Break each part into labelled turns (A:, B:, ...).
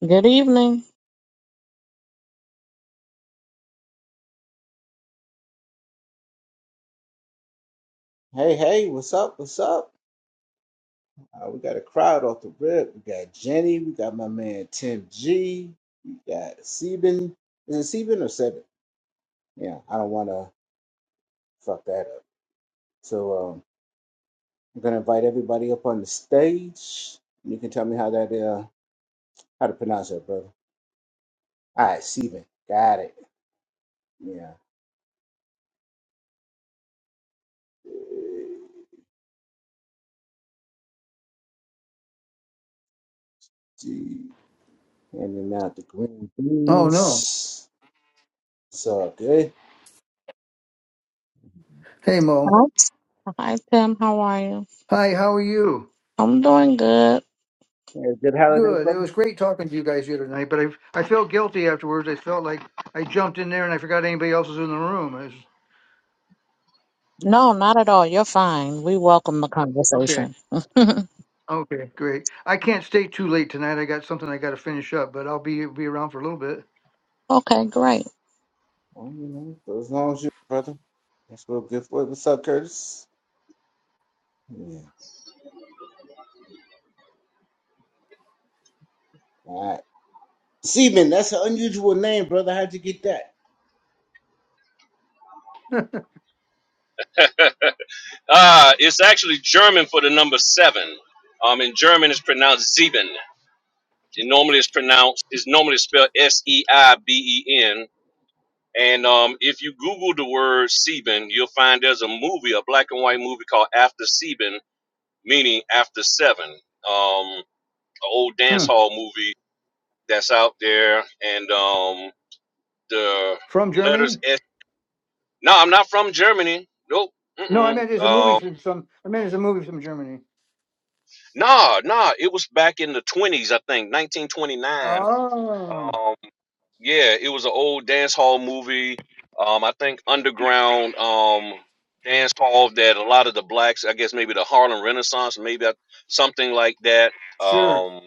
A: Good evening.
B: Hey, hey, what's up? What's up? Uh, we got a crowd off the rip. We got Jenny. We got my man Tim G. We got Seben. Is it Seben or Seven? Yeah, I don't want to fuck that up. So um, I'm gonna invite everybody up on the stage. You can tell me how that uh how to pronounce that, brother. All right, Seben. Got it. Yeah. G. Handing out the green
C: Oh no.
B: beans. It's all good.
C: Hey Mo.
A: Hello. Hi, Tim. How are you?
C: Hi, how are you?
A: I'm doing good.
B: Yeah, good holiday,
C: Good. It
B: brother.
C: was great talking to you guys here tonight, but I I felt guilty afterwards. I felt like I jumped in there and I forgot anybody else was in the room. It was-
A: No, not at all. You're fine. We welcome the
C: okay.
A: conversation.
C: Okay, great. I can't stay too late tonight. I got something I got to finish up, but I'll be be around for a little bit.
A: okay, great.
B: Well, you know, so as long as you, brother, that's real good for it. What's up, Curtis? Yeah. All right. Seaman, that's an unusual name, brother. How'd you get that?
D: Uh, it's actually German for the number seven. Um, in German, it's pronounced sieben. It normally is pronounced is normally spelled S E I B E N. And um, if you Google the word sieben, you'll find there's a movie, a black and white movie called After Sieben, meaning after seven. Um, an old dance
C: Hmm.
D: hall movie that's out there, and um, the
C: From
D: letters
C: Germany?
D: S. No, I'm not from Germany. Nope.
C: No, I
D: Mm-mm.
C: meant it's a
D: Um,
C: movie from some I meant it's a movie from Germany.
D: Nah, nah, it was back in the twenties, I think, nineteen twenty nine.
C: Oh,
D: Um, yeah, it was an old dance hall movie. Um, I think underground um dance hall that a lot of the blacks, I guess maybe the Harlem Renaissance, maybe I- something like that.
C: sure.
D: Um,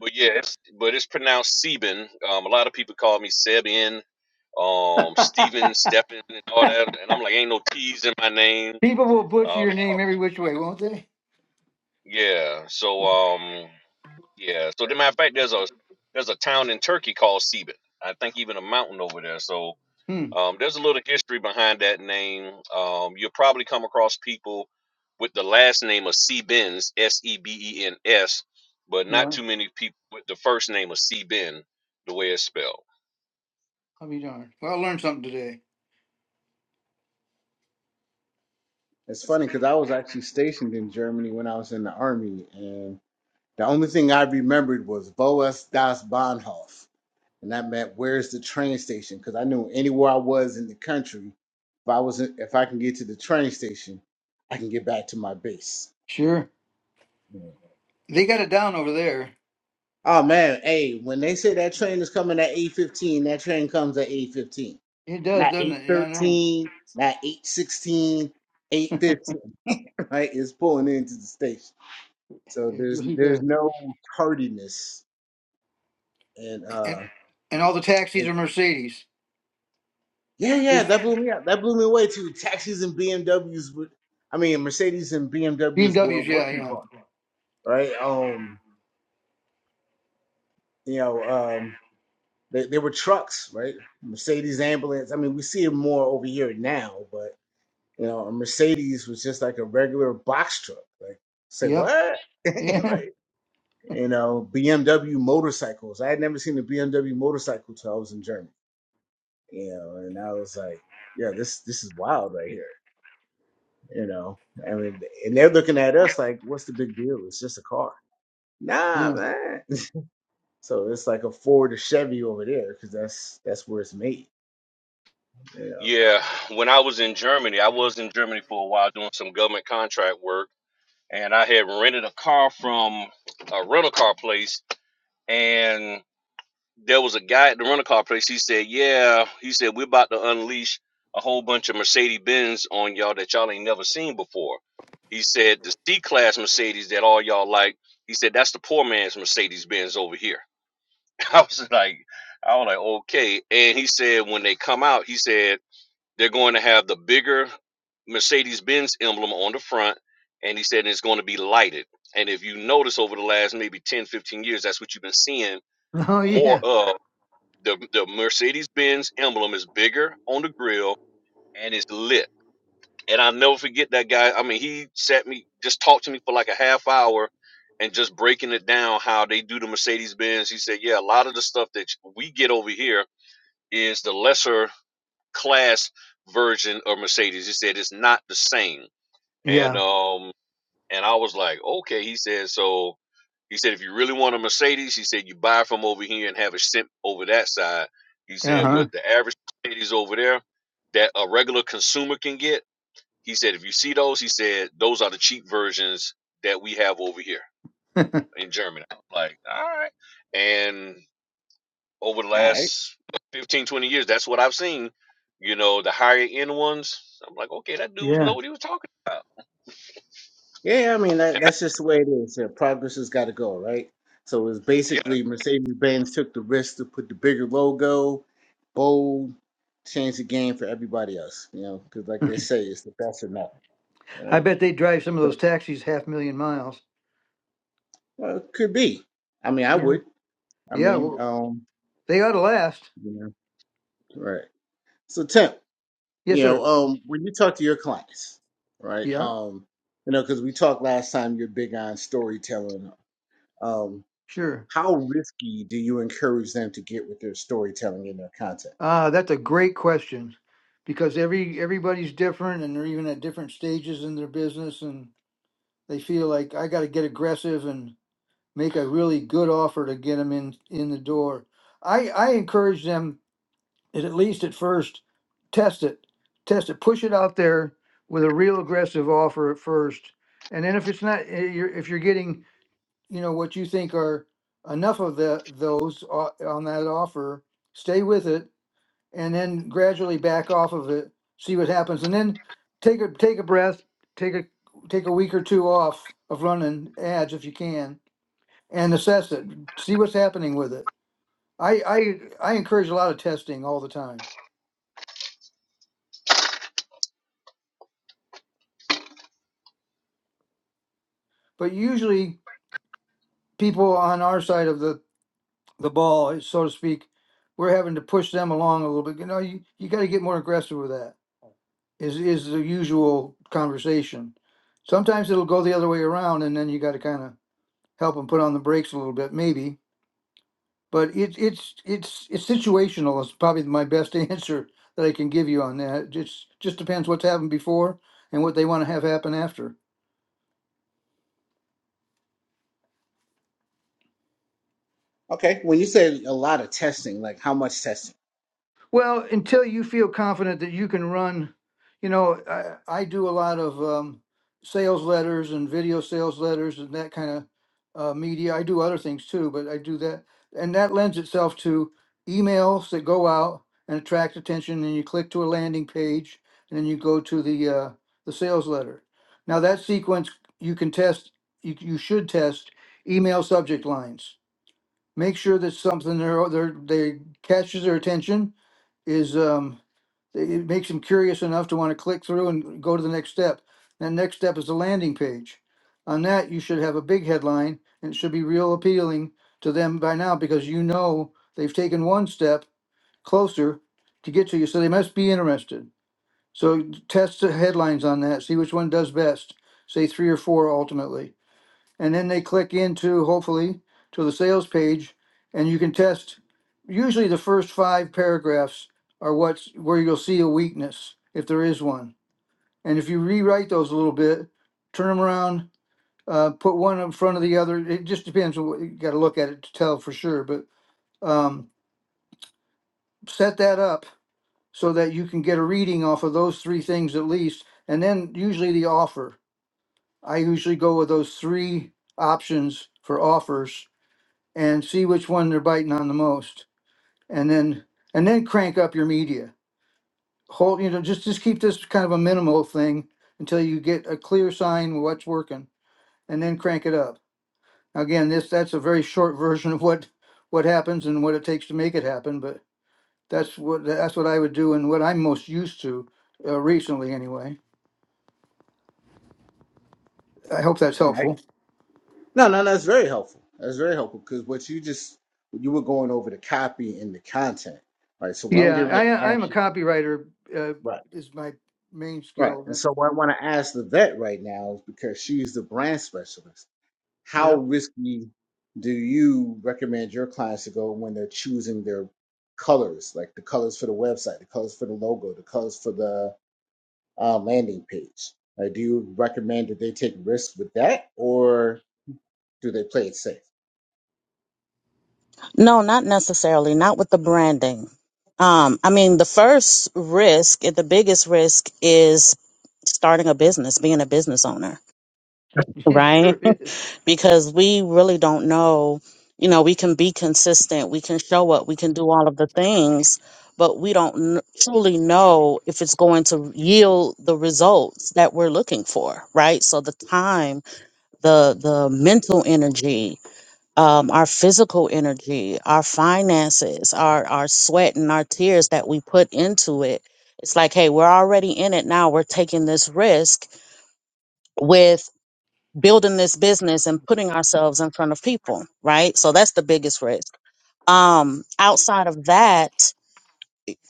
D: but yeah, it's, but it's pronounced Sebin. Um, a lot of people call me Sebin, um, Steven, Stephen, and all that, and I'm like, ain't no T's in my name.
C: People will butcher
D: Um, they
C: your
D: call,
C: name every which way, won't they?
D: yeah, so um. Yeah. So, the matter of fact, there's a there's a town in Turkey called Sebit. I think even a mountain over there. So,
C: Hmm.
D: um, there's a little history behind that name. Um, you'll probably come across people with the last name of Sebens, S E B E N S, but not
C: Yeah,
D: too many people with the first name of Seben, the way it's spelled.
C: I'll be darned. Well, I learned something today.
B: It's funny because I was actually stationed in Germany when I was in the army, and the only thing I remembered was Boas das Bahnhof, and that meant where's the train station? Because I knew anywhere I was in the country, if I was in- if I can get to the train station, I can get back to my base.
C: Sure. They got it down over there.
B: Oh man, hey, when they say that train is coming at 8:15, that train comes at 8:15.
C: It does,
B: Not
C: doesn't it? Yeah, I know.
B: 8:13, not eight sixteen, eight fifteen. right? It's pulling into the station. So
C: It
B: there's
C: really
B: there's
C: does.
B: no tardiness and
C: And
B: uh
C: and all the taxis are Mercedes.
B: yeah, yeah,
C: Just
B: that blew me out. That blew me away too. Taxis and BMWs were, I mean, Mercedes and BMWs were
C: BMWs, yeah,
B: working
C: yeah.
B: cars, right? Um, you know, um, they, they were trucks, right? Mercedes ambulance. I mean, we see it more over here now, but You know, a Mercedes was just like a regular box truck. Like, say
C: Yep.
B: what?
C: Yeah.
B: like, you know, BMW motorcycles. I had never seen a BMW motorcycle till I was in Germany. You know, and I was like, yeah, this this is wild right here. You know, I mean, and they're looking at us like, what's the big deal? It's just a car. Nah,
C: Yeah.
B: man. So it's like a Ford or Chevy over there because that's that's where it's made. You
D: Yeah, when I was in Germany, I was in Germany for a while doing some government contract work, and I had rented a car from a rental car place, and there was a guy at the rental car place. He said, "Yeah," he said, "We're about to unleash a whole bunch of Mercedes Benz on y'all that y'all ain't never seen before." He said, "The C class Mercedes that all y'all like," he said, "That's the poor man's Mercedes Benz over here." I was like, I was like, okay. And he said, when they come out, he said they're going to have the bigger Mercedes Benz emblem on the front, and he said it's going to be lighted. And if you notice over the last maybe 10, 15 years, that's what you've been seeing
C: Oh
D: more
C: yeah.
D: of the the Mercedes Benz emblem is bigger on the grill and it's lit. And I'll never forget that guy. I mean, he sat me just talked to me for like a half hour and just breaking it down how they do the Mercedes Benz. He said, Yeah, a lot of the stuff that we get over here is the lesser class version of Mercedes. He said it's not the same. And
C: Yeah.
D: um and I was like, okay. He said, so he said, if you really want a Mercedes, he said, you buy from over here and have it sent over that side. He said,
C: Uh
D: but the average Mercedes over there that a regular consumer can get, he said, if you see those, he said, those are the cheap versions that we have over here
C: huh.
D: in Germany. I'm like, all right. And over the
B: know,
D: last 15, 20 years, that's what I've seen. You know, the higher end ones. I'm like, okay, that dude know
C: yeah.
D: what he was talking.
B: Yeah, yeah, I mean that that's just the way it is. Yeah, progress has got to go, right? So it's
D: About. Yeah,
B: basically Mercedes Benz took the risk to put the bigger logo, bold, change the game for everybody else. You know, because like they say, it's the best or nothing,
C: I
B: right?
C: bet they drive some of
B: So
C: those taxis half million miles.
B: well, it could be. I mean, I
C: Yeah.
B: would. I
C: Yeah.
B: mean,
C: Well,
B: um,
C: they ought to last.
B: you know, right. So Tim,
C: Yes,
B: you know,
C: sir.
B: um, when you talk to your clients, right?
C: Yeah.
B: Um, you know, because we talked last time, you're big on storytelling. Um,
C: Sure.
B: how risky do you encourage them to get with their storytelling and their content?
C: Uh, that's a great question because every everybody's different and they're even at different stages in their business and they feel like I got to get aggressive and. make a really good offer to get them in in the door. I I encourage them at at least at first test it, test it, push it out there with a real aggressive offer at first, and then if it's not eh, you're, if you're getting you know what you think are enough of the those o- on that offer, stay with it, and then gradually back off of it, see what happens, and then take a take a breath, take a take a week or two off of running ads if you can and assess it, see what's happening with it. I, I I encourage a lot of testing all the time, but usually people on our side of the the ball, so to speak, we're having to push them along a little bit. You know, you, you got to get more aggressive with that. Is is the usual conversation. Sometimes it'll go the other way around, and then you got to kind of help them put on the brakes a little bit, maybe But it's it's it's it's situational is probably my best answer that I can give you on that. Just just depends what's happened before and what they want to have happen after.
B: Okay, when you say a lot of testing, like how much testing?
C: Well, until you feel confident that you can run, you know, I, I do a lot of um, sales letters and video sales letters and that kind of uh, media. I do other things too, but I do that. And that lends itself to emails that go out and attract attention, and you click to a landing page, and then you go to the uh, the sales letter. Now that sequence you can test. You, you should test email subject lines. Make sure that something there there they catches their attention is um, it makes them curious enough to want to click through and go to the next step. That next step is the landing page. On that, you should have a big headline and it should be real appealing to them by now because you know they've taken one step closer to get to you, so they must be interested. So test the headlines on that, see which one does best. Say three or four ultimately and then they click into hopefully to the sales page and you can test usually the first five paragraphs are what's where you'll see a weakness if there is one and if you rewrite those a little bit turn them around uh, put one in front of the other it just depends on what you got to look at it to tell for sure but um, set that up so that you can get a reading off of those three things at least and then usually the offer i usually go with those three options for offers and see which one they're biting on the most, and then and then crank up your media. Hold you know just just keep this kind of a minimal thing until you get a clear sign of what's working, and then crank it up. Again, this that's a very short version of what what happens and what it takes to make it happen, but that's what that's what I would do and what I'm most used to uh, recently anyway. I hope that's
B: All right.
C: helpful.
B: No, no, that's very helpful. That's very helpful because what you just you were going over the copy and the content, right? So what I'm
C: Yeah,
B: getting ready to
C: I
B: ask
C: I'm a
B: you,
C: copywriter uh,
B: right,
C: is my main
B: right, and
C: skill.
B: so what I want to ask the vet right now is because she's the brand specialist. How
C: Yep,
B: risky do you recommend your clients to go when they're choosing their colors, like the colors for the website, the colors for the logo, the colors for the uh, landing page. Uh, do you recommend that they take risks with that, or do they play it safe?
A: No, not necessarily. Not with the branding. Um, I mean, the first risk, the biggest risk is starting a business, being a business owner,
C: it
A: right?
C: sure is.
A: because we really don't know. You know, we can be consistent, we can show up, we can do all of the things, but we don't kn- truly know if it's going to yield the results that we're looking for, right? So the time, the the mental energy, um, our physical energy, our finances, our our sweat and our tears that we put into it. It's like, hey, we're already in it now. We're taking this risk with building this business and putting ourselves in front of people, right? So that's the biggest risk. Um, outside of that,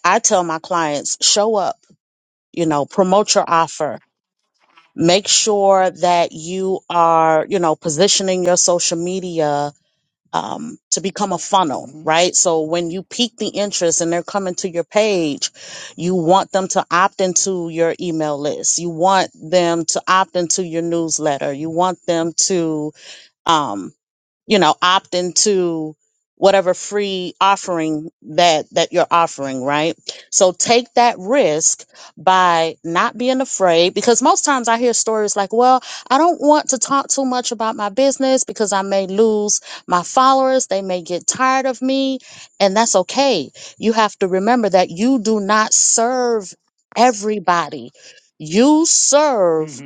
A: I tell my clients, show up, you know, promote your offer. Make sure that you are, you know, positioning your social media um, to become a funnel,
C: hmm
A: right? So when you pique the interest and they're coming to your page, you want them to opt into your email list. You want them to opt into your newsletter. You want them to um, you know opt into whatever free offering that that you're offering right so take that risk by not being afraid because most times i hear stories like well i don't want to talk too much about my business because i may lose my followers they may get tired of me and that's okay you have to remember that you do not serve everybody you serve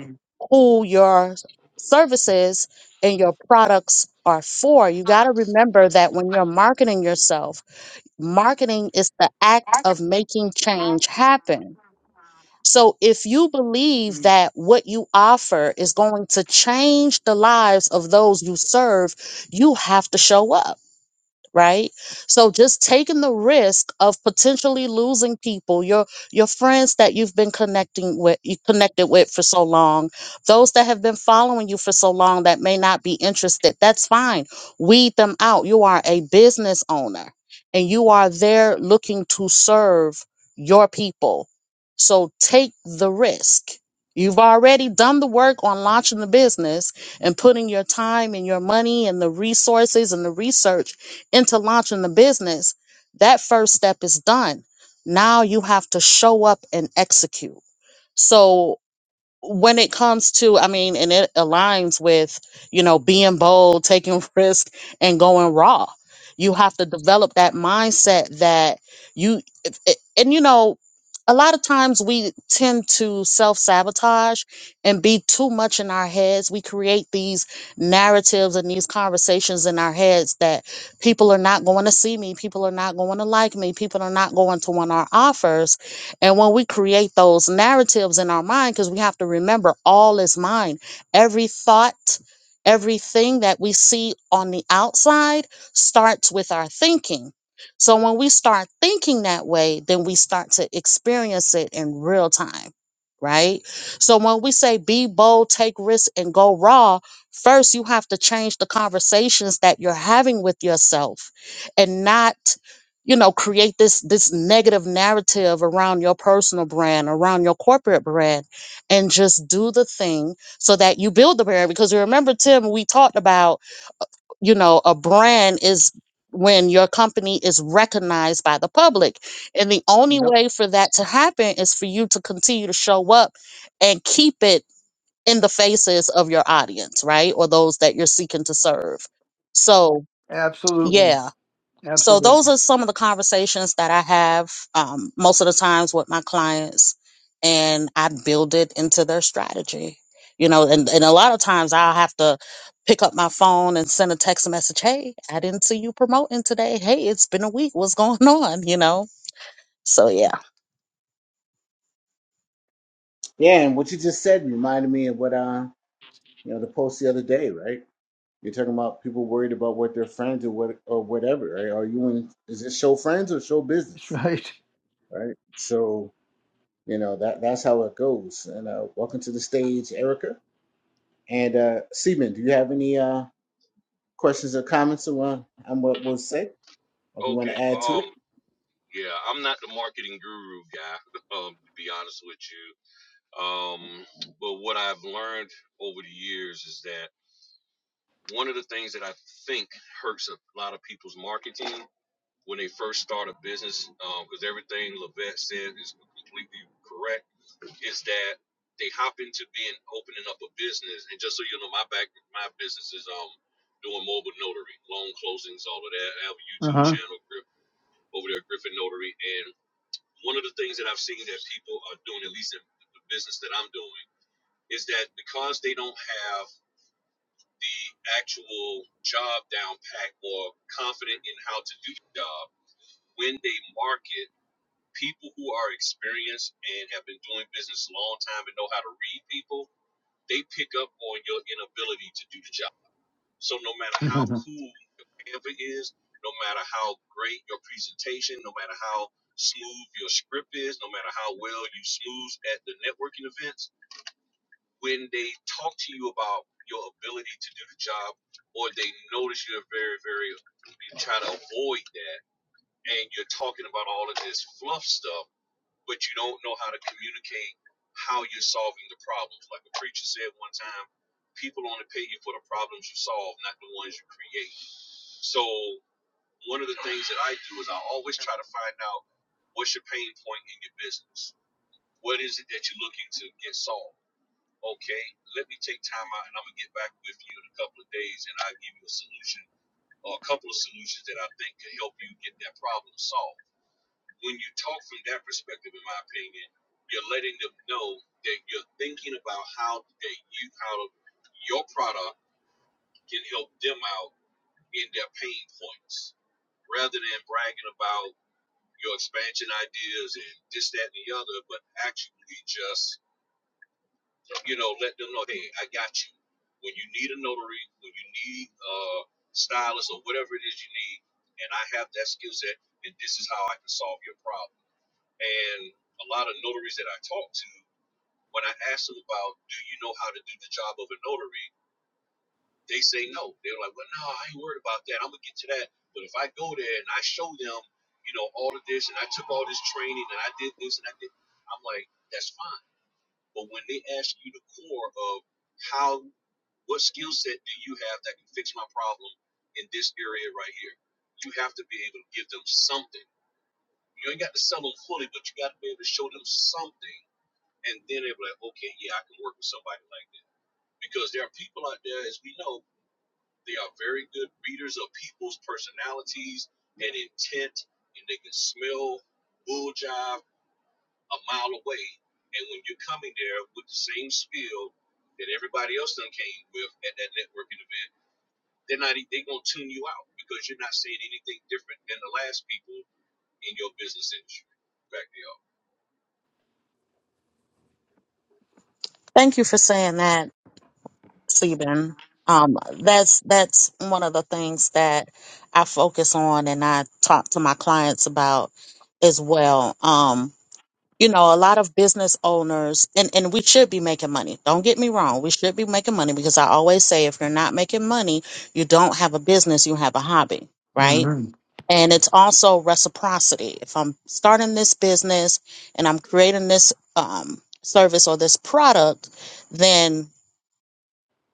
A: who your services and your products are for. You got to remember that when you're marketing yourself, marketing is the act of making change happen. So if you believe
C: Mm,
A: that what you offer is going to change the lives of those you serve, you have to show up right so just taking the risk of potentially losing people your your friends that you've been connecting with you connected with for so long those that have been following you for so long that may not be interested that's fine weed them out you are a business owner and you are there looking to serve your people so take the risk You've already done the work on launching the business and putting your time and your money and the resources and the research into launching the business, that first step is done. Now you have to show up and execute. So when it comes to i mean and it aligns with you know being bold taking risk and going raw you have to develop that mindset that you if- if- and you know a lot of times we tend to self-sabotage and be too much in our heads we create these narratives and these conversations in our heads that people are not going to see me people are not going to like me people are not going to want our offers and when we create those narratives in our mind, because we have to remember all is mind, every thought, everything that we see on the outside starts with our thinking. So when we start thinking that way, then we start to experience it in real time, right? So when we say be bold, take risks, and go raw, first you have to change the conversations that you're having with yourself and not you know create this this negative narrative around your personal brand around your corporate brand and just do the thing so that you build the brand because you remember tim we talked about you know a brand is when your company is recognized by the public and the only
C: Yep.
A: way for that to happen is for you to continue to show up and keep it in the faces of your audience right or those that you're seeking to serve so
C: Absolutely.
A: yeah so those
C: Absolutely.
A: are some of the conversations that I have um, most of the times with my clients, and I build it into their strategy. You know, and, and a lot of times I'll have to pick up my phone and send a text message. Hey, I didn't see you promoting today. Hey, it's been a week. What's going on? You know. So yeah,
B: Yeah, and what you just said reminded me of what uh, you know the post the other day, right? You're talking about people worried about what their friends or what or whatever, right? Are you in? Is it show friends or show
C: That's
B: business,
C: right.
B: right? So you know that that's how it goes. And uh, welcome to the stage, Erica and uh, Seaman. Do you have any uh, questions or comments on what I was said, or if you want to add
D: okay.
B: to
D: Um.
B: it?
D: Yeah, I'm not the marketing guru guy, um, to be honest with you. Um, but what I've learned over the years is that one of the things that I think hurts a lot of people's marketing when they first start a business, because everything Levette said is completely correct, is that they hop into being opening up a business. And just so you know, my back, my business is um doing mobile notary, loan closings, all of that. I have a
C: Uh
D: YouTube channel, Griff- over there, Griffin Notary, and one of the things that I've seen that people are doing, at least in the business that I'm doing, is that because they don't have the actual job down pat or confident in how to do the job, when they market, people who are experienced and have been doing business a long time and know how to read people, they pick up on your inability to do the job so no matter how
C: huh.
D: cool your ever is, no matter how great your presentation, no matter how smooth your script is, no matter how well you smooth at the networking events, when they talk to you about your ability to do the job or they notice you're very, very you try to avoid that and you're talking about all of this fluff stuff, but you don't know how to communicate how you're solving the problems. Like a preacher said one time, people only pay you for the problems you solve, not the ones you create so one of the things that I do is I always try to find out what's your pain point in your business. What is it that you're looking to get solved? Okay, let me take time out and I'm gonna get back with you in a couple of days and I'll give you a solution or a couple of solutions that I think can help you get that problem solved. When you talk from that perspective, in my opinion, you're letting them know that you're thinking about how that you how your product can help them out in their pain points rather than bragging about your expansion ideas and this, that, and the other, but actually just, you know, let them know, hey, I got you. When you need a notary, when you need a uh, stylist or whatever it is you need, and I have that skill set, and this is how I can solve your problem. And a lot of notaries that I talk to, when I ask them about, do you know how to do the job of a notary? They say no. They're like, well, no, I ain't worried about that. I'm gonna get to that. But if I go there and I show them, you know, all of this, and I took all this training, and I did this, and I did, I'm like, that's fine. But when they ask you the core of how, what skill set do you have that can fix my problem in this area right here, you have to be able to give them something. You ain't got to sell them fully, but you got to be able to show them something, and then they're like, okay, yeah, I can work with somebody like that. Because there are people out there, as we know, they are very good readers of people's personalities and intent, and they can smell bull jive a mile away. And when you're coming there with the same spiel that everybody else done came with at that networking event, they're not they're gonna tune you out because you're not saying anything different than the last people in your business industry. Back to y'all.
A: thank you for saying that, Stephen. Um, that's that's one of the things that I focus on and I talk to my clients about as well. Um, you know, a lot of business owners, and, and we should be making money. Don't get me wrong. We should be making money because I always say if you're not making money, you don't have a business, you have a hobby, right?
C: Mm-hmm.
A: And it's also reciprocity. If I'm starting this business and I'm creating this um, service or this product, then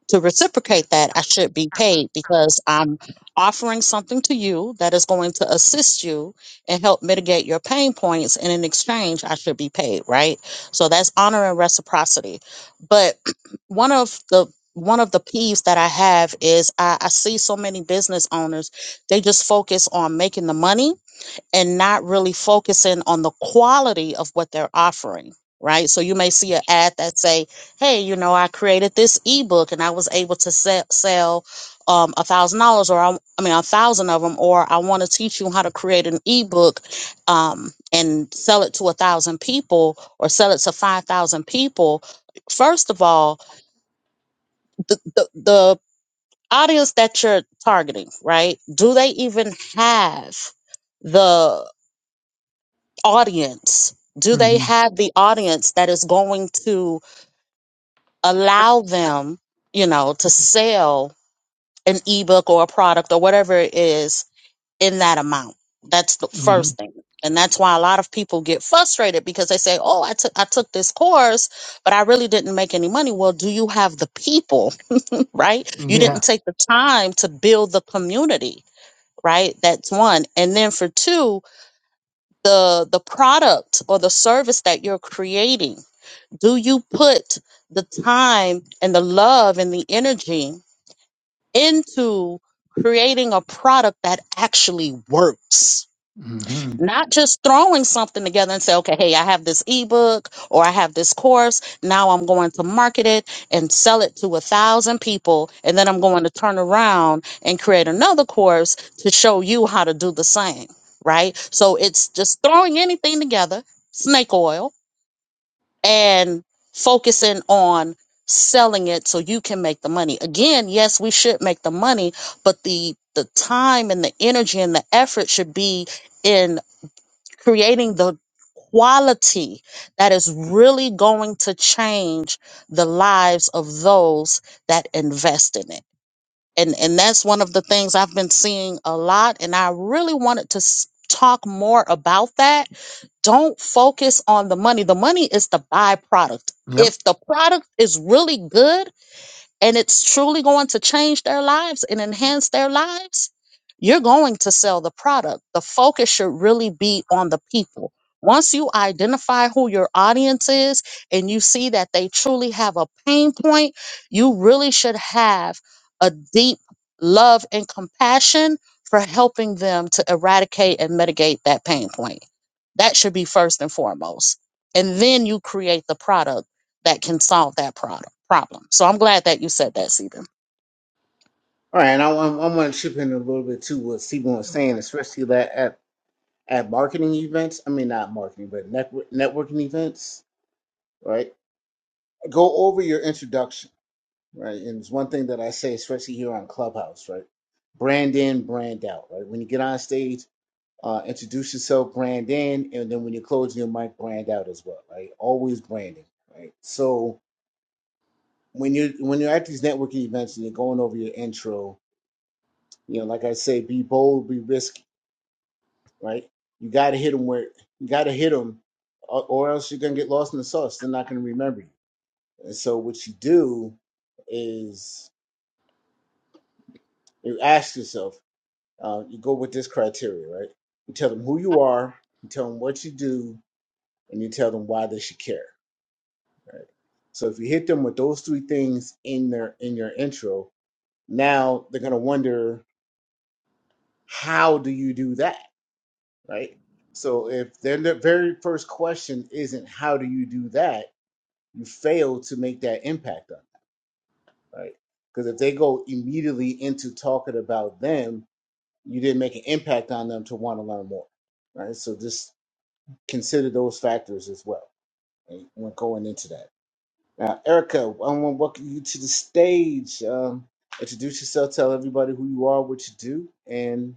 A: to reciprocate that, I should be paid because I'm offering something to you that is going to assist you and help mitigate your pain points. And in exchange, I should be paid, right? So that's honor and reciprocity. But one of the one of the peeves that I have is I, I see so many business owners, they just focus on making the money and not really focusing on the quality of what they're offering right so you may see an ad that say hey you know i created this ebook and i was able to se- sell um a thousand dollars or I, I mean a thousand of them or i want to teach you how to create an ebook um and sell it to a thousand people or sell it to five thousand people first of all the, the the audience that you're targeting right do they even have the audience? Do they
C: Mm-hmm.
A: have the audience that is going to allow them, you know, to sell an ebook or a product or whatever it is in that amount? That's the
C: Mm-hmm.
A: first thing. And that's why a lot of people get frustrated because they say, "Oh, I took I took this course, but I really didn't make any money." Well, do you have the people, right?
C: Mm-hmm.
A: You
C: Yeah.
A: didn't take the time to build the community, right? That's one. And then for two, the the product or the service that you're creating Do you put the time and the love and the energy into creating a product that actually works?
C: Mm-hmm.
A: Not just throwing something together and say, okay, hey, I have this ebook or I have this course. Now I'm going to market it and sell it to a thousand people. And then I'm going to turn around and create another course to show you how to do the same. Right. So it's just throwing anything together, snake oil and focusing on selling it so you can make the money. Again, yes, we should make the money, but the the time and the energy and the effort should be in creating the quality that is really going to change the lives of those that invest in it. And and that's one of the things I've been seeing a lot and I really wanted to s- talk more about that don't focus on the money. The money is the byproduct.
C: Yep.
A: If the product is really good, and it's truly going to change their lives and enhance their lives, you're going to sell the product. The focus should really be on the people. Once you identify who your audience is and you see that they truly have a pain point, you really should have a deep love and compassion for helping them to eradicate and mitigate that pain point. That should be first and foremost. And then you create the product that can solve that problem problem. So I'm glad that you said that, Stephen.
B: All right, and I, want- I want to chip in a little bit too what Stephen was saying, especially that at, at marketing events. I mean, not marketing, but network, networking events, right? Go over your introduction, right? And it's one thing that I say, especially here on Clubhouse, right? Brand in, brand out, right? When you get on stage, uh, introduce yourself, brand in, and then when you're closing your mic, brand out as well, right? Always branding, right? So when you when you're at these networking events and you're going over your intro, you know, like I say, be bold, be risky right? You got to hit them where you got to hit them, or, or else you're gonna get lost in the sauce. They're not gonna remember you. And so what you do is you ask yourself, uh, you go with this criteria, right? You tell them who you are, you tell them what you do, and you tell them why they should care, right? So if you hit them with those three things in their in your intro, now they're gonna wonder how do you do that, right? So if their their very first question isn't how do you do that you fail to make that impact on them, right? Because if they go immediately into talking about them, you didn't make an impact on them to want to learn more, right? So just consider those factors as well right, when going into that. Now, Erica, I want to welcome you to the stage. Um, introduce yourself, tell everybody who you are, what you do, and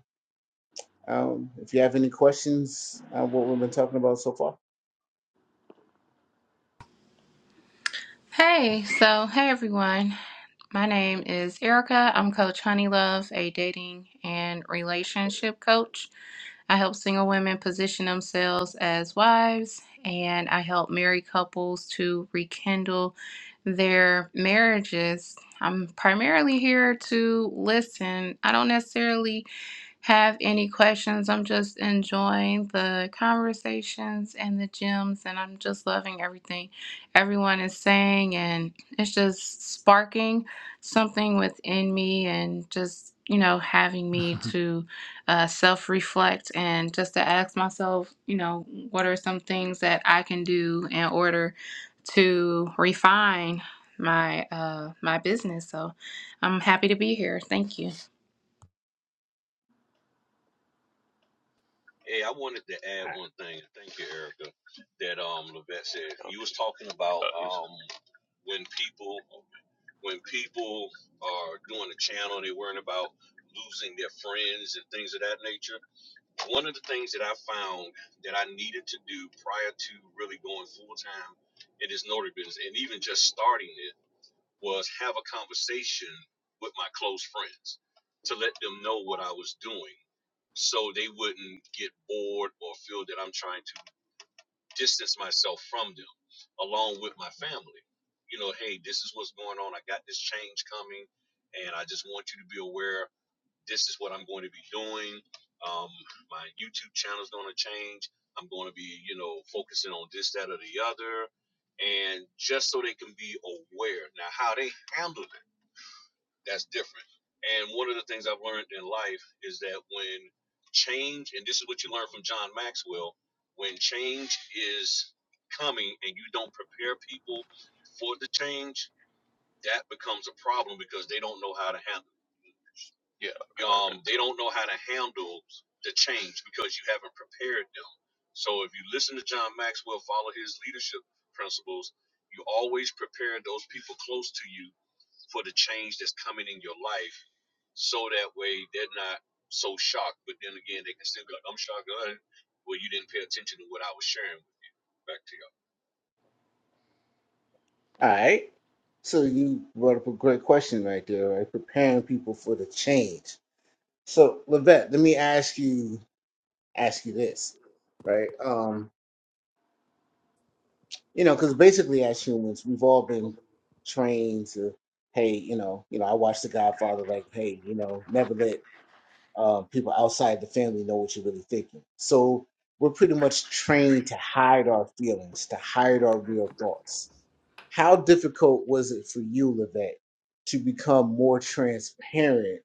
B: um, if you have any questions on what we've been talking about so far.
E: Hey, so hey everyone. My name is Erica. I'm Coach Honeylove, a dating and relationship coach. I help single women position themselves as wives, and I help married couples to rekindle their marriages. I'm primarily here to listen. I don't necessarily have any questions. I'm just enjoying the conversations and the gems, and I'm just loving everything everyone is saying. And it's just sparking something within me and just, you know, having me to uh, self reflect and just to ask myself, you know, what are some things that I can do in order to refine my uh my business so i'm happy to be here thank you
D: Hey, I wanted to add one thing. Thank you, Erica. That um, Levette said you was talking about um when people when people are doing a channel, they're worrying about losing their friends and things of that nature. One of the things that I found that I needed to do prior to really going full time in this notary business and even just starting it was have a conversation with my close friends to let them know what I was doing so they wouldn't get bored or feel that I'm trying to distance myself from them along with my family. You know, hey, this is what's going on. I got this change coming, and I just want you to be aware this is what I'm going to be doing. Um, my YouTube channel is going to change. I'm going to be, you know, focusing on this, that, or the other. And just so they can be aware. Now, how they handle it that's different. And one of the things I've learned in life is that when change, and this is what you learn from John Maxwell, when change is coming and you don't prepare people for the change, that becomes a problem because they don't know how to handle. it. Yeah. Um, they don't know how to handle the change because you haven't prepared them. So if you listen to John Maxwell, follow his leadership principles, you always prepare those people close to you for the change that's coming in your life so that way they're not so shocked. But then again, they can still be like, I'm shocked. uh, Well, you didn't pay attention to what I was sharing with you. Back to you
B: All right. So you brought up a great question right there, right? Preparing people for the change So, Levette, let me ask you ask you this, right? Um, you know, because basically as humans, we've all been trained to, hey, you know, you know, I watched The Godfather, like, hey, you know, never let uh, people outside the family know what you're really thinking. So we're pretty much trained to hide our feelings, to hide our real thoughts. How difficult was it for you, Levette, to become more transparent?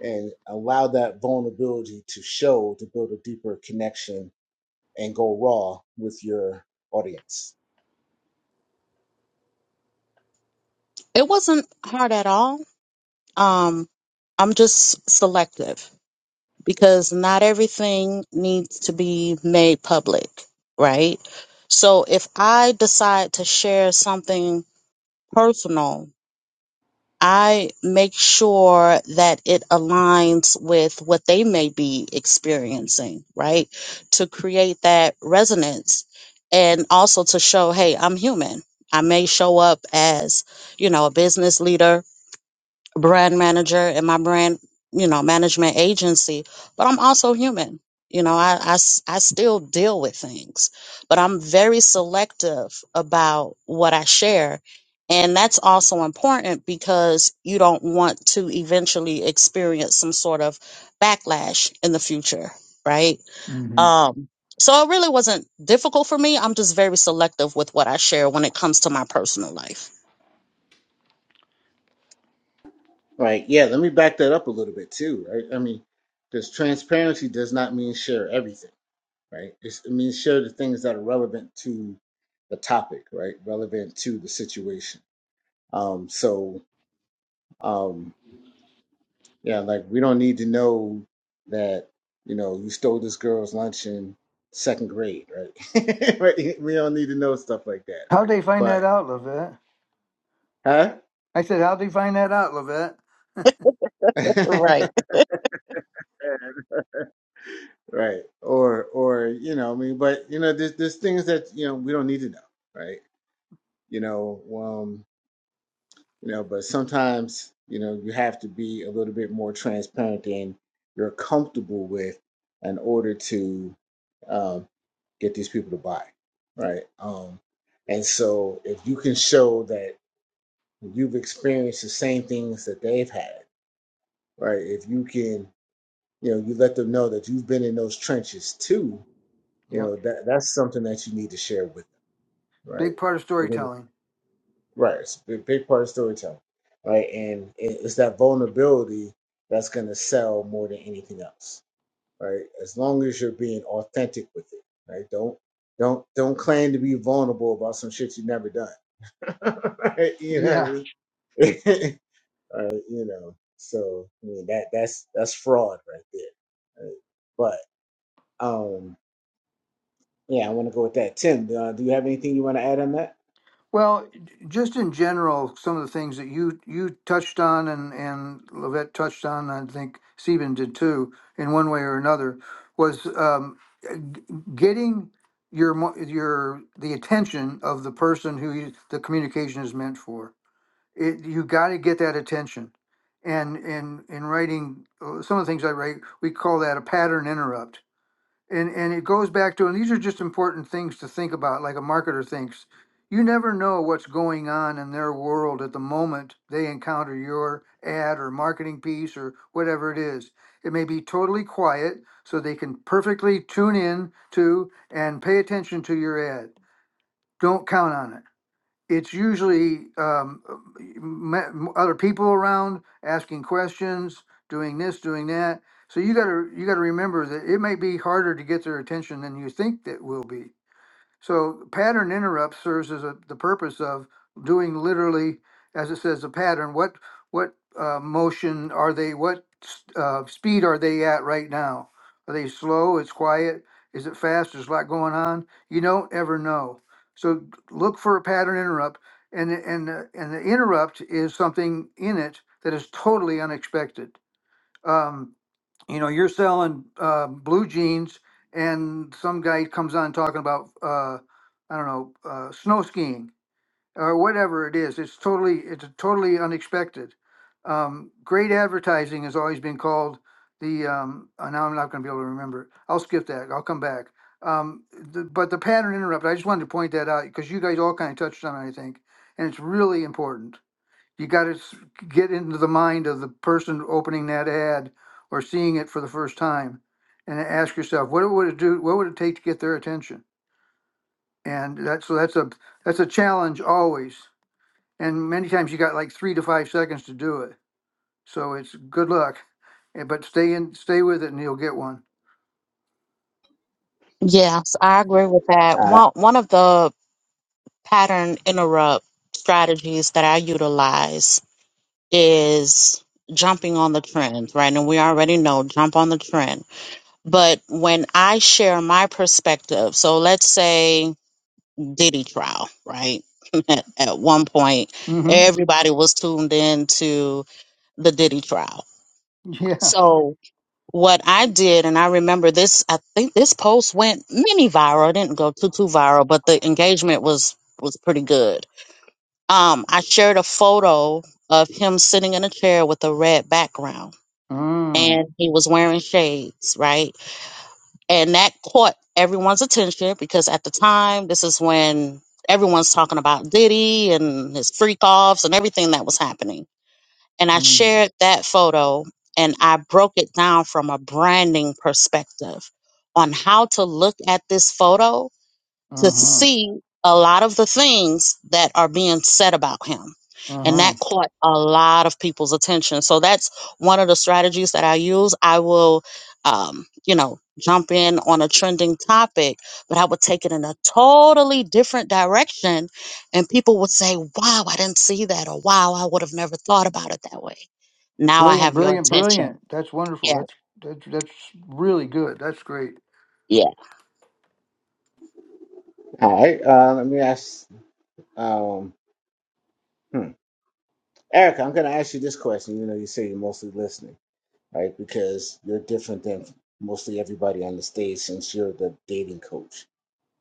B: and allow that vulnerability to show to build a deeper connection and go raw with your audience.
A: It wasn't hard at all. Um, I'm just selective because not everything needs to be made public, right? So if I decide to share something personal I make sure that it aligns with what they may be experiencing, right? To create that resonance and also to show, hey, I'm human. I may show up as, you know, a business leader brand manager and my brand, you know, management agency, but I'm also human. You know, I, I s- I still deal with things, but I'm very selective about what I share. And that's also important because you don't want to eventually experience some sort of backlash in the future, right?
C: mm-hmm.
A: Um, so it really wasn't difficult for me. I'm just very selective with what I share when it comes to my personal life.
B: Right. Yeah. Let me back that up a little bit too. Right. I mean, because transparency does not mean share everything. Right. It's, it means share the things that are relevant to the topic. Right. Relevant to the situation. Um, so, um, Yeah, like we don't need to know that, you know, you stole this girl's lunch in second grade, right? right. We don't need to know stuff like that,
C: How'd
B: right?
C: they find
B: But
C: that out, Levette?
B: huh?
C: I said, how'd they find that out, Levette?
A: right?
B: right. Or or you know, I mean, but you know, there's there's things that, you know, we don't need to know, right? You know, um. you know but sometimes you know you have to be a little bit more transparent than you're comfortable with in order to um, get these people to buy right um, and so if you can show that you've experienced the same things that they've had right if you can you know you let them know that you've been in those trenches too you
C: Yep.
B: know that that's something that you need to share with them
C: Big part of
B: right
C: storytelling.
B: Right. It's a big part of storytelling. Right. And it- it's that vulnerability that's going to sell more than anything else. Right. As long as you're being authentic with it. Right. Don't, don't, don't claim to be vulnerable about some shit you've never done. right? You know
C: Yeah.
B: what I mean? Right, you know, so I mean that that's that's fraud right there. Right? But um, yeah, I want to go with that. Tim, uh, do you have anything you want to add on that?
C: Well, just in general, some of the things that you you touched on and and Levette touched on, I think Stephen did too, in one way or another, was um, g- getting your mo- your the attention of the person who you, the communication is meant for. It, you got to get that attention, and in in writing uh, some of the things I write, we call that a pattern interrupt and and it goes back to, and these are just important things to think about, like a marketer thinks. You never know what's going on in their world at the moment they encounter your ad or marketing piece or whatever it is. It may be totally quiet, so they can perfectly tune in to and pay attention to your ad. Don't count on it it's usually um, ma- m- other people around asking questions, doing this, doing that. So you gotta you gotta remember that it may be harder to get their attention than you think that will be. So pattern interrupt serves as a, the purpose of doing literally, as it says, a pattern. What what uh, motion are they? What s- uh, speed are they at right now? Are they slow? It's quiet. Is it fast? There's a lot going on. You don't ever know. So look for a pattern interrupt, and the- and the- and the interrupt is something in it that is totally unexpected. Um, you know you're selling uh, blue jeans and some guy comes on talking about uh, i don't know uh, snow skiing or whatever it is it's totally it's totally unexpected um, great advertising has always been called the um, uh, now i'm not going to be able to remember i'll skip that i'll come back um, the, but the pattern interrupt i just wanted to point that out because you guys all kind of touched on it i think and it's really important you got to get into the mind of the person opening that ad or seeing it for the first time, and ask yourself, what would it do? What would it take to get their attention? And that so that's a that's a challenge always. And many times you got like three to five seconds to do it. So it's good luck, eh, but stay in, stay with it, and you'll get one.
A: Yes, I agree with that.
B: All right,
A: One one of the pattern interrupt strategies that I utilize is jumping on the trend, right? And we already know jump on the trend. But when I share my perspective, so let's say Diddy trial, right? At one point,
C: Mm-hmm.
A: everybody was tuned in to the Diddy trial.
C: Yeah.
A: So what I did, and I remember this, I think this post went mini viral. It didn't go too too viral, but the engagement was was pretty good. Um, I shared a photo of him sitting in a chair with a red background,
C: Mm.
A: and he was wearing shades, right? And that caught everyone's attention because at the time, this is when everyone's talking about Diddy and his freak offs and everything that was happening. And I
C: Mm.
A: shared that photo and I broke it down from a branding perspective on how to look at this photo to
C: Uh huh.
A: see a lot of the things that are being said about him.
C: Uh
A: And
C: huh.
A: that caught a lot of people's attention. So that's one of the strategies that I use. I will, um, you know, jump in on a trending topic, but I would take it in a totally different direction. And people would say, wow, I didn't see that. Or wow, I would have never thought about it that way. Now I
C: Brilliant.
A: have your
C: Brilliant.
A: attention.
C: Brilliant. That's wonderful.
A: Yeah.
C: That's that's that's really good. That's great.
A: Yeah.
B: all right. Uh, let me ask. Um, hmm. Erica, I'm going to ask you this question. You know, you say you're mostly listening, right? Because you're different than mostly everybody on the stage since you're the dating coach.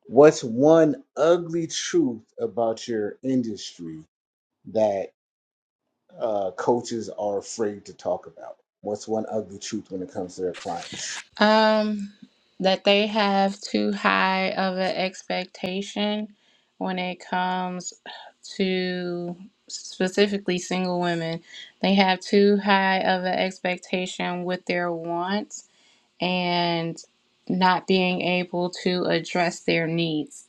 B: What's one ugly truth about your industry that uh, coaches are afraid to talk about? What's one ugly truth when it comes to their clients?
E: Um, that they have too high of an expectation when it comes to specifically single women. They have too high of an expectation with their wants and not being able to address their needs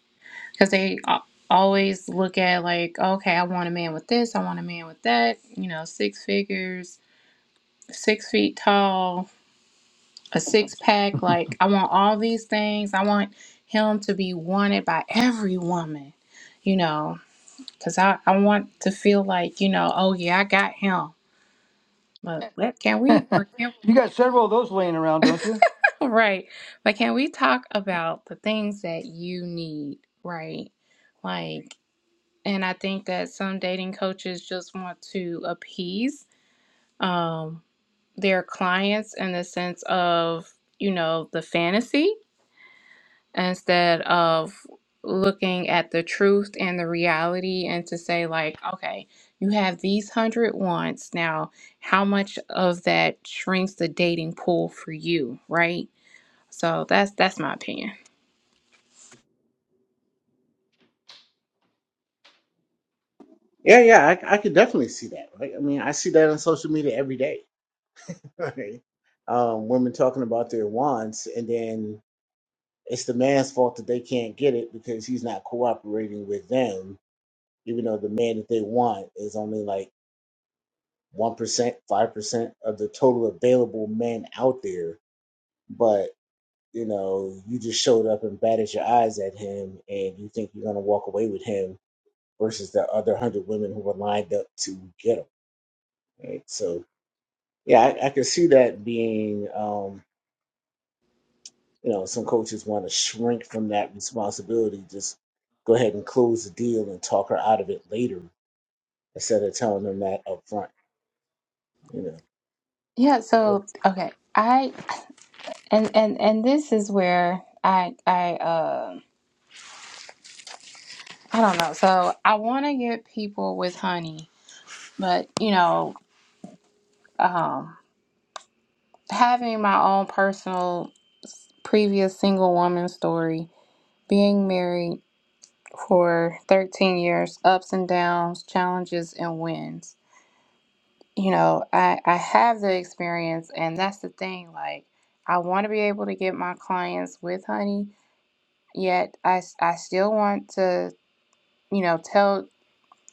E: because they a- always look at like, okay, I want a man with this, I want a man with that, you know, six figures, six feet tall, a six pack. Like, I want all these things. I want him to be wanted by every woman, you know, because I, I want to feel like, you know, oh, yeah, I got him. But let, can we, or can,
C: you got several of those laying around, don't you?
E: right? But can we talk about the things that you need, right? Like, and I think that some dating coaches just want to appease um, their clients in the sense of, you know, the fantasy instead of looking at the truth and the reality and to say like okay you have these hundred wants now how much of that shrinks the dating pool for you right so that's that's my opinion
B: Yeah, yeah, I, I could definitely see that. Right? I mean, I see that on social media every day. Right? Um, women talking about their wants, and then It's the man's fault that they can't get it because he's not cooperating with them, even though the man that they want is only like 1%, 5% of the total available men out there. But, you know, you just showed up and batted your eyes at him and you think you're going to walk away with him versus the other 100 women who were lined up to get him. Right. So, yeah, I, I can see that being. Um, You know, some coaches want to shrink from that responsibility. Just go ahead and close the deal and talk her out of it later instead of telling them that up front. You
E: yeah
B: know.
E: so okay i and and and this is where i i uh i don't know so i want to get people with honey but you know um having my own personal previous single woman story Being married for 13 years, ups and downs, challenges and wins. You know, I, I have the experience, and that's the thing. Like, I want to be able to get my clients with honey, yet I, s- I still want to, you know, tell,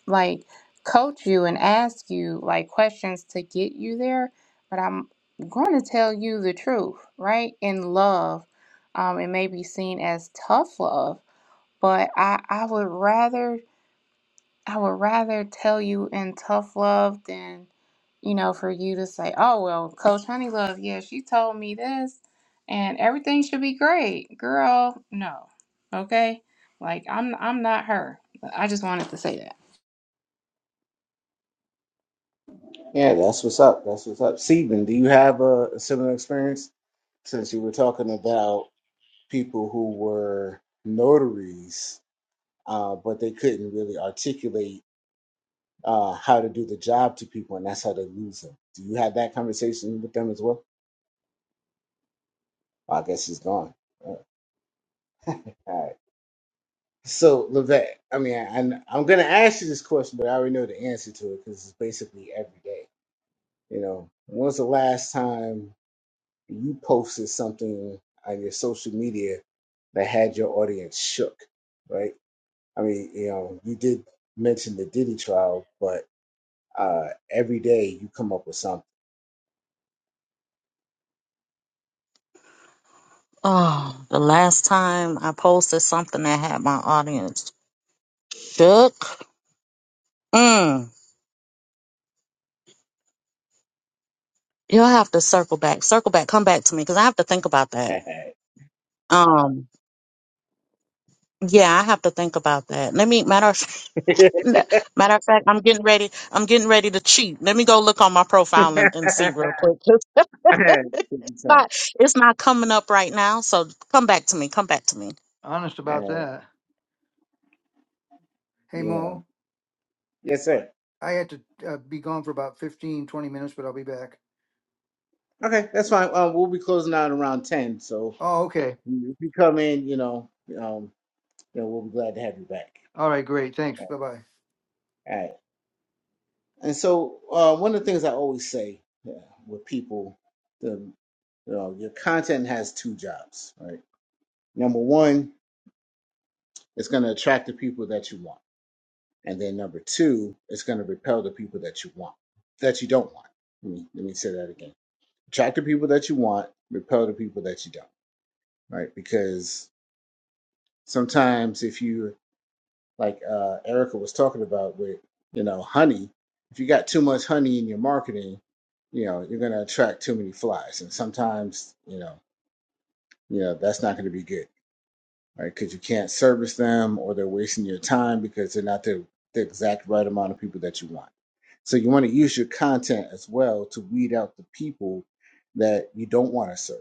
E: like, coach you and ask you, like, questions to get you there. But I'm going to tell you the truth, right? In love, um, it may be seen as tough love, but I, I would rather I would rather tell you in tough love than, you know, for you to say, oh, well, Coach Honeylove, yeah, she told me this and everything should be great. Girl, no. Okay? Like, I'm, I'm not her. I just wanted to say that.
B: Yeah, that's what's up. That's what's up. Stephen, do you have a, a similar experience? Since you were talking about people who were notaries, uh, but they couldn't really articulate uh, how to do the job to people, and that's how they lose them. Do you have that conversation with them as well? Well, I guess he has gone. Uh, All right. So, Levette, I mean, I, I'm I'm gonna ask you this question, but I already know the answer to it because it's basically every day. You know, when's the last time you posted something on your social media that had your audience shook? Right? I mean, you know, you did mention the Diddy trial, but uh, every day you come up with something.
A: Oh, the last time I posted something that had my audience shook Mm, you'll have to circle back. Circle back. Come back to me because I have to think about that. Um, yeah, I have to think about that. Let me matter of matter of fact, I'm getting ready. I'm getting ready to cheat. Let me go look on my profile and, and see real quick. It's
B: Every time.
A: not it's not coming up right now. So come back to me. Come back to me.
C: Honest
B: All
C: about
B: right,
C: that. Hey,
B: you know.
C: Mo,
B: Yes, sir.
C: I had to uh, be gone for about 15, 20 minutes, but I'll be back.
B: Okay, that's fine. Um, we'll be closing out around ten, so
C: Oh, okay.
B: If you come in, you know, um, you know, we'll be glad to have you back.
C: All right, great. Thanks. Bye bye.
B: All right. And so, uh, one of the things I always say yeah, with people, the you know, your content has two jobs, right? Number one, it's going to attract the people that you want, and then number two, it's going to repel the people that you want, that you don't want. Let me let me say that again. Attract the people that you want, repel the people that you don't, right? Because sometimes if you like uh, Erica was talking about with you know honey. If you got too much honey in your marketing, you know you're going to attract too many flies, and sometimes you know you know that's not going to be good, right? Because you can't service them, or they're wasting your time because they're not the, the exact right amount of people that you want. So you want to use your content as well to weed out the people that you don't want to serve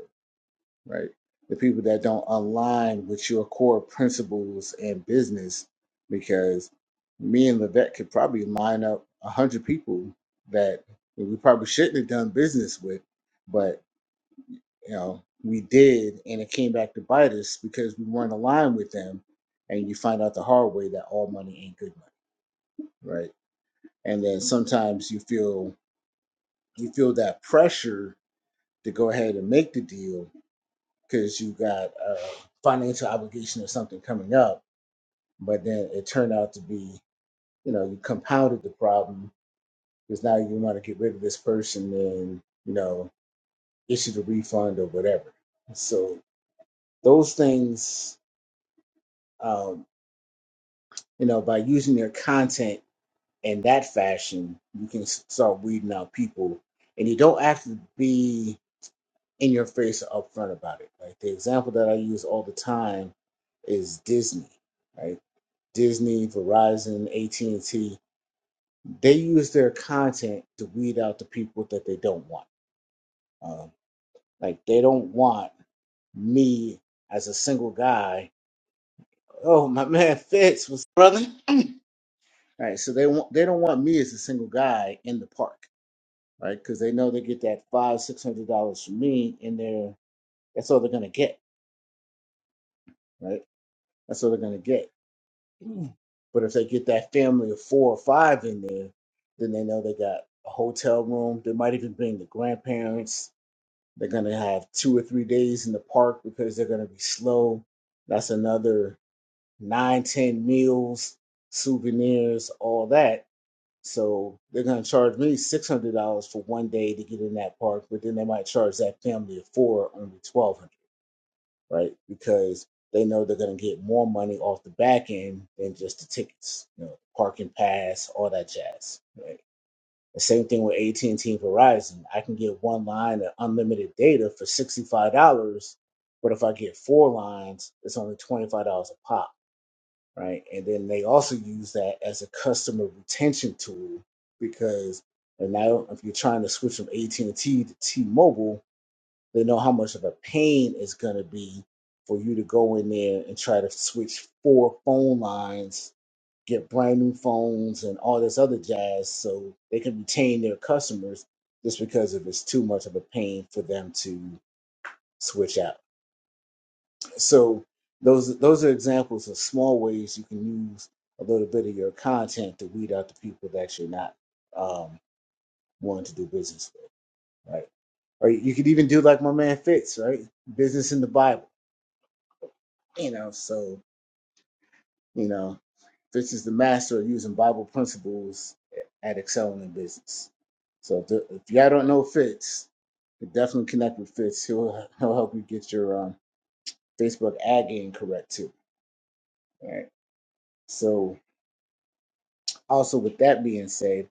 B: right? The people that don't align with your core principles and business, because me and Levette could probably line up a hundred people that we probably shouldn't have done business with, but you know we did, and it came back to bite us because we weren't aligned with them. And you find out the hard way that all money ain't good money, right? And then sometimes you feel you feel that pressure to go ahead and make the deal, because you got a financial obligation or something coming up, but then it turned out to be, you know, you compounded the problem because now you want to get rid of this person and, you know, issue the refund or whatever. So those things, um, you know, by using their content in that fashion, you can s- start weeding out people and you don't have to be in your face or upfront about it. Like the example that I use all the time is Disney, right? Disney, Verizon, AT and T. They use their content to weed out the people that they don't want. Um, like they don't want me as a single guy. Oh, my man Fitz was brother. Right, so they want they don't want me as a single guy in the park, right? Because they know they get that five six hundred dollars from me, and they're that's all they're gonna get, right? That's all they're gonna get. But if they get that family of four or five in there, then they know they got a hotel room. They might even bring the grandparents. They're gonna have two or three days in the park because they're gonna be slow. That's another nine, ten meals, souvenirs, all that. So they're gonna charge me six hundred dollars for one day to get in that park, but then they might charge that family of four only 1200 right? Because they know they're going to get more money off the back end than just the tickets, you know, parking pass, all that jazz, right? The same thing with AT and T and Verizon. I can get one line of unlimited data for sixty five dollars, but if I get four lines, it's only twenty five dollars a pop, right? And then they also use that as a customer retention tool because and now if you're trying to switch from AT and T to T Mobile they know how much of a pain it's going to be for you to go in there and try to switch four phone lines, get brand new phones, and all this other jazz so they can retain their customers just because if it's too much of a pain for them to switch out. So those those are examples of small ways you can use a little bit of your content to weed out the people that you're not um, wanting to do business with, right? Or you could even do like my man Fitz, right? Business in the Bible you know so you know this is the master of using bible principles at excelling in business so if, the, if y'all don't know fitz you definitely connect with fitz he'll, he'll help you get your um, facebook ad game correct too all right so also with that being said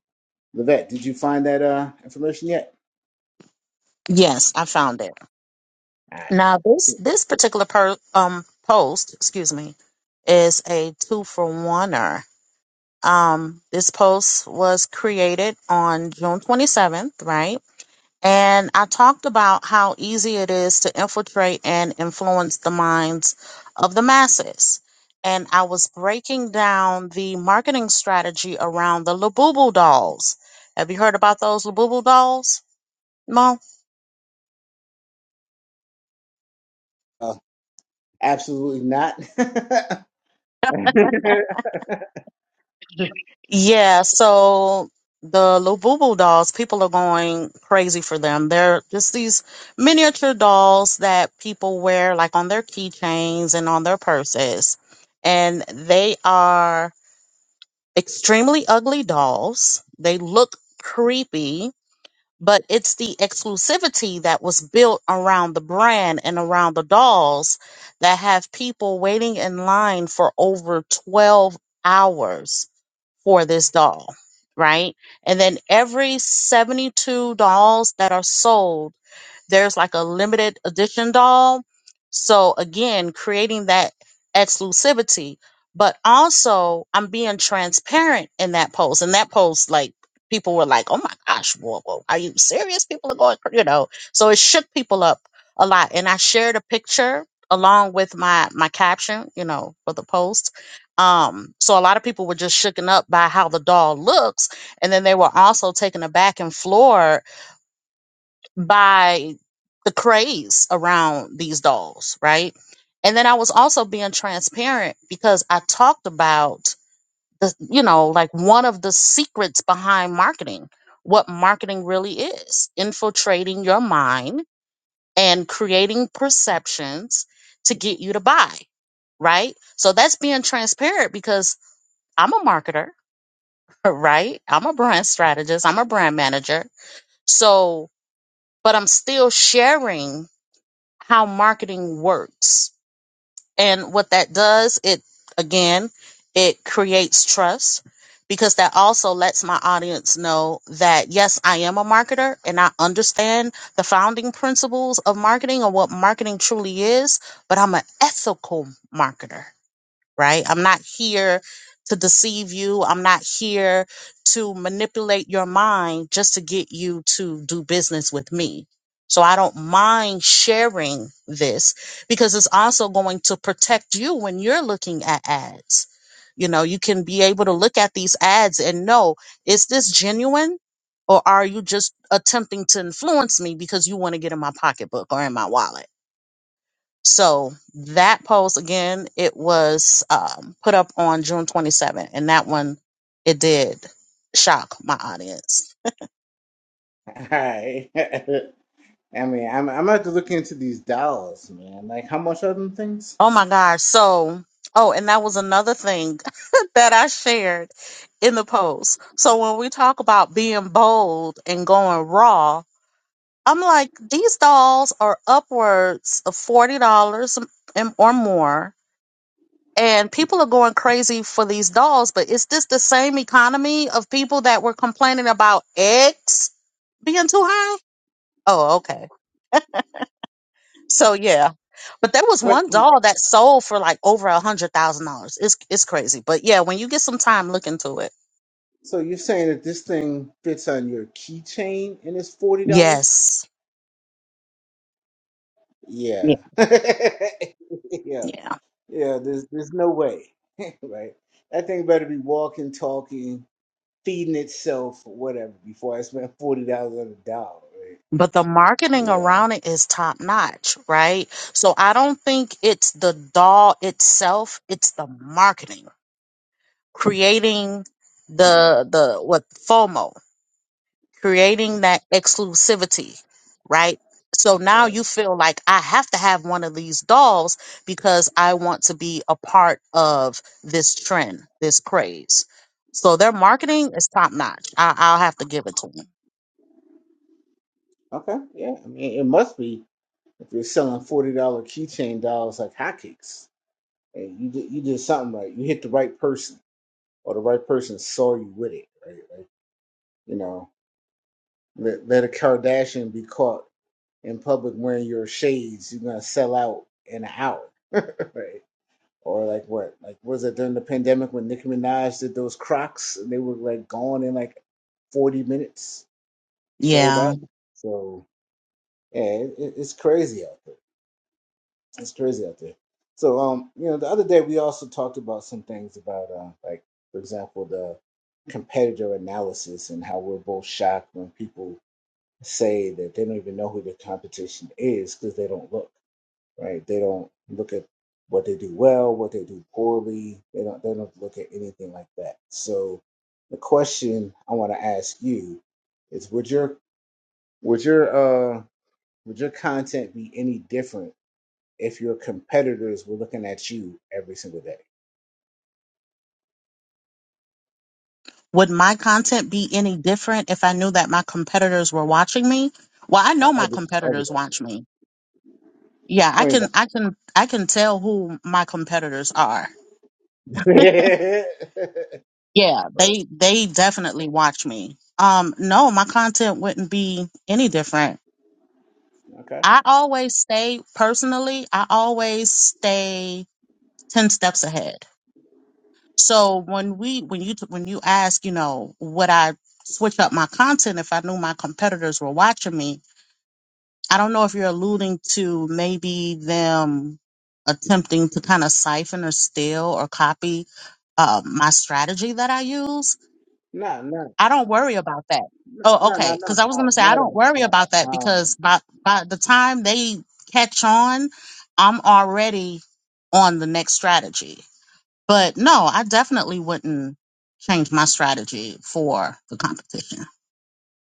B: levette did you find that uh information yet
A: Yes, I found it.
B: all right
A: Now this this particular per, um post, excuse me, is a two for oneer. Um, this post was created on June 27th, right? And I talked about how easy it is to infiltrate and influence the minds of the masses. And I was breaking down the marketing strategy around the Labubu dolls. Have you heard about those Labubu dolls, Mo?
B: uh, absolutely not all
A: Yeah, so the Labubu dolls, people are going crazy for them. They're just these miniature dolls that people wear like on their keychains and on their purses. And they are extremely ugly dolls. They look creepy, but it's the exclusivity that was built around the brand and around the dolls that have people waiting in line for over 12 hours for this doll, right? And then every 72 dolls that are sold there's like a limited edition doll. So again, creating that exclusivity, but also I'm being transparent in that post. And that post, like people were like, "Oh my gosh, whoa, whoa, are you serious?" People are going, cra-" you know. So it shook people up a lot. And I shared a picture along with my my caption, you know, for the post. Um, so a lot of people were just shooken up by how the doll looks and then they were also taken aback and floored by the craze around these dolls, right? And then I was also being transparent because I talked about the, you know, like one of the secrets behind marketing, what marketing really is infiltrating your mind and creating perceptions to get you to buy, right? So that's being transparent because I'm a marketer, right? I'm a brand strategist, I'm a brand manager. So, but I'm still sharing how marketing works. And what that does, it again, it creates trust because that also lets my audience know that yes, I am a marketer and I understand the founding principles of marketing and what marketing truly is, but I'm an ethical marketer right? I'm not here to deceive you. I'm not here to manipulate your mind just to get you to do business with me. So I don't mind sharing this because it's also going to protect you when you're looking at ads. You know, you can be able to look at these ads and know, is this genuine? Or are you just attempting to influence me because you want to get in my pocketbook or in my wallet? So that post again, it was um, put up on June 27th, and that one it did shock my audience.
B: right i mean i'm, I'm gonna have to look into these dollars man like how much are them things
A: Oh my gosh! So oh, and that was another thing that I shared in the post. So when we talk about being bold and going raw, I'm like these dolls are upwards of forty dollars and or more and people are going crazy for these dolls but is this the same economy of people that were complaining about eggs being too high oh okay so yeah but there was
B: Wait,
A: one
B: wait.
A: doll that sold for like over a hundred thousand dollars it's it's crazy but yeah when you get some time look into it
B: So you're saying that this thing fits on your keychain and it's forty dollars?
A: yes yeah
B: Yeah. yeah.
A: yeah
B: Yeah, there's there's no way. right? That thing better be walking, talking, feeding itself or whatever before I spend forty dollars on a dollar, right?
A: but the marketing
B: You know.
A: around it is top notch right so i don't think it's the doll itself it's the marketing creating
B: Hmm,
A: the the what FOMO creating that exclusivity, right? So now
B: well,
A: you feel like I have to have one of these dolls because I want to be a part of this trend, this craze. So their marketing is top notch. I- I'll have to give it to them.
B: okay, yeah. I mean it must be if you're selling forty dollar keychain dolls like hotcakes. Hey, you did you did something right. You hit the right person or the right person saw you with it, right? Like, you know. Let, let a Kardashian be caught in public wearing your shades. You're gonna sell out in an hour, right? Or like what? Like was it during the pandemic when Nicki Minaj did those Crocs and they were like gone in like 40 minutes, sold
A: Yeah.
B: out. So yeah, it, it- it's crazy out there. It's crazy out there. So um, you know, the other day we also talked about some things about uh, like for example the competitor analysis and how we're both shocked when people say that they don't even know who their competition is because they don't look right. They don't look at what they do well, what they do poorly. They don't. They don't look at anything like that. So, the question I want to ask you is: Would your would your uh would your content be any different if your competitors were looking at you every single day,
A: Would my content be any different if I knew that my competitors were watching me? Well, I
B: like
A: know my
B: every every
A: competitors
B: day?
A: watch me. Yeah,
B: I
A: I
B: mean, but-
A: can I can I can tell who my competitors are
B: right?
A: Yeah, they they definitely watch me. Um, no, my content wouldn't be any different.
B: Okay.
A: I always stay personally. I always stay ten steps ahead. So when we when you when you ask, you know, would I switch up my content if I knew my competitors were watching me? I don't know if you're alluding to maybe them attempting to kind of siphon or steal or copy uh, my strategy that I use
B: No, no,
A: I don't worry about that.
B: no,
A: Oh,
B: no, no,
A: okay.
B: no,
A: Because I was gonna say I
B: not
A: don't
B: about
A: worry
B: that.
A: about that because by by the time they catch on, I'm already on the next strategy. But no, I definitely wouldn't change my strategy for the competition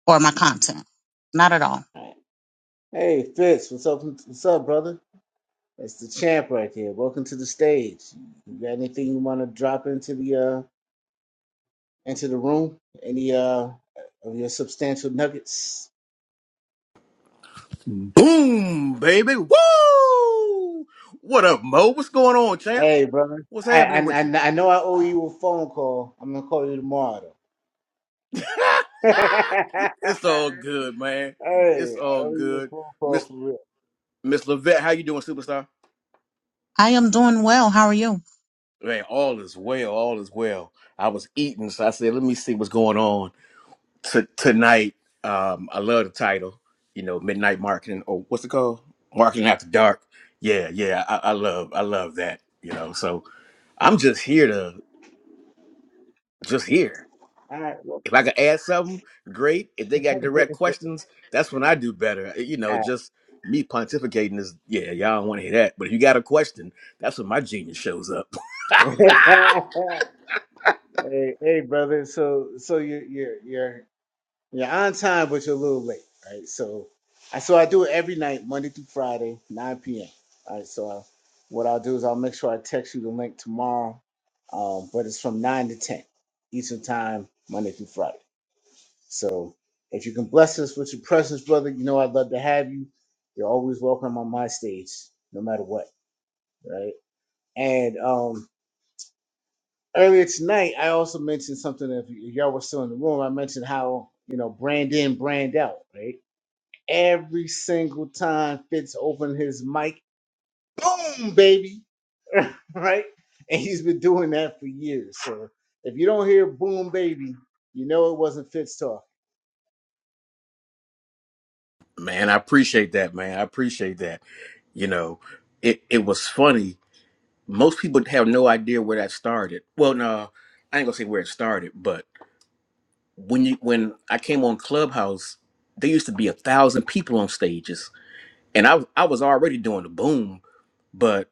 A: or my content. Not at all.
B: Um, Hey, Fitz, what's up? What's up, brother? That's the champ right there. Welcome to the stage. You got anything you want to drop into the uh into the room? Any uh of your substantial nuggets?
F: Boom, baby. Woo! What up, Mo? What's going on, champ?
B: Hey, brother.
F: What's
B: I I
F: happening
B: I
F: with you?
B: I know I owe you a phone call. I'm gonna call you tomorrow though. hey,
F: Ah, it's all good, man. It's
B: I
F: all
B: owe you a
F: good.
B: phone call
F: Miss
B: for real.
F: Miss Levette, how you doing, superstar?
A: I am doing well. How are you?
F: Man, all is well. All is well. I was eating, so I said, let me see what's going on T- tonight. Um, I love the title, you know, Midnight Marketing, or what's it called? Marketing After Dark. Yeah, yeah, I, I love, I love that, you know. So I'm just here to, just here.
B: All right. Well,
F: If I could add something, great. If they got direct questions, that's when I do better. Eh, You
B: all
F: know,
B: right.
F: just me pontificating is yeah, y'all don't want to hear that. But if you got a question, that's when my genius shows up.
B: hey, hey, brother. So, so you're you're you're You're on time, but you're a little late, right? So, I so I do it every night, Monday through Friday, 9 p.m. All right. So, I, what I'll do is I'll make sure I text you the link tomorrow, um, but it's from 9 to 10 Eastern Time, Monday through Friday. So, if you can bless us with your presence, brother, you know I'd love to have you. You're always welcome on my stage, no matter what, right? And um, earlier tonight, I also mentioned something. If y- y'all were still in the room, I mentioned how you know brand in, brand out, right? every single time Fitz opened his mic, boom, baby, right? And he's been doing that for years. So if you don't hear boom, baby, you know it wasn't Fitz talk.
F: Man, I appreciate that, man. I appreciate that. You know, it it was funny. Most people have no idea where that started. Well, no, I ain't gonna say where it started, but when you when I came on Clubhouse, there used to be a thousand people on stages, and I I was already doing the boom, But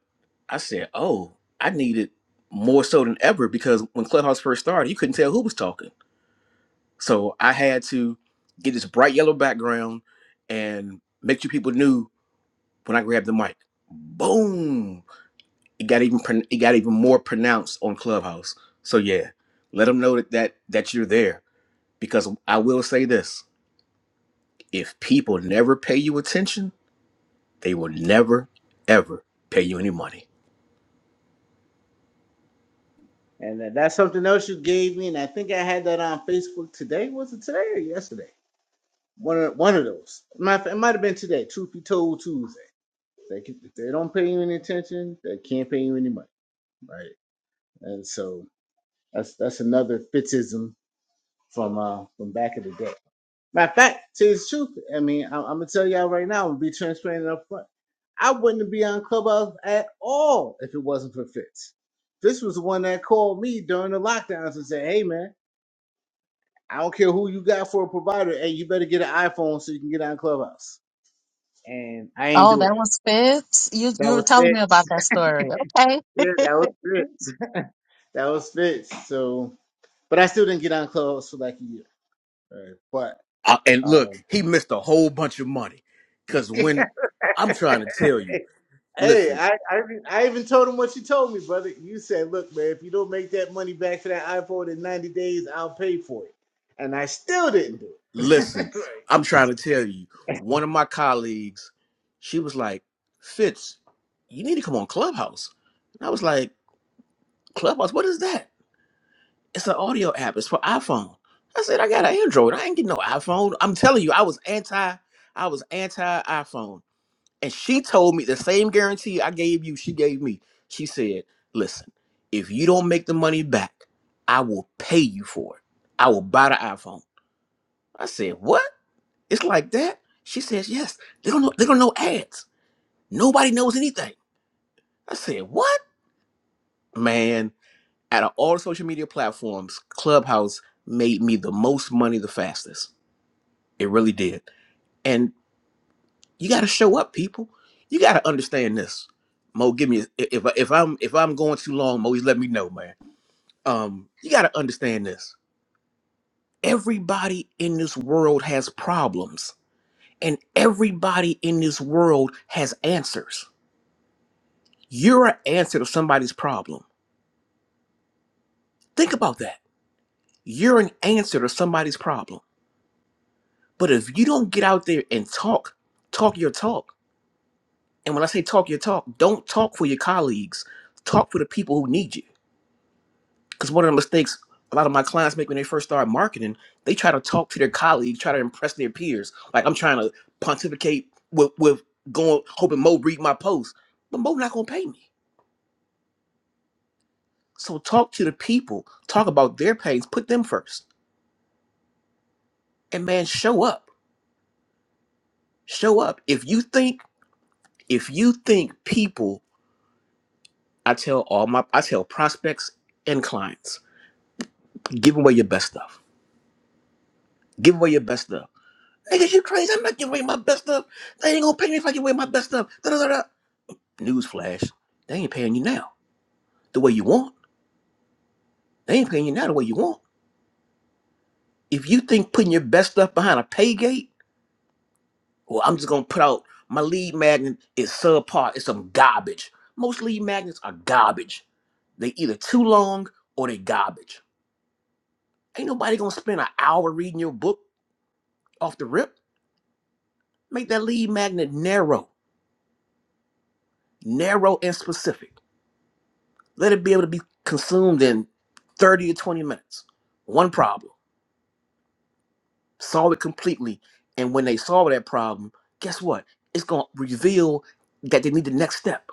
F: I said, oh, I need it more so than ever because when Clubhouse first started, you couldn't tell who was talking. So I had to get this bright yellow background and make sure people knew when I grabbed the mic. Boom! It got even pron- it got even more pronounced on Clubhouse. So yeah, let them know that that, that you're there because I will say this: if people never pay you attention, they will never ever pay you any money.
B: And that's something else you gave me, and I think I had that on Facebook today. Was it today or yesterday? One of one of those. My, it might have been today. Truth be told, Tuesday. They can, if they don't pay you any attention, they can't pay you any money, right? And so that's that's another Fitzism from uh from back of the day. Matter of fact, to the truth, I mean, I, I'm gonna tell y'all right now I'm gonna be transparent and upfront. I wouldn't be on Clubhouse at all if it wasn't for Fitz. Fitz was the one that called me during the lockdowns and said, "Hey, man, I don't care who you got for a provider. Hey, you better get an iPhone so you can get on Clubhouse." And I ain't
A: Oh,
B: do it
A: that
B: though.
A: was Fibs. You
B: That
A: you were
B: was
A: telling me
B: Fitz.
A: about that story. Okay.
B: Yeah, that was Fitz. that was Fitz. So, but I still didn't get on Clubhouse for like a year. Right?
F: I, and
B: But
F: look,
B: um,
F: he missed a whole bunch of money. Cause when I'm trying to tell you,
B: Hey,
F: listen,
B: I, I even- I even told him what you told me, brother. You said, "Look, man, if you don't make that money back for that iPhone in 90 days, I'll pay for it." And I still didn't do
F: listen,
B: it. right.
F: I'm
B: So,
F: trying to tell you, one of my colleagues, she was like, Fitz, you need to come on Clubhouse. And I was like, Clubhouse, what is that? It's an audio app. It's for iPhone. I said, I got an Android. I ain't getting no iPhone. I'm telling you, I was anti, I was anti iPhone. And she told me the same guarantee I gave you, she gave me. She said, Listen, if you don't make the money back, I will pay you for it. I will buy the iPhone. I said, What? It's like that? She says, Yes. They don't know they don't know ads. Nobody knows anything. I said, What? Man, out of all social media platforms, Clubhouse made me the most money the fastest. It really did. And. You got to show up, people. You got to understand this. Mo, give me if I- if I'm if I'm going too long, Mo, just let me know, man. Um, you got to understand this. Everybody in this world has problems, and everybody in this world has answers. You're an answer to somebody's problem. Think about that. You're an answer to somebody's problem. But if you don't get out there and talk, talk your talk. And when I say talk your talk, don't talk for your colleagues. Talk for the people who need you because one of the mistakes a lot of my clients make when they first start marketing, they try to talk to their colleagues, try to impress their peers. Like I'm trying to pontificate with with going hoping Mo read my post, but Mo not gonna pay me. So talk to the people, talk about their pains, put them first, and man, show up, show up. If you think if you think people, I tell all my I tell prospects and clients, give away your best stuff. Give away your best stuff. Niggas, you crazy? I'm not giving away my best stuff. They ain't gonna pay me if I give away my best stuff. Da, da, da, da. Newsflash, they ain't paying you now the way you want. They ain't paying you now the way you want. If you think putting your best stuff behind a pay gate, well, I'm just gonna put out my lead magnet is subpar. It's some garbage. Most lead magnets are garbage. They either too long or they garbage. Ain't nobody gonna spend an hour reading your book off the rip. Make that lead magnet narrow, narrow and specific. Let it be able to be consumed in 30 to 20 minutes. One problem. solve it completely. And when they solve that problem, guess what? It's gonna reveal that they need the next step.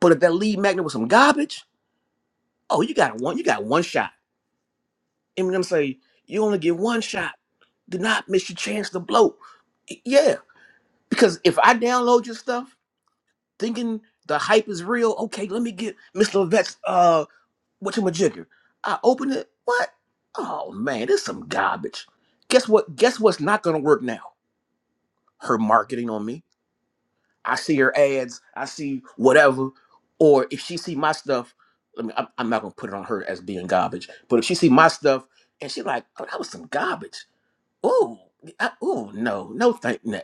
F: But if that lead magnet was some garbage, oh, you got one, you got one shot. Eminem say you only get one shot. Do not miss your chance to blow. Y- Yeah, because if I download your stuff thinking the hype is real, okay, let me get Mr. Vet's uh whatchamajigger. I open it, what? Oh man, this some garbage. Guess what? Guess what's not gonna work now? Her marketing on me I see her ads, I see whatever, or if she see my stuff, I mean, I'm, I'm not gonna put it on her as being garbage, but if she see my stuff and she like, oh, that was some garbage. Ooh, I, ooh, no, no, thank you.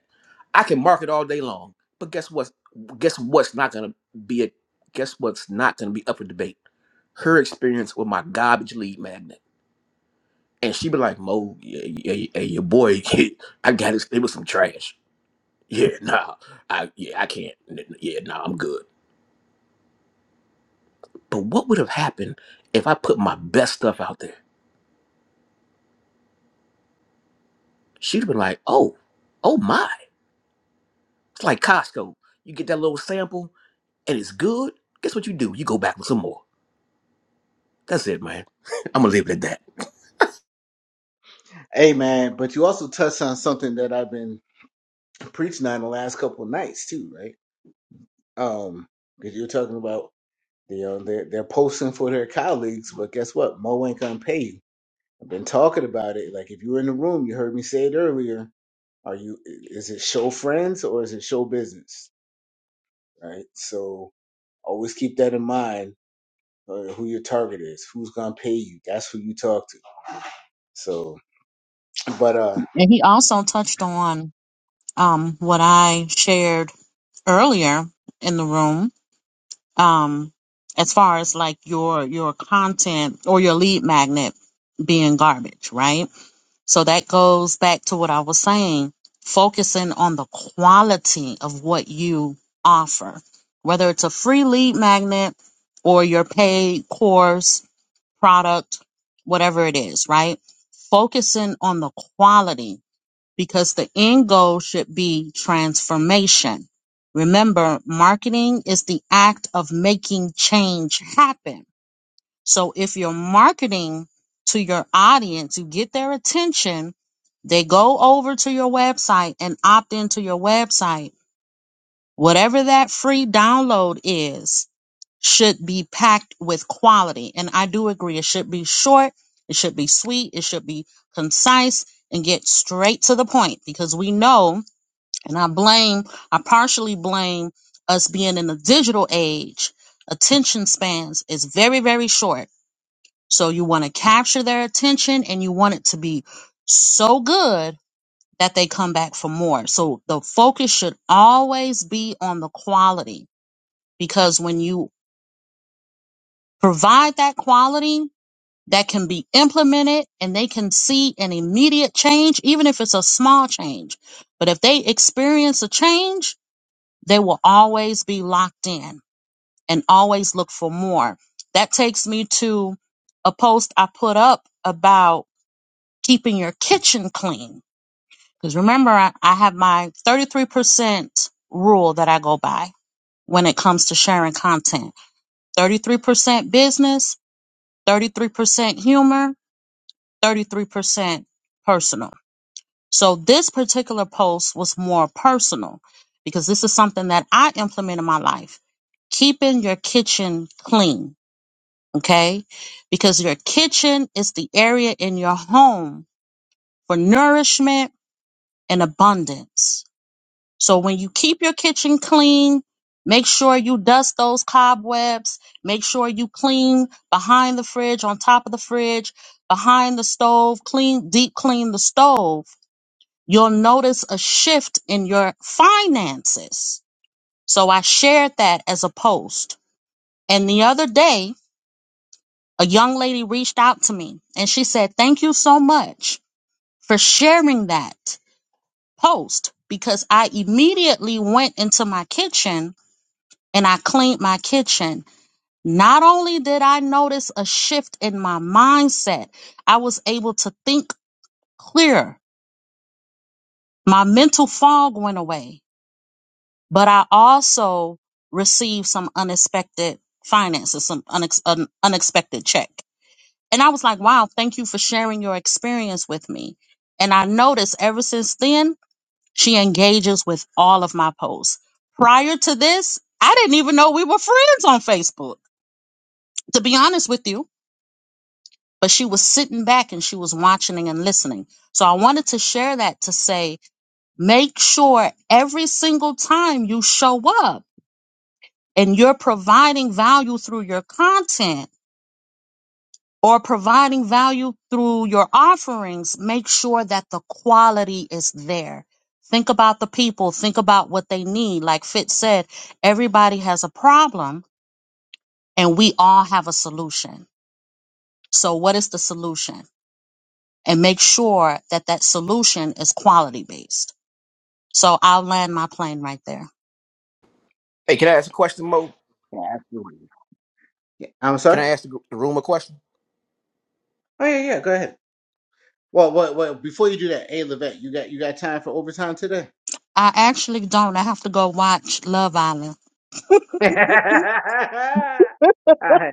F: I can market all day long, but guess what? Guess what's not gonna be a guess what's not gonna be up for debate? Her experience with my garbage lead magnet, and she be like, Mo, yeah, yeah, yeah, your boy, I got it. It was some trash yeah, nah, I yeah, I can't. N- n- Yeah, nah, I'm good. But what would have happened if I put my best stuff out there? She'd have been like, oh, oh my. It's like Costco. You get that little sample and it's good. Guess what you do? You go back with some more. That's it, man. I'm gonna leave it at that.
B: hey, man, but you also touched on something that I've been preaching on the last couple of nights too, right? Um, because you were talking about you know they're they're posting for their colleagues, but guess what? Mo ain't gonna pay you. I've been talking about it. Like if you were in the room, you heard me say it earlier. Are you? Is it show friends or is it show business? Right. So Always keep that in mind. uh, who your target is, who's gonna pay you. That's who you talk to. So, but uh,
A: And he also touched on um what I shared earlier in the room. Um as far as like your your content or your lead magnet being garbage, right? So that goes back to what I was saying, focusing on the quality of what you offer, whether it's a free lead magnet or your paid course product, whatever it is, right? Focusing on the quality because the end goal should be transformation. Remember, marketing is the act of making change happen. So if you're marketing to your audience, you get their attention, they go over to your website and opt into your website. Whatever that free download is, should be packed with quality. And I do agree, it should be short, it should be sweet, it should be concise, and get straight to the point because we know, and I blame, I partially blame us being in the digital age, attention spans is very, very short. So you want to capture their attention and you want it to be so good that they come back for more. So the focus should always be on the quality because when you provide that quality, that can be implemented and they can see an immediate change, even if it's a small change. But if they experience a change, they will always be locked in and always look for more. That takes me to a post I put up about keeping your kitchen clean. Because remember, I, I have my 33% rule that I go by when it comes to sharing content 33% business, 33% humor, 33% personal. So this particular post was more personal because this is something that I implement in my life. Keeping your kitchen clean, okay? Because your kitchen is the area in your home for nourishment and abundance. So when you keep your kitchen clean, make sure you dust those cobwebs, make sure you clean behind the fridge, on top of the fridge, behind the stove, clean deep clean the stove you'll notice a shift in your finances. So I shared that as a post. And the other day, a young lady reached out to me and she said, Thank you so much for sharing that post because I immediately went into my kitchen and I cleaned my kitchen. Not only did I notice a shift in my mindset, I was able to think clearer. My mental fog went away but I also received some unexpected finances, some unex- un- unexpected check. And I was like, wow, thank you for sharing your experience with me. And I noticed ever since then, she engages with all of my posts. Prior to this, I didn't even know we were friends on Facebook, to be honest with you. But she was sitting back and she was watching and listening. So I wanted to share that to say, make sure every single time you show up, and you're providing value through your content or providing value through your offerings, make sure that the quality is there. Think about the people, think about what they need. Like Fitz said, everybody has a problem and we all have a solution. So, what is the solution? And make sure that that solution is quality based. So, I'll land my plane right there.
F: Hey, can I ask a question, Mo?
B: yeah, absolutely. Yeah. I'm
F: Can I
B: sorry.
F: ask the gr- the room a question?
B: Oh yeah, yeah. Go ahead. Well, well, well. Before you do that, hey, Levette, you got you got time for overtime today?
A: I actually don't. I have to go watch Love Island.
B: I,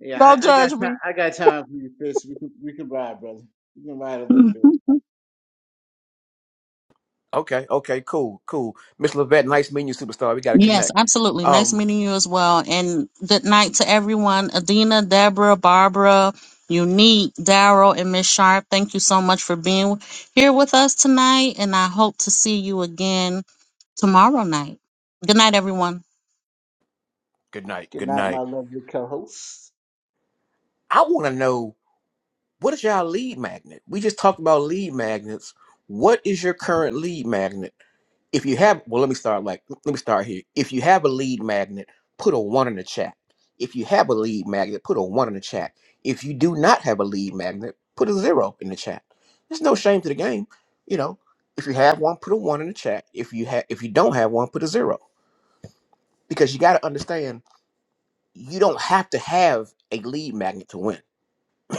B: yeah,
A: Don't
B: I, I got
A: judge
B: time.
A: me.
B: I got time for you, Fitz. We can we can ride, brother. We can ride a little bit.
F: Okay, okay, cool, cool. Miss Levette, nice meeting you, superstar. We got to
A: Yes,
F: connect.
A: absolutely. Nice
F: Um,
A: meeting you as well. And good night to everyone. Adina, Deborah, Barbara, Unique, Daryl, and Miss Sharp. Thank you so much for being here with us tonight. And I hope to see you again tomorrow night. Good night, everyone.
F: good night,
B: Good
F: good
B: night, my
F: night.
B: lovely co-host.
F: I want to know. What is your lead magnet? We just talked about lead magnets. What is your current lead magnet? If you have, well, let me start like, let me start here. If you have a lead magnet, put a one in the chat. If you have a lead magnet, put a one in the chat. If you do not have a lead magnet, put a zero in the chat. There's no shame to the game. You know, if you have one, put a one in the chat. If you have, if you don't have one, put a zero because you got to understand you don't have to have a lead magnet to win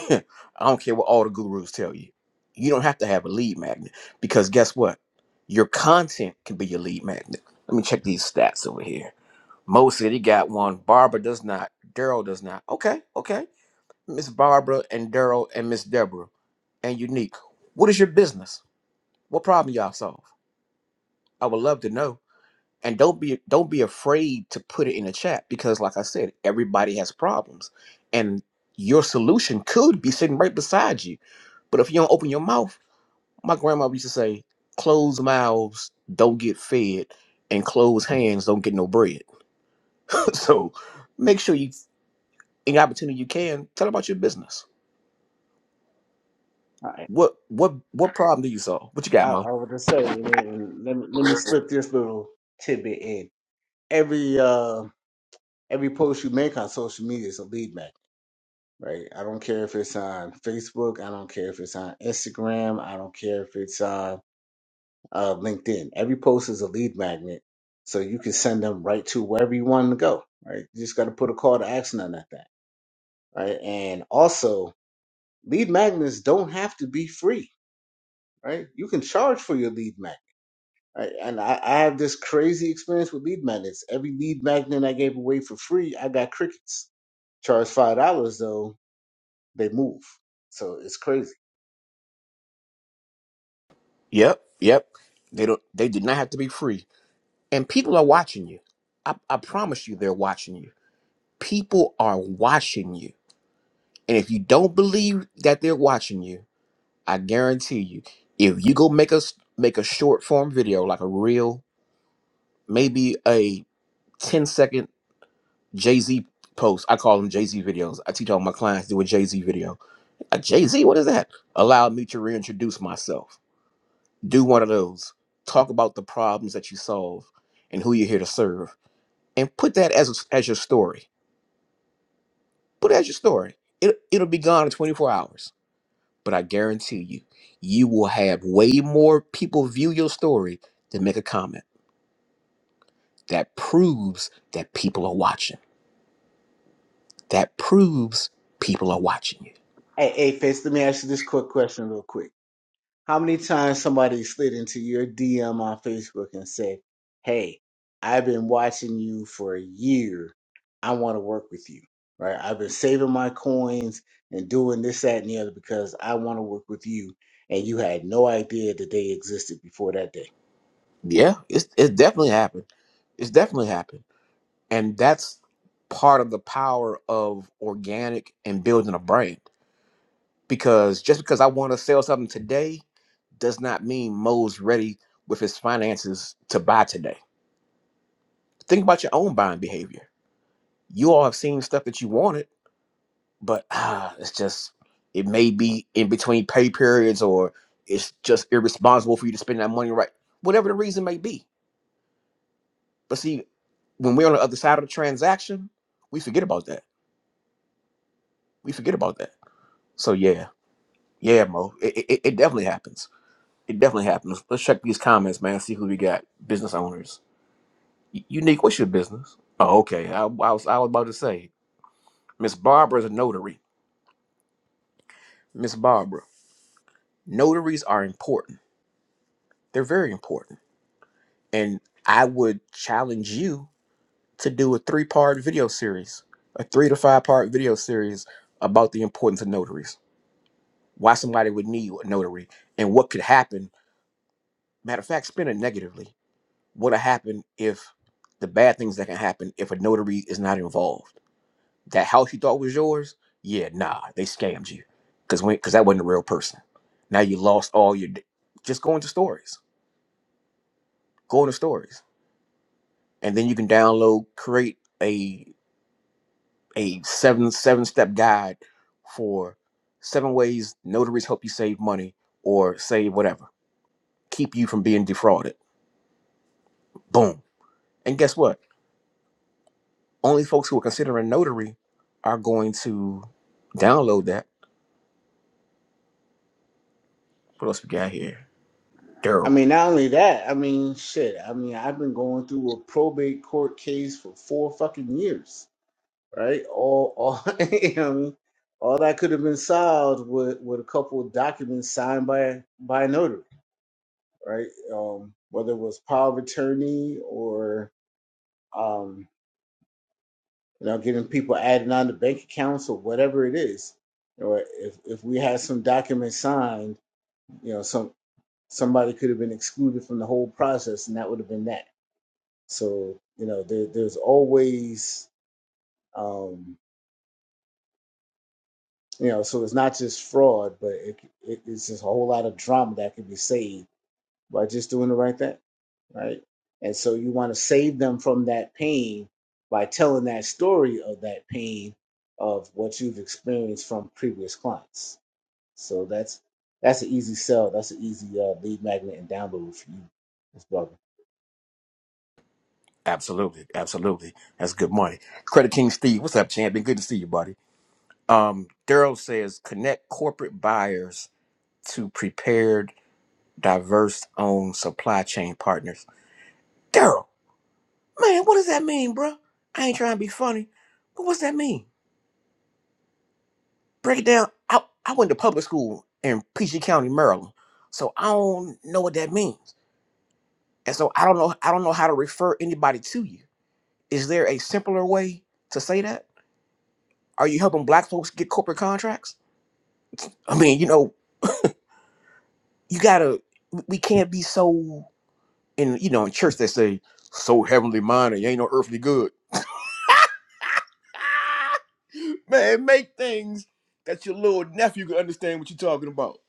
F: I don't care what all the gurus tell you. You don't have to have a lead magnet because guess what? Your content can be your lead magnet. Let me check these stats over here. Mo said he got one. Barbara does not. Daryl does not. Okay, okay. Miss Barbara and Daryl and Miss Deborah and Unique. What is your business? What problem y'all solve? I would love to know and don't be don't be afraid to put it in the chat because like i said everybody has problems and your solution could be sitting right beside you but if you don't open your mouth my grandma used to say closed mouths don't get fed and closed hands don't get no bread so make sure you any opportunity you can tell about your business
B: All right,
F: what what what problem do you solve what you got
B: I,
F: mo
B: I was just saying, and let me let me slip this little tidbit in. Every uh every post you make on social media is a lead magnet, right? I don't care if it's on Facebook, I don't care if it's on Instagram, I don't care if it's on uh, LinkedIn. Every post is a lead magnet, so you can send them right to wherever you want them to go, right? You just got to put a call to action on that thing, right? And also, lead magnets don't have to be free, right? You can charge for your lead magnet. Right? And I, I have this crazy experience with lead magnets. Every lead magnet I gave away for free, I got crickets. Charged five dollars though, They move. So it's crazy.
F: yep yep they don't they did not have to be free and people are watching you i, I promise you they're watching you people are watching you. And if you don't believe that they're watching you, I guarantee you, if you go make us make a short form video, like a reel, maybe a 10 second second Jay-Z post. I call them Jay-Z videos. I teach all my clients to do a Jay-Z video. A Jay-Z, what is that? Allow me to reintroduce myself. Do one of those. Talk about the problems that you solve and who you're here to serve. And put that as as your story. Put it as your story. It, it'll be gone in 24 hours But I guarantee you, you will have way more people view your story than make a comment. That proves that people are watching. That proves people are watching you.
B: Hey, hey, Face, let me ask you this quick question real quick. How many times somebody slid into your DM on Facebook and said, Hey, I've been watching you for a year. I want to work with you. Right? I've been saving my coins and doing this, that, and the other because I want to work with you. And you had no idea that they existed before that day.
F: Yeah, it's it's definitely happened. It's definitely happened. And that's part of the power of organic and building a brand. Because just because I want to sell something today does not mean Mo's ready with his finances to buy today. Think about your own buying behavior. You all have seen stuff that you wanted but ah, it's just it may be in between pay periods or it's just irresponsible for you to spend that money right, whatever the reason may be. But see, when we're on the other side of the transaction, we forget about that. We forget about that. So yeah, yeah, Mo, it, it, it it definitely happens. It definitely happens. Let's check these comments, man. See who we got. Business owners. Y- Unique, what's your business? Oh, okay. I, I was I was about to say, Miss Barbara is a notary. Miss Barbara, notaries are important. They're very important And I would challenge you to do a three part video series, a three to five part video series about the importance of notaries, why somebody would need a notary, and what could happen. Matter of fact, spin it negatively. What would happen if the bad things that can happen if a notary is not involved? That house you thought was yours? Yeah, nah, they scammed you because because that wasn't a real person. Now you lost all your. d- Just go into stories, go into stories, and then you can download, create a a seven seven step guide for seven ways notaries help you save money or save whatever keep you from being defrauded boom and guess what only folks who are considering notary are going to download that what else we got here
B: I
F: daryl
B: mean, not only that, I mean, shit. I mean, I've been going through a probate court case for four fucking years right? All, all, you know what I mean? all that could have been solved with, with a couple of documents signed by by a notary, right? Um, whether it was power of attorney or um, you know getting people added on to bank accounts or whatever it is, or if if we had some documents signed, you know, some somebody could have been excluded from the whole process, and that would have been that. So you know, there, there's always um. You know, so it's not just fraud, but it, it it's just a whole lot of drama that can be saved by just doing the right thing, right? And so you want to save them from that pain by telling that story of that pain of what you've experienced from previous clients. So that's that's an easy sell. That's an easy uh, lead magnet and download for you, Ms. Barbara.
F: absolutely absolutely that's good money credit king steve what's up champion good to see you buddy um daryl says connect corporate buyers to prepared diverse owned supply chain partners daryl Man, what does that mean, bro? I ain't trying to be funny, but what's that mean? Break it down. I, I went to public school in Peachey County, Maryland, so I don't know what that means, and so I don't know. I don't know how to refer anybody to you. Is there a simpler way to say that? Are you helping Black folks get corporate contracts? I mean, you know, you gotta. We we can't be so in you know in church they say so heavenly minded. You ain't no earthly good. Ah! Man, make things that your little nephew can understand what you're talking about.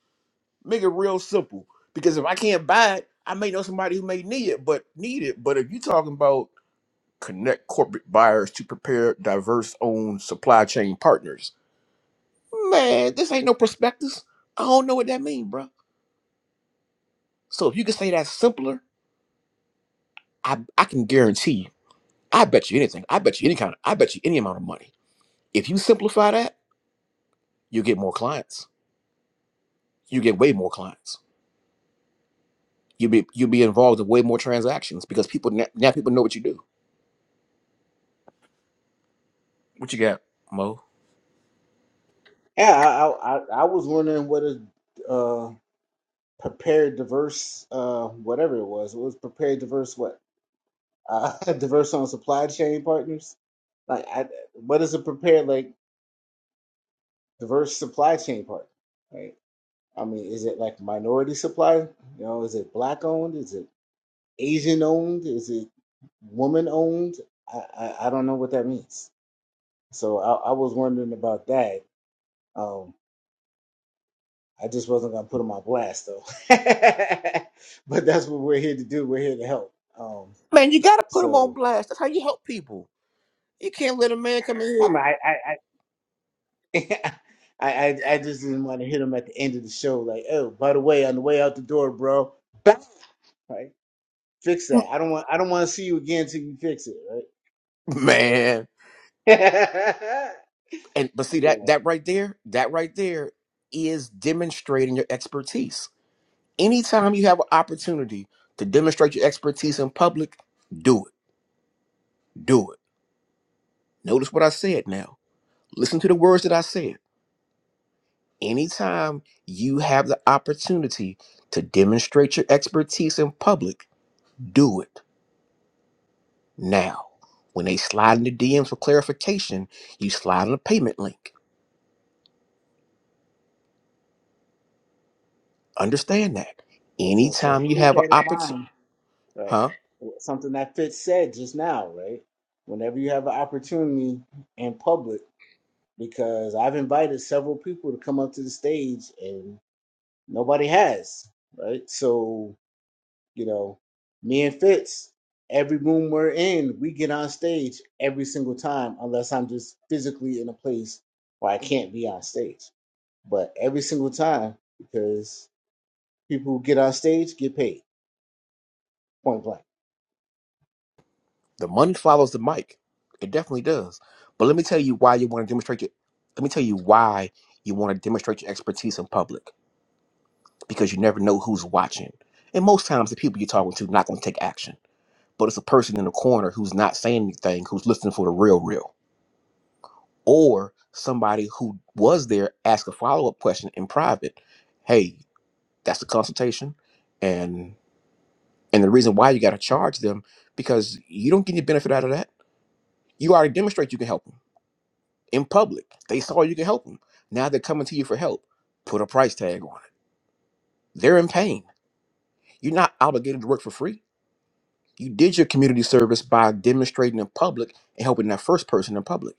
F: Make it real simple. Because if I can't buy it, I may know somebody who may need it, but need it. But if you're talking about connect corporate buyers to prepare diverse owned supply chain partners, man, this ain't no prospectus. I don't know what that means, bro. So if you can say that simpler, I I can guarantee you, I bet you anything. I bet you any kind of I bet you any amount of money. If you simplify that, you get more clients. You get way more clients You'll be you'll be involved in way more transactions because people now, now people know what you do. What you got, Mo?
B: Yeah, I I, I I was wondering what a uh, prepared diverse uh, whatever it was. It was prepared diverse what uh, diverse on supply chain partners. Like, I, what is a prepared like diverse supply chain partner? Right? I mean, is it like minority supply? You know, is it black owned? Is it Asian owned? Is it woman owned? I, I, I don't know what that means. So I, I was wondering about that. Um, I just wasn't gonna put them on blast though. but that's what we're here to do. We're here to help. Um,
F: Man, you gotta put them on
B: so.
F: blast. That's how you help people. You can't let a man come in
B: I, mean,
F: here,
B: I, I- I, I I just didn't want to hit him at the end of the show, like, oh, by the way, on the way out the door, bro, bam, right? Fix that. I don't want I don't want to see you again till you fix it, right?
F: man. And but see that
B: yeah.
F: that right there, that right there is demonstrating your expertise. Anytime you have an opportunity to demonstrate your expertise in public, do it. Do it. Notice what I said now. Listen to the words that I said. Anytime you have the opportunity to demonstrate your expertise in public, do it now. When they slide in the DMs for clarification, you slide on a payment link. Understand that.
B: So so
F: Anytime you
B: keep
F: have
B: that
F: an
B: in
F: opportunity,
B: mind, right?
F: huh?
B: Something that Fitz said just now, right? Whenever you have an opportunity in public, because I've invited several people to come up to the stage and nobody has, right? So You know, me and Fitz, every room we're in, we get on stage every single time, unless I'm just physically in a place where I can't be on stage. But every single time, because people who get on stage get paid, point blank.
F: The money follows the mic. It definitely does. But let me tell you why you want to demonstrate your. Let me tell you why you want to demonstrate your expertise in public because you never know who's watching. And most times, the people you're talking to not going to take action. But it's a person in the corner who's not saying anything, who's listening for the real, real. or somebody who was there ask a follow-up question in private hey that's a consultation and and the reason why you got to charge them because you don't get any benefit out of that you already demonstrate you can help them in public they saw you can help them now they're coming to you for help put a price tag on it they're in pain you're not obligated to work for free you did your community service by demonstrating in public and helping that first person in public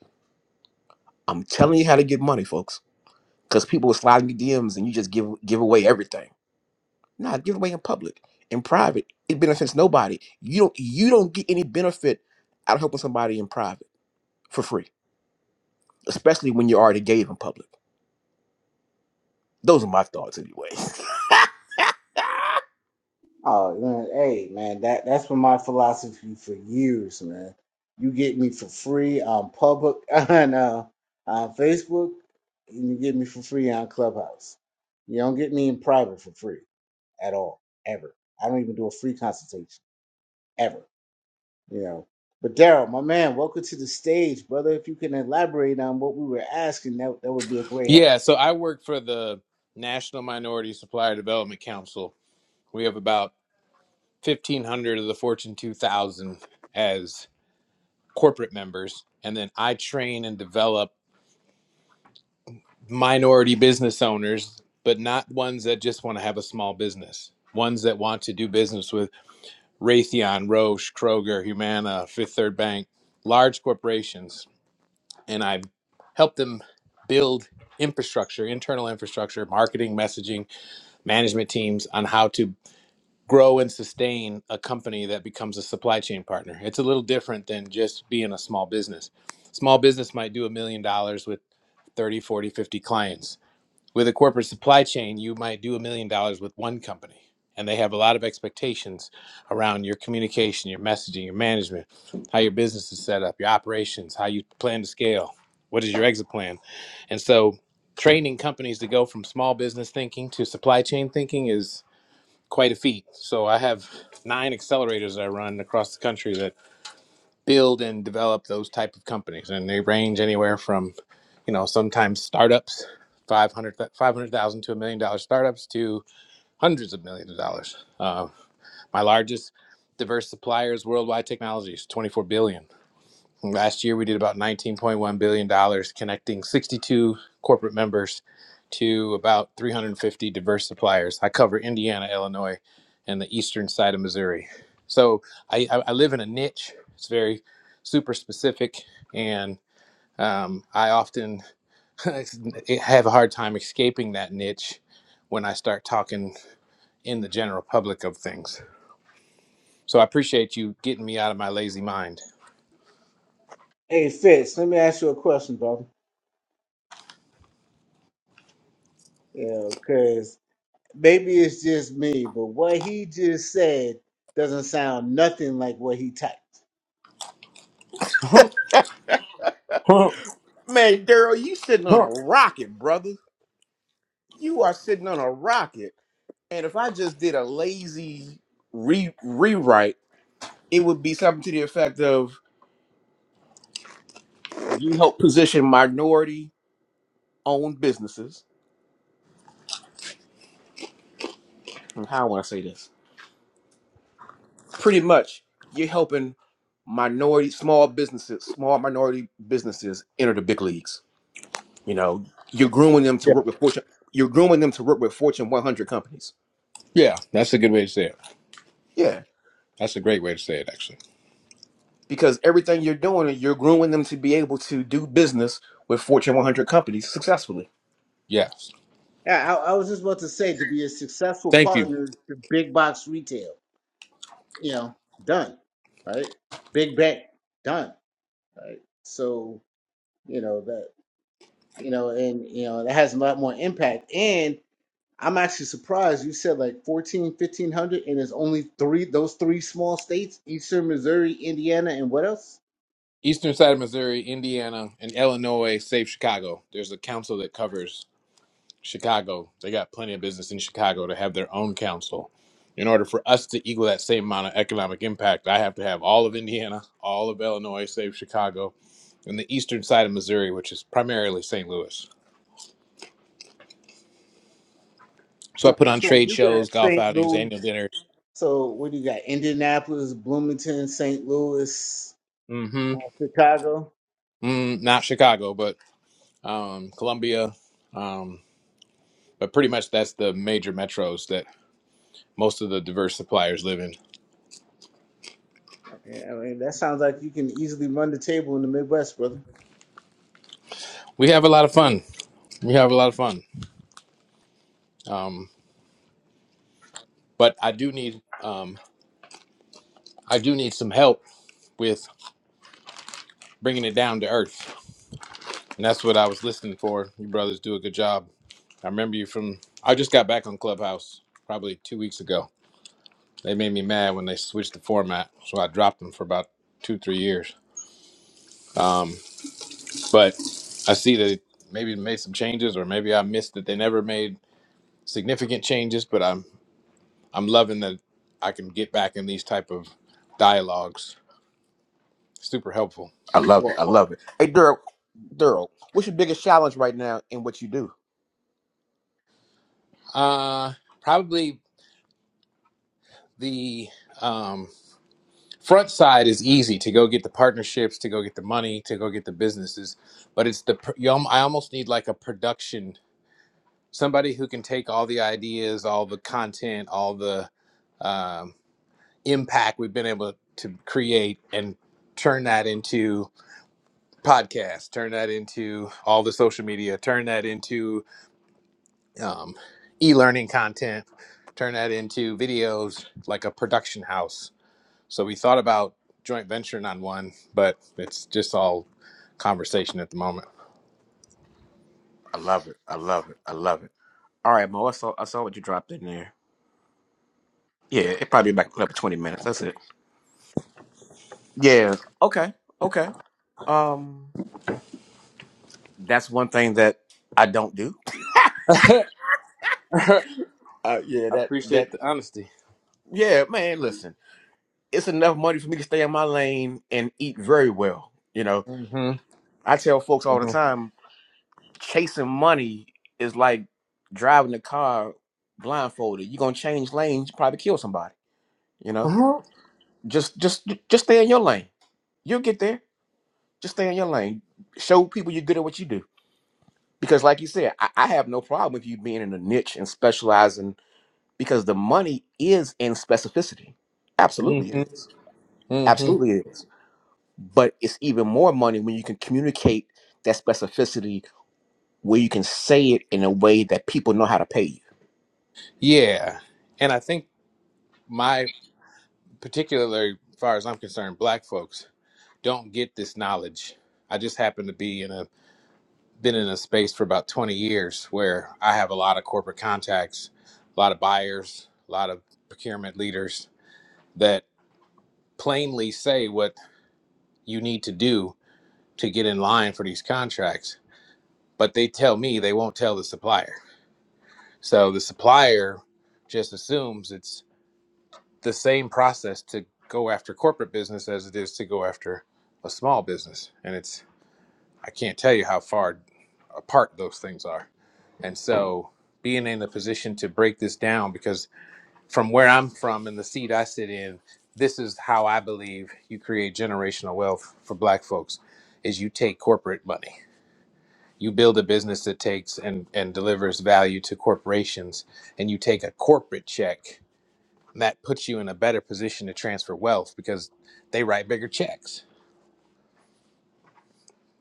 F: i'm telling you how to get money folks because people will slide in your dms and you just give give away everything Nah, give away in public. In private, it benefits nobody. You don't you don't get any benefit out of helping somebody in private for free. Especially when you already gave in public. Those are my thoughts anyway.
B: Oh man, hey man, that that's been my philosophy for years, man. You get me for free on public on uh, on Facebook, and you get me for free on Clubhouse. You don't get me in private for free. at all, ever. I don't even do a free consultation ever, you know. But Daryl, my man, welcome to the stage, brother. If you can elaborate on what we were asking, that that would be a great help.
G: Yeah, so I work for the National Minority Supplier Development Council. We have about 1,500 of the Fortune 2000 as corporate members. And then I train and develop minority business owners, but not ones that just want to have a small business, ones that want to do business with Raytheon, Roche, Kroger, Humana, Fifth Third Bank, large corporations. And I help them build infrastructure, internal infrastructure, marketing, messaging management teams on how to grow and sustain a company that becomes a supply chain partner. It's a little different than just being a small business. Small business might do a million dollars with 30, 40, 50 clients. With a corporate supply chain, you might do a million dollars with one company. And they have a lot of expectations around your communication, your messaging, your management, how your business is set up, your operations, how you plan to scale, what is your exit plan. And so, training companies to go from small business thinking to supply chain thinking is quite a feat. So I have nine accelerators that I run across the country that build and develop those type of companies, and they range anywhere from, you know, sometimes startups, 500 500,000 to a million dollar startups to hundreds of millions of dollars. Uh, my largest diverse suppliers worldwide technologies, 24 billion. dollars. Last year, we did about $19.1 billion, dollars, connecting 62 corporate members to about 350 diverse suppliers. I cover Indiana, Illinois, and the eastern side of Missouri. So I, I live in a niche. It's very super specific, and um, I often have a hard time escaping that niche when I start talking in the general public of things. So I appreciate you getting me out of my lazy mind.
B: Hey, Fitz, let me ask you a question, brother. You know, because maybe it's just me, but what he just said doesn't sound nothing like what he typed.
G: yeah,
F: Man, Daryl, you sitting on a rocket, brother. You are sitting on a rocket. And if I just did a lazy re- rewrite, it would be something to the effect of you help position minority owned businesses. How would I say this? pretty much you're helping minority small businesses small minority businesses enter the big leagues you know you're grooming them to work with fortune you're grooming them to work with fortune 100 companies
G: Yeah, that's a good way to say it.
F: yeah
G: That's a great way to say it, actually.
F: because everything you're doing you're grooming them to be able to do business with fortune 100 companies successfully
G: Yes.
B: Yeah, I, I was just about to say to be a successful
G: Thank you.
B: partner to big box retail, you know, done, right? Big bank, done, right? So you know that. you know, and you know that has a lot more impact. And I'm actually surprised you said like 14, 1500, and it's only three those three small states: Eastern Missouri, Indiana, and what else?
G: Eastern side of Missouri, Indiana, and Illinois, save Chicago. There's a council that covers Chicago. They got plenty of business in Chicago to have their own council. In order for us to equal that same amount of economic impact, I have to have all of Indiana, all of Illinois, save Chicago, and the eastern side of Missouri, which is primarily St. Louis. So I
B: So,
G: put on
B: so
G: trade
B: you got
G: shows, golf
B: St.
G: outings,
B: Louis.
G: annual dinners.
B: So what do you got? Indianapolis, Bloomington, St. Louis,
G: Mm-hmm.
B: uh, Chicago.
G: Mm, not Chicago, but um, Columbia. um, But pretty much that's the major metros that most of the diverse suppliers live in.
B: I mean, I mean, that sounds like you can easily run the table in the Midwest, brother.
G: We have a lot of fun. We have a lot of fun. Um, but I do need um, I do need some help with bringing it down to earth, and that's what I was listening for. You brothers do a good job. I remember you from. I just got back on Clubhouse probably two weeks ago. They made me mad when they switched the format, so I dropped them for about two three years. Um, but I see that maybe made some changes, or maybe I missed that they never made significant changes. But I'm I'm loving that I can get back in these type of dialogues. Super helpful.
F: i love it i love it hey daryl daryl what's your biggest challenge right now in what you do
G: Uh, probably the um, front side is easy to go get the partnerships, to go get the money, to go get the businesses, but it's the pr- you al- I almost need like a production somebody who can take all the ideas, all the content, all the um, impact we've been able to create and turn that into podcasts, turn that into all the social media, turn that into um, e-learning content turn that into videos like a production house so we thought about joint venturing on one but it's just all conversation at the moment
F: I love it. I love it. I love it. All right, Mo. I saw I saw what you dropped in there. Yeah, it probably about another twenty minutes. That's it. Yeah. Okay. Okay. Um, that's one thing that I don't do.
G: i
F: Uh, yeah. That that.
G: appreciate the honesty
F: Yeah, man. Listen, it's enough money for me to stay in my lane and eat very well. You know,
G: hmm
F: I tell folks all the time, chasing money is like driving a car blindfolded. You're gonna change lanes, you probably kill somebody. You know,
G: hmm
F: just just just stay in your lane. You'll get there. Just stay in your lane. Show people you're good at what you do. because like you said I, I have no problem with you being in a niche and specializing because the money is in specificity absolutely it is
G: hmm hmm
F: absolutely it is but it's even more money when you can communicate that specificity where you can say it in a way that people know how to pay you
G: yeah and i think my particularly as far as i'm concerned black folks don't get this knowledge i just happen to be in a been in a space for about 20 years where I have a lot of corporate contacts, a lot of buyers, a lot of procurement leaders that plainly say what you need to do to get in line for these contracts, but they tell me they won't tell the supplier. So the supplier just assumes it's the same process to go after corporate business as it is to go after a small business. And it's I can't tell you how far apart those things are. And so being in a position to break this down, because from where I'm from and the seat I sit in, this is how I believe you create generational wealth for black folks is you take corporate money. You build a business that takes and, and delivers value to corporations and you take a corporate check that puts you in a better position to transfer wealth because they write bigger checks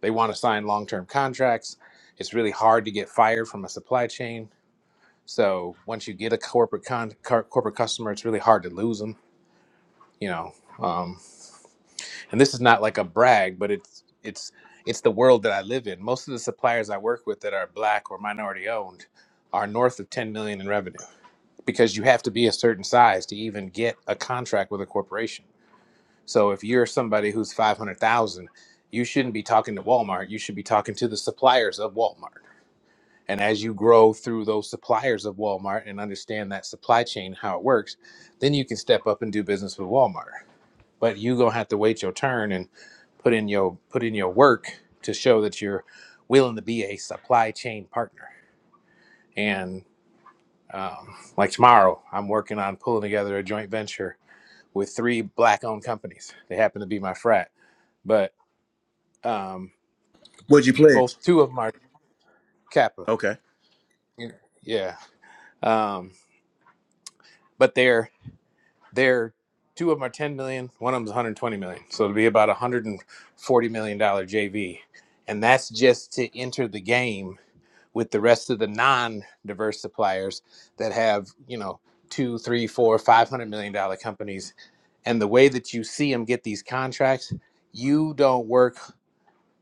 G: They want to sign long term contracts. It's really hard to get fired from a supply chain. So once you get a corporate con- cor- corporate customer, it's really hard to lose them. You know, um, and this is not like a brag, but it's it's it's the world that I live in. Most of the suppliers I work with that are black or minority owned are north of 10 million in revenue because you have to be a certain size to even get a contract with a corporation. So if you're somebody who's 500,000, you shouldn't be talking to Walmart. You should be talking to the suppliers of Walmart And as you grow through those suppliers of Walmart and understand that supply chain, how it works, then you can step up and do business with Walmart. But you gonna have to wait your turn and put in your put in your work to show that you're willing to be a supply chain partner. And um, like tomorrow, I'm working on pulling together a joint venture with three black-owned companies. They happen to be my frat, but um,
F: Would you pledge?
G: both two of them are Kappa.
F: Okay.
G: Yeah, yeah. um, but they're They're two of them are 10 million, one of them is 120 million. So it'll be about 140 million dollar JV, and that's just to enter the game with the rest of the non-diverse suppliers that have you know two, three, four, five hundred million dollar companies and the way that you see them get these contracts, you don't work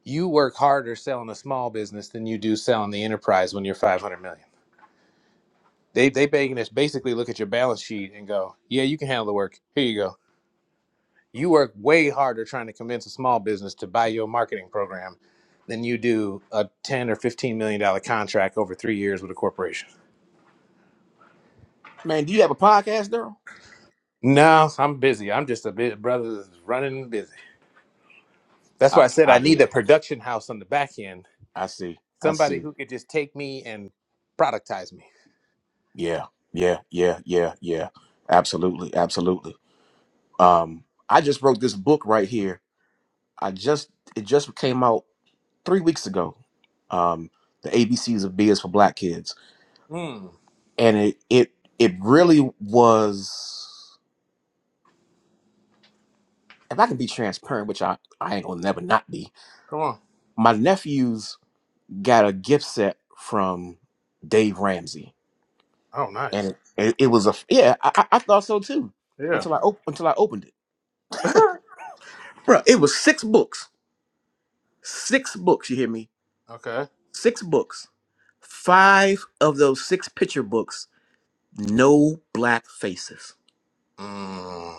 G: you work harder selling a small business than you do selling the enterprise when you're 500 million. They they begging us basically look at your balance sheet and go, "Yeah, you can handle the work. Here you go. You work way harder trying to convince a small business to buy your marketing program than you do a 10 or 15 million dollar contract over 3 years with a corporation.
F: man do you have a podcast daryl
G: No, I'm busy. I'm just a bit brother running busy. That's
F: i
G: why I said I
F: i
G: need
F: hear
G: a production house on the back end.
F: i see i see
G: Somebody who could just take me and productize me.
F: Yeah, yeah, yeah, yeah, yeah. Absolutely, absolutely. Um, I just wrote this book right here. I just it just came out three weeks ago. Um, the ABCs of Beers for Black Kids,
G: Hmm.
F: and it it it really was. If I can be transparent, which I I ain't gonna never not be,
G: Come on.
F: my nephews got a gift set from Dave Ramsey,
G: Oh,
F: and
G: nice.
F: it it, it was a yeah. I, I I thought so too
G: Yeah.
F: until I op- until I opened it. Bro, it was six books Six books, you hear me?
G: okay.
F: Six books. Five of those six picture books, no black faces.
G: Mm.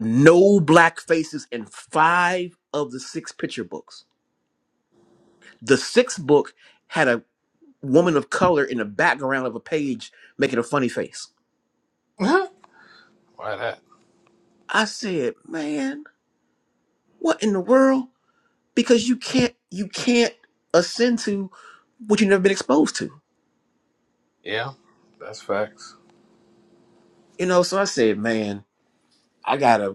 F: No black faces in five of the six picture books. The sixth book had a woman of color in the background of a page making a funny face.
G: why that?
F: I said, man, what in the world? Because you can't you can't ascend to what you've never been exposed to.
G: Yeah. That's facts.
F: You know, so I said, man, I gotta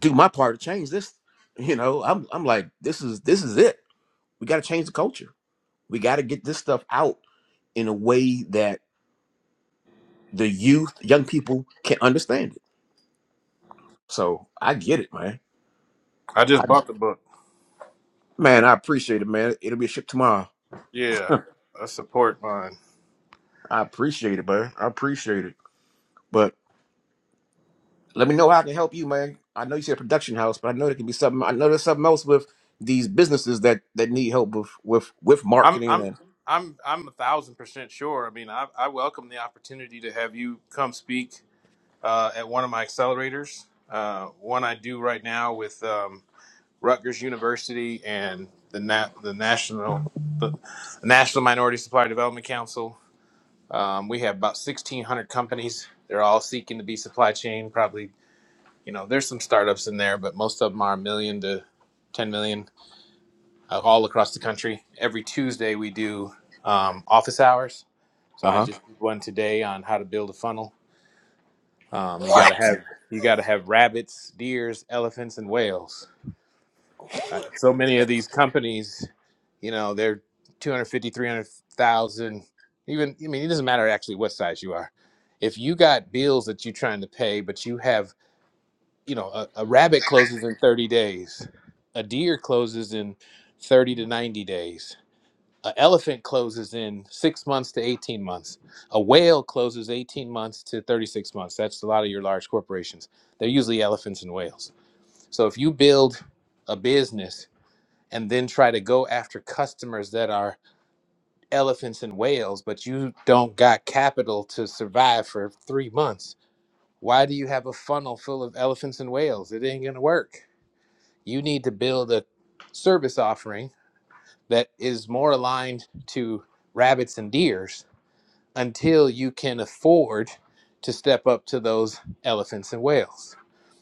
F: do my part to change this. You know, I'm I'm like, this is this is it. We got to change the culture. We got to get this stuff out in a way that the youth, young people, can understand it. So I get it, man.
G: I
F: I,
G: just bought the book.
F: man, I appreciate it, man. It'll be shipped tomorrow.
G: Yeah.
F: I
G: I support mine.
F: appreciate it, man. I appreciate it. But let me know how I can help you, man. I know you said production house, but I know there can be something. I know there's something else with these businesses that that need help with with with
G: I'm
F: marketing
G: I'm
F: and
G: I'm I'm a thousand percent sure. I mean, I, I welcome the opportunity to have you come speak uh, at one of my accelerators. Uh, one I do right now with um, Rutgers University and the Na- the national the National Minority Supplier Development Council. Um, we have about sixteen hundred companies. They're all seeking to be supply chain. Probably, you know, there's some startups in there, but most of them are a million to ten million uh, all across the country. Every Tuesday we do um, office hours. So
F: uh
G: I
F: huh.
G: just did one today on how to build a funnel. Um, you got to
F: What?
G: have you got to have rabbits, deers, elephants, and whales. Uh, so many of these companies, you know, they're two hundred fifty, three hundred thousand. Even I mean, it doesn't matter actually what size you are. If you got bills that you're trying to pay, but you have, you know, a, a rabbit closes in 30 days, a deer closes in 30 to 90 days An elephant closes in six months to 18 months. A whale closes 18 months to 36 months. That's a lot of your large corporations. They're usually elephants and whales. So if you build a business and then try to go after customers that are elephants and whales, but you don't got capital to survive for three months, why do you have a funnel full of elephants and whales? It ain't going to work. You need to build a service offering that is more aligned to rabbits and deers until you can afford to step up to those elephants and whales.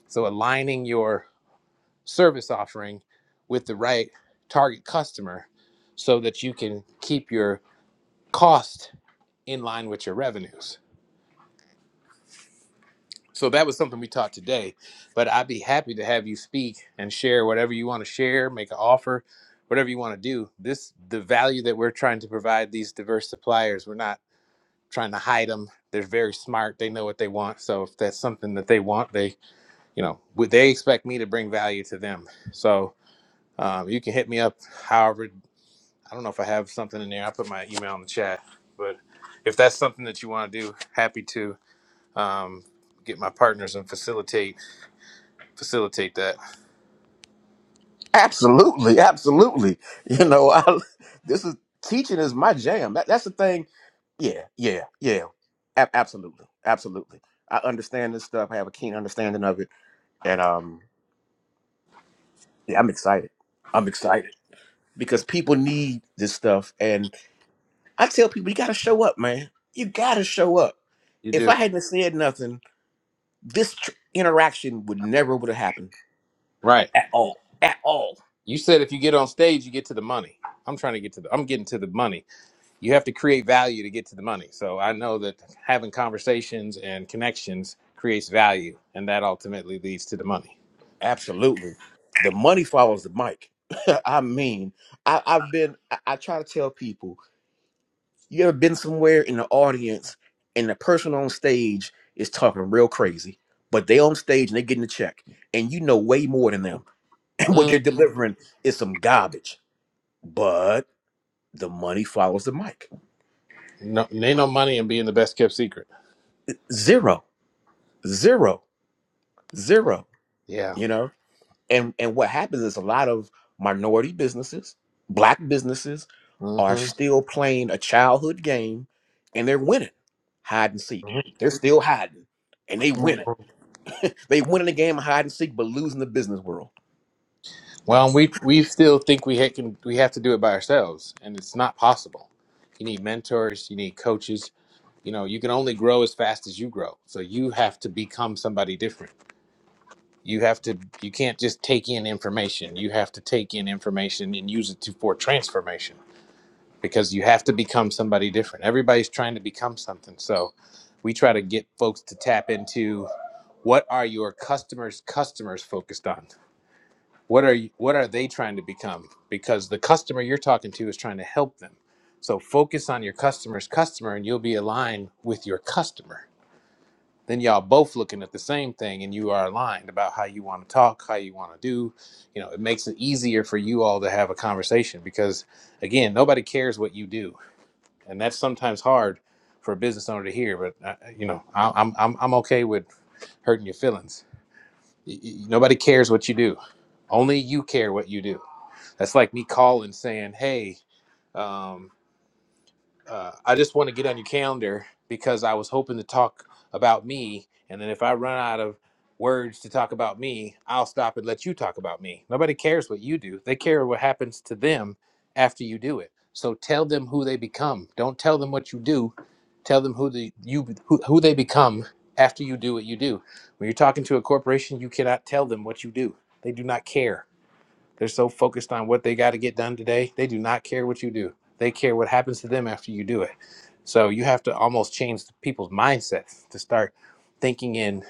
G: So aligning your service offering with the right target customer so that you can keep your cost in line with your revenues. So that was something we taught today, but I'd be happy to have you speak and share whatever you want to share, make an offer, whatever you want to do. This the value that we're trying to provide these diverse suppliers. We're not trying to hide them. They're very smart. They know what they want. So if that's something that they want, they, you know, would they expect me to bring value to them? So um, you can hit me up. However, I don't know if I have something in there. I put my email in the chat, but if that's something that you want to do, happy to um, get my partners and facilitate facilitate that.
F: Absolutely, absolutely. You know, I this is teaching is my jam. That, that's the thing. Yeah, yeah, yeah. A- absolutely, absolutely. I understand this stuff. I have a keen understanding of it, and um, yeah, I'm excited. I'm excited because people need this stuff, and I tell people you got to show up, man. You got to show up.
G: You
F: If
G: do
F: I hadn't said nothing, this tr- interaction would never would have happened
G: right.
F: at all, at all
G: You said if you get on stage, you get to the money. I'm trying to get to the. I'm getting to the money. you have to create value to get to the money. So I know that having conversations and connections creates value, and that ultimately leads to the money.
F: Absolutely. The money follows the mic. I mean, I, I've been, I, I try to tell people, you ever been somewhere in the audience and the person on stage is talking real crazy, but they on stage and they getting a check and you know way more than them. And what they're
G: Mm,
F: delivering is some garbage, but the money follows the mic.
G: no, ain't no money in being the best kept secret.
F: Zero, zero, zero,
G: Yeah.
F: you know? and and what happens is a lot of minority businesses black businesses are
G: hmm
F: still playing a childhood game and they're winning hide and seek they're still hiding and they win it they win in the game of hide and seek but losing the business world
G: Well, we we still think we ha- can we have to do it by ourselves, and it's not possible. You need mentors, you need coaches. You know, you can only grow as fast as you grow. So you have to become somebody different you have to you can't just take in information you have to take in information and use it to for transformation because you have to become somebody different everybody's trying to become something so we try to get folks to tap into what are your customers customers focused on what are you, what are they trying to become because the customer you're talking to is trying to help them so focus on your customer's customer and you'll be aligned with your customer then y'all both looking at the same thing and you are aligned about how you want to talk how you want to do you know it makes it easier for you all to have a conversation because again nobody cares what you do and that's sometimes hard for a business owner to hear but uh, uh, you know I, I'm, I'm i'm okay with hurting your feelings Y- y- nobody cares what you do only you care what you do that's like me calling saying hey um, uh, I just want to get on your calendar because I was hoping to talk about me, and then if I run out of words to talk about me, I'll stop and let you talk about me. Nobody cares what you do; they care what happens to them after you do it. So tell them who they become. Don't tell them what you do. Tell them who the you who, who they become after you do what you do. When you're talking to a corporation, you cannot tell them what you do. They do not care they're so focused on what they got to get done today, they do not care what you do. They care what happens to them after you do it. So you have to almost change people's mindsets to start thinking in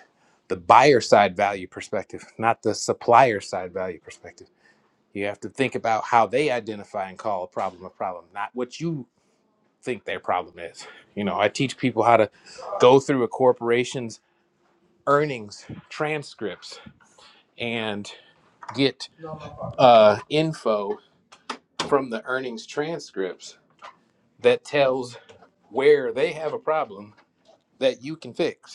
G: the buyer side value perspective, not the supplier side value perspective. You have to think about how they identify and call a problem a problem, not what you think their problem is. You know, I teach people how to go through a corporation's earnings transcripts and get uh, info from the earnings transcripts that tells where they have a problem that you can fix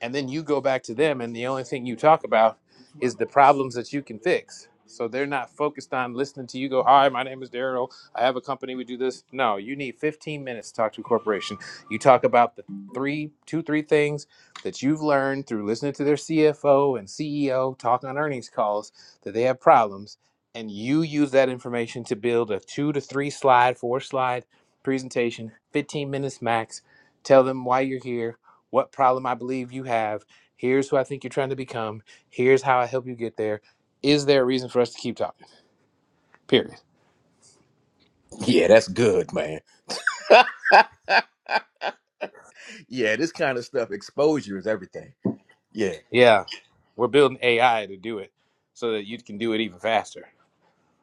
G: and then you go back to them and the only thing you talk about is the problems that you can fix so they're not focused on listening to you go hi my name is daryl i have a company we do this no you need 15 minutes to talk to a corporation you talk about the three two three things that you've learned through listening to their cfo and ceo talk on earnings calls that they have problems and you use that information to build a two to three slide four slide presentation 15 minutes max tell them why you're here what problem I believe you have. Here's who I think you're trying to become. Here's how I help you get there. Is there a reason for us to keep talking? Period.
F: yeah that's good man yeah this kind of stuff exposure is everything yeah
G: Yeah, we're building AI to do it so that you can do it even faster.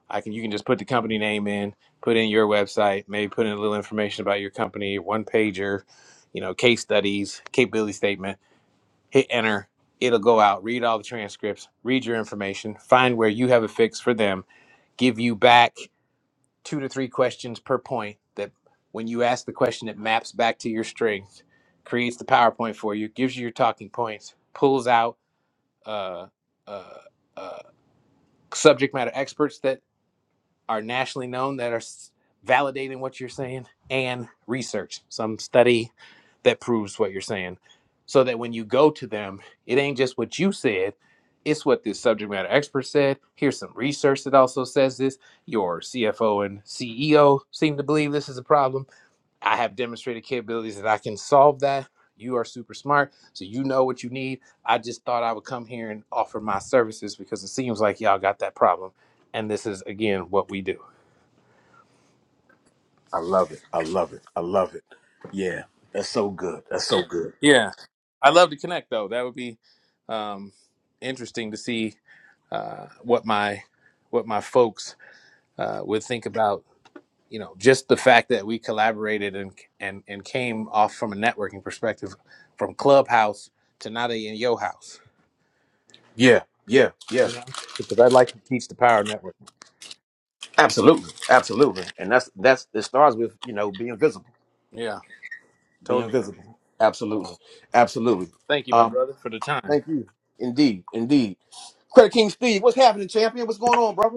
G: I can you can just put the company name in, put in your website, maybe put in a little information about your company, one pager, you know, case studies, capability statement, hit enter. It'll go out, read all the transcripts, read your information, find where you have a fix for them, give you back two to three questions per point that when you ask the question it maps back to your strength creates the powerpoint for you gives you your talking points pulls out uh, uh, uh, subject matter experts that are nationally known that are validating what you're saying and research some study that proves what you're saying so that when you go to them it ain't just what you said it's what this subject matter expert said here's some research that also says this your cfo and ceo seem to believe this is a problem i have demonstrated capabilities that i can solve that you are super smart so you know what you need i just thought i would come here and offer my services because it seems like y'all got that problem and this is again what we do
F: i love it i love it i love it yeah that's so good that's so good
G: Yeah, I'd love to connect though. That would be um, interesting to see uh, what my what my folks uh, would think about. You know, just the fact that we collaborated and and and came off from a networking perspective, from Clubhouse to now they in your house.
F: yeah yeah yeah
G: You know, because I'd like to teach the power of networking.
F: absolutely absolutely and that's that's it starts with you know being visible
G: Yeah,
F: Being
G: totally.
F: visible, Absolutely. Absolutely.
G: Thank you, my
F: Um,
G: brother, for the time.
F: thank you. Indeed. Indeed. Credit King Steve, what's happening, champion? What's going on, brother?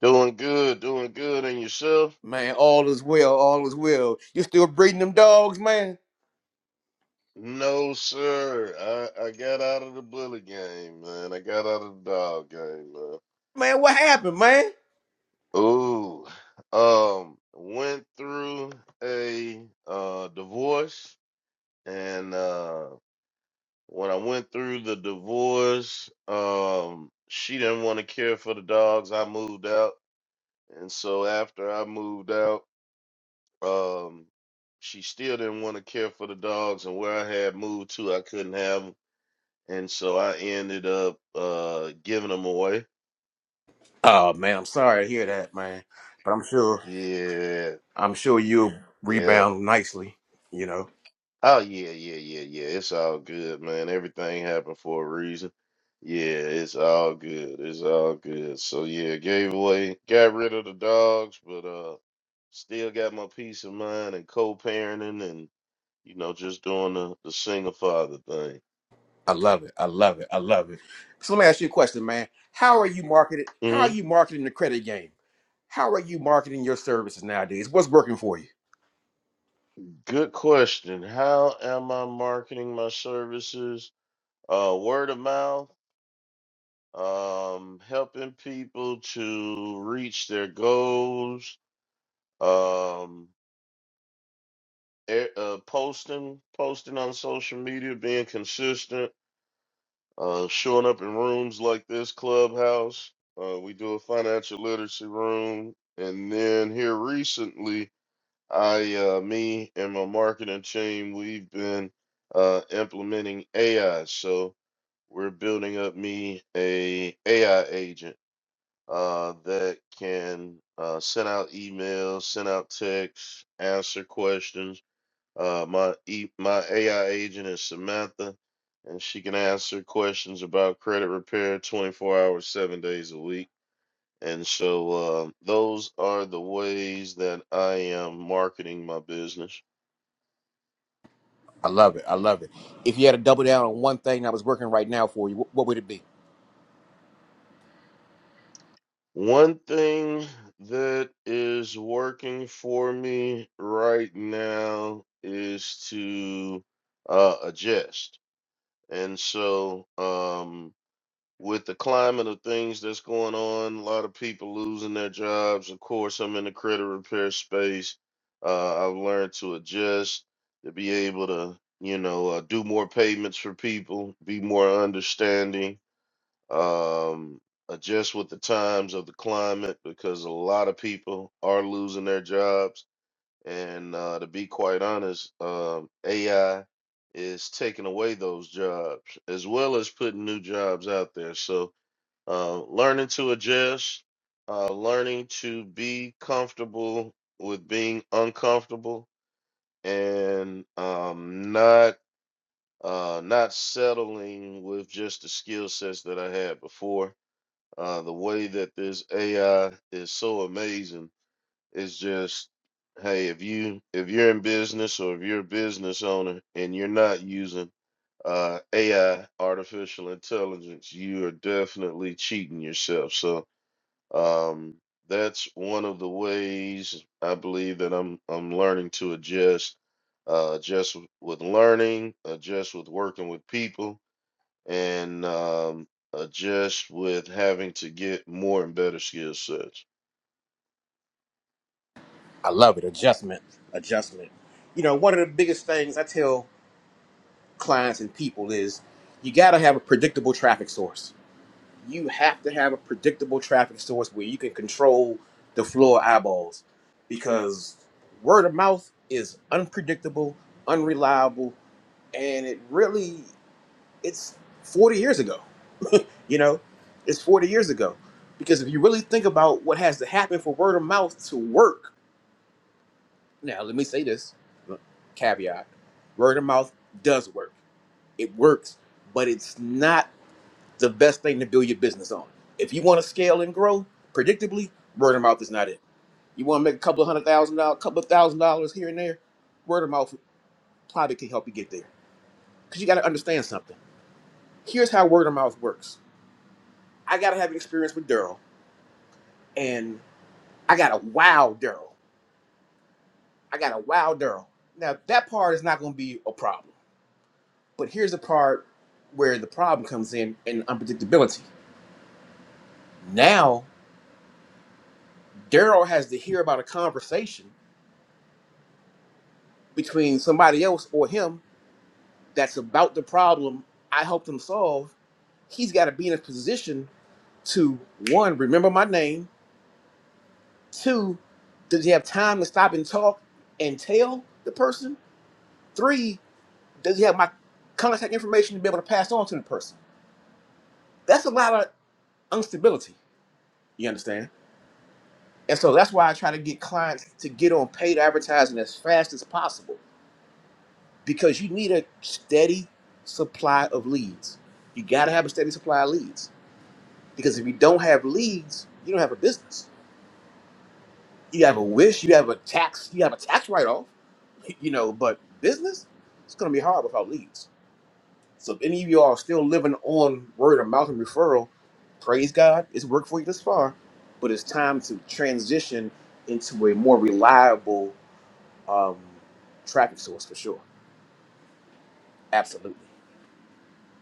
H: Doing good, doing good, and yourself?
F: Man, all is well. All is well. You still breeding them dogs, man?
H: No, sir. I, I got out of the bully game, man. I got out of the dog game, man.
F: Man, what happened, man?
H: Ooh, um, went through a uh divorce, and uh when I went through the divorce, um, she didn't want to care for the dogs. I moved out, and so after I moved out, um, she still didn't want to care for the dogs, and where I had moved to, I couldn't have 'em. And so I ended up uh giving them away.
F: Oh, man, I'm sorry to hear that, man. But I'm sure,
H: Yeah,
F: I'm sure you'll
H: yeah.
F: rebound nicely. You know,
H: Oh yeah, yeah, yeah, yeah. It's all good, man. Everything happened for a reason. Yeah, it's all good. It's all good. So yeah, gave away, got rid of the dogs, but uh still got my peace of mind and co-parenting and you know just doing the, the single father thing.
F: I love it. I love it. I love it. So let me ask you a question, man. How are you marketed? How are
H: hmm
F: you marketing the credit game? How are you marketing your services nowadays? What's working for you?
H: Good question. How am I marketing my services? Uh, word of mouth um, helping people to reach their goals, um, e- uh, posting, posting on social media, being consistent, uh, showing up in rooms like this clubhouse. Uh, we do a financial literacy room, and then here recently, I, uh, me, and my marketing team, we've been uh, implementing AI. So we're building up me a AI agent uh, that can uh, send out emails, send out texts, answer questions. Uh, my e- my AI agent is Samantha, and she can answer questions about credit repair 24 hours, seven days a week. And so uh, those are the ways that I am marketing my business.
F: I love it. I love it. If you had to double down on one thing that was working right now for you, what, what would it be?
H: One thing that is working for me right now is to uh, adjust. And so, um, with the climate of things that's going on, a lot of people losing their jobs. Of course, I'm in the credit repair space. Uh, I've learned to adjust, to be able to, you know, uh, do more payments for people, be more understanding, um, adjust with the times of the climate because a lot of people are losing their jobs and uh, to be quite honest, um, AI is taking away those jobs as well as putting new jobs out there. So uh, learning to adjust, uh, learning to be comfortable with being uncomfortable, and um, not uh, not settling with just the skill sets that I had before. Uh, the way that this AI is so amazing it's just, hey, if you if you're in business or if you're a business owner and you're not using uh, AI, artificial intelligence, you are definitely cheating yourself. So um, that's one of the ways I believe that I'm I'm learning to adjust, uh, adjust w- with learning, adjust with working with people, and um, adjust with having to get more and better skill sets.
F: I love it. Adjustment. Adjustment. You know, one of the biggest things I tell clients and people is you got to have a predictable traffic source. You have to have a predictable traffic source where you can control the flow of eyeballs because word of mouth is unpredictable, unreliable, and it really, it's 40 years ago. You know, it's 40 years ago. Because if you really think about what has to happen for word of mouth to work, now let me say this caveat word of mouth does work. It works, but it's not the best thing to build your business on. If you want to scale and grow predictably, word of mouth is not it. You want to make a couple of hundred thousand dollars, a couple of thousand dollars here and there, word of mouth probably can help you get there. Because you got to understand something. Here's how word of mouth works I got to have experience with Daryl, and I got to wow Daryl. I got a wild girl. Now that part is not going to be a problem. But here's the part where the problem comes in in unpredictability. Now Daryl has to hear about a conversation between somebody else or him that's about the problem I helped him solve. He's got to be in a position to one, remember my name. Two, does he have time to stop and talk and tell the person? Three, does he have my contact information to be able to pass on to the person? That's a lot of. instability. You understand? And so that's why I try to get clients to get on paid advertising as fast as possible because you need a steady supply of leads. You got to have a steady supply of leads because if you don't have leads, you don't have a business. You have a wish, you have a tax, you have a tax write off, you know, but business, it's going to be hard without leads. So if any of you all are still living on word of mouth and referral, praise God, it's worked for you this far, but it's time to transition into a more reliable um, traffic source for sure. Absolutely.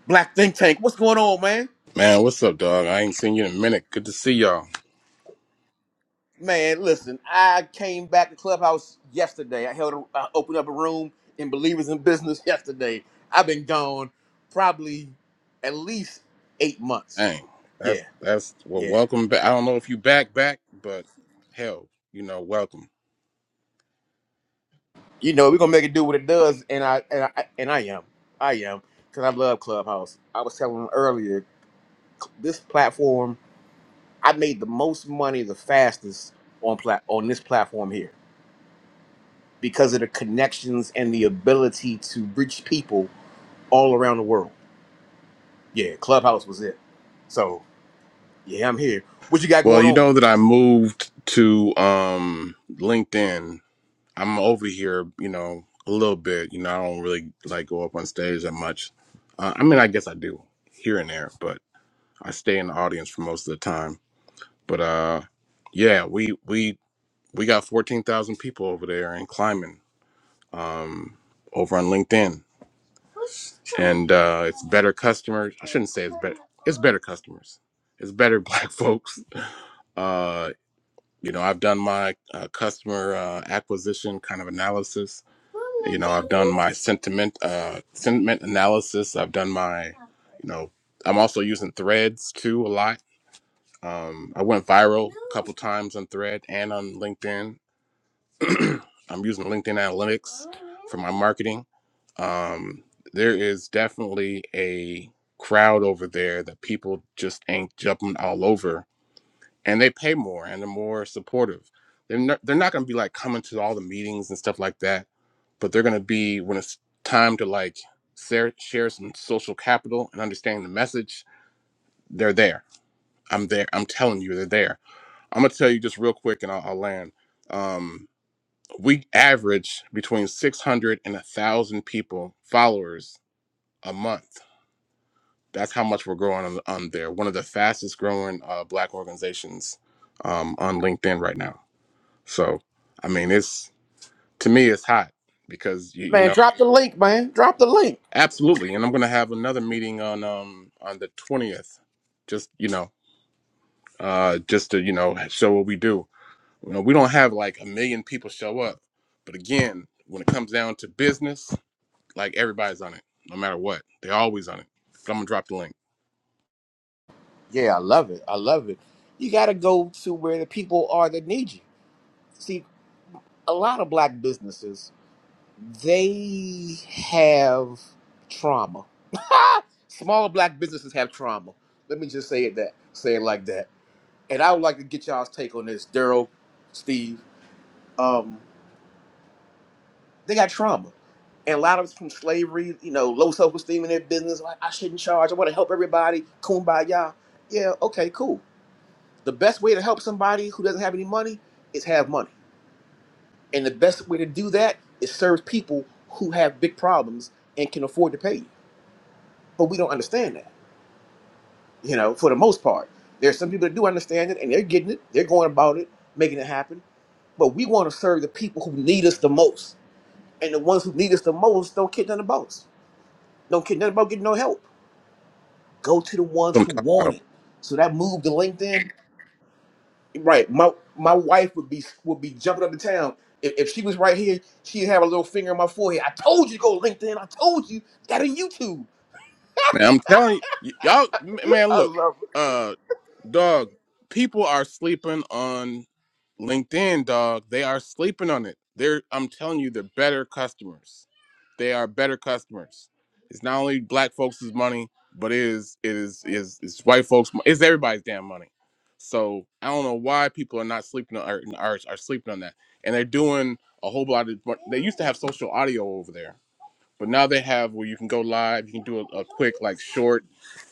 F: Black Think Tank, what's going on, man?
I: Man, what's up, dog? I ain't seen you in a minute. Good to see y'all.
F: Man, listen, I came back to Clubhouse yesterday. I held, a, I opened up a room in Believers in Business yesterday. I've been gone probably at least eight months.
I: Dang,
F: Yeah,
I: that's that's well,
F: yeah.
I: welcome back. I don't know if you back back, but hell, you know, welcome.
F: you know, we're gonna make it do what it does, and I and I and I am, I am, because I love Clubhouse. I was telling them earlier, cl- this platform, I made the most money the fastest on plat on this platform here because of the connections and the ability to reach people all around the world. Yeah, Clubhouse was it. So yeah, I'm here. What you got
I: Well,
F: going
I: you
F: on,
I: know that I moved to um LinkedIn. I'm over here, you know, a little bit. You know, I don't really like go up on stage that much. Uh, I mean, I guess I do here and there, but I stay in the audience for most of the time. But uh, yeah, we we we got fourteen thousand people over there and climbing. um, over on LinkedIn, and uh, it's better customers. I shouldn't say it's better. It's better customers. It's better black folks. Uh, you know, I've done my uh, customer uh, acquisition kind of analysis. You know, I've done my sentiment uh, sentiment analysis. I've done my, you know, I'm also using Threads too a lot. Um, I went viral a couple times on Thread and on LinkedIn I'm using LinkedIn Analytics for my marketing. Um, there is definitely a crowd over there that people just ain't jumping all over, and they pay more and they're more supportive. They're not, they're not going to be like coming to all the meetings and stuff like that, but they're going to be when it's time to like share, share some social capital and understanding the message. They're there. I'm there. I'm telling you, they're there. I'm gonna tell you just real quick, and I'll, I'll land. Um, we average between 600 and 1,000 people, followers a month. That's how much we're growing on, on there. One of the fastest growing uh, Black organizations um, on LinkedIn right now. So, I mean, it's to me, it's hot because you, you
F: man?
I: know,
F: Drop the link, man. Drop the link.
I: absolutely. And I'm going to have another meeting on um on the 20th. Just you know, uh, just to you know show what we do. You know, we don't have like a million people show up, but again, when it comes down to business Like everybody's on it, no matter what. They're always on it. But I'm gonna drop the link.
F: Yeah, I love it. I love it. You gotta go to where the people are that need you. See, a lot of black businesses They have trauma. Smaller black businesses have trauma. Let me just say it that say it like that. And I would like to get y'all's take on this, Daryl, Steve. Um, they got trauma. And a lot of it's from slavery, you know, low self esteem in their business. Like, I shouldn't charge. I want to help everybody. Kumbaya. Yeah, okay, cool. The best way to help somebody who doesn't have any money is have money. And the best way to do that is serve people who have big problems and can afford to pay you. but we don't understand that you know for the most part there's some people that do understand it and they're getting it they're going about it making it happen but we want to serve the people who need us the most and the ones who need us the most don't care nothing about us don't care nothing about getting no help go to the ones
I: That's what I'm
F: who
I: talking
F: want
I: about.
F: it so that move to linkedin right my my wife would be would be jumping up and town if, if she was right here she'd have a little finger on my forehead i told you to go to linkedin i told you got a youtube
I: Man, I'm telling you, y'all. Man,
F: I
I: look,
F: love. it.
I: uh, dog. People are sleeping on. LinkedIn, dog, they are sleeping on it. They're I'm telling you, they're better customers. They are better customers. It's not only black folks' money, but it is it is is it's white folks' mo- it's everybody's damn money. So I don't know why people are not sleeping on are, are, are sleeping on that. And they're doing a whole lot of but they used to have social audio over there. But now they have where you can go live, you can do a, a quick like short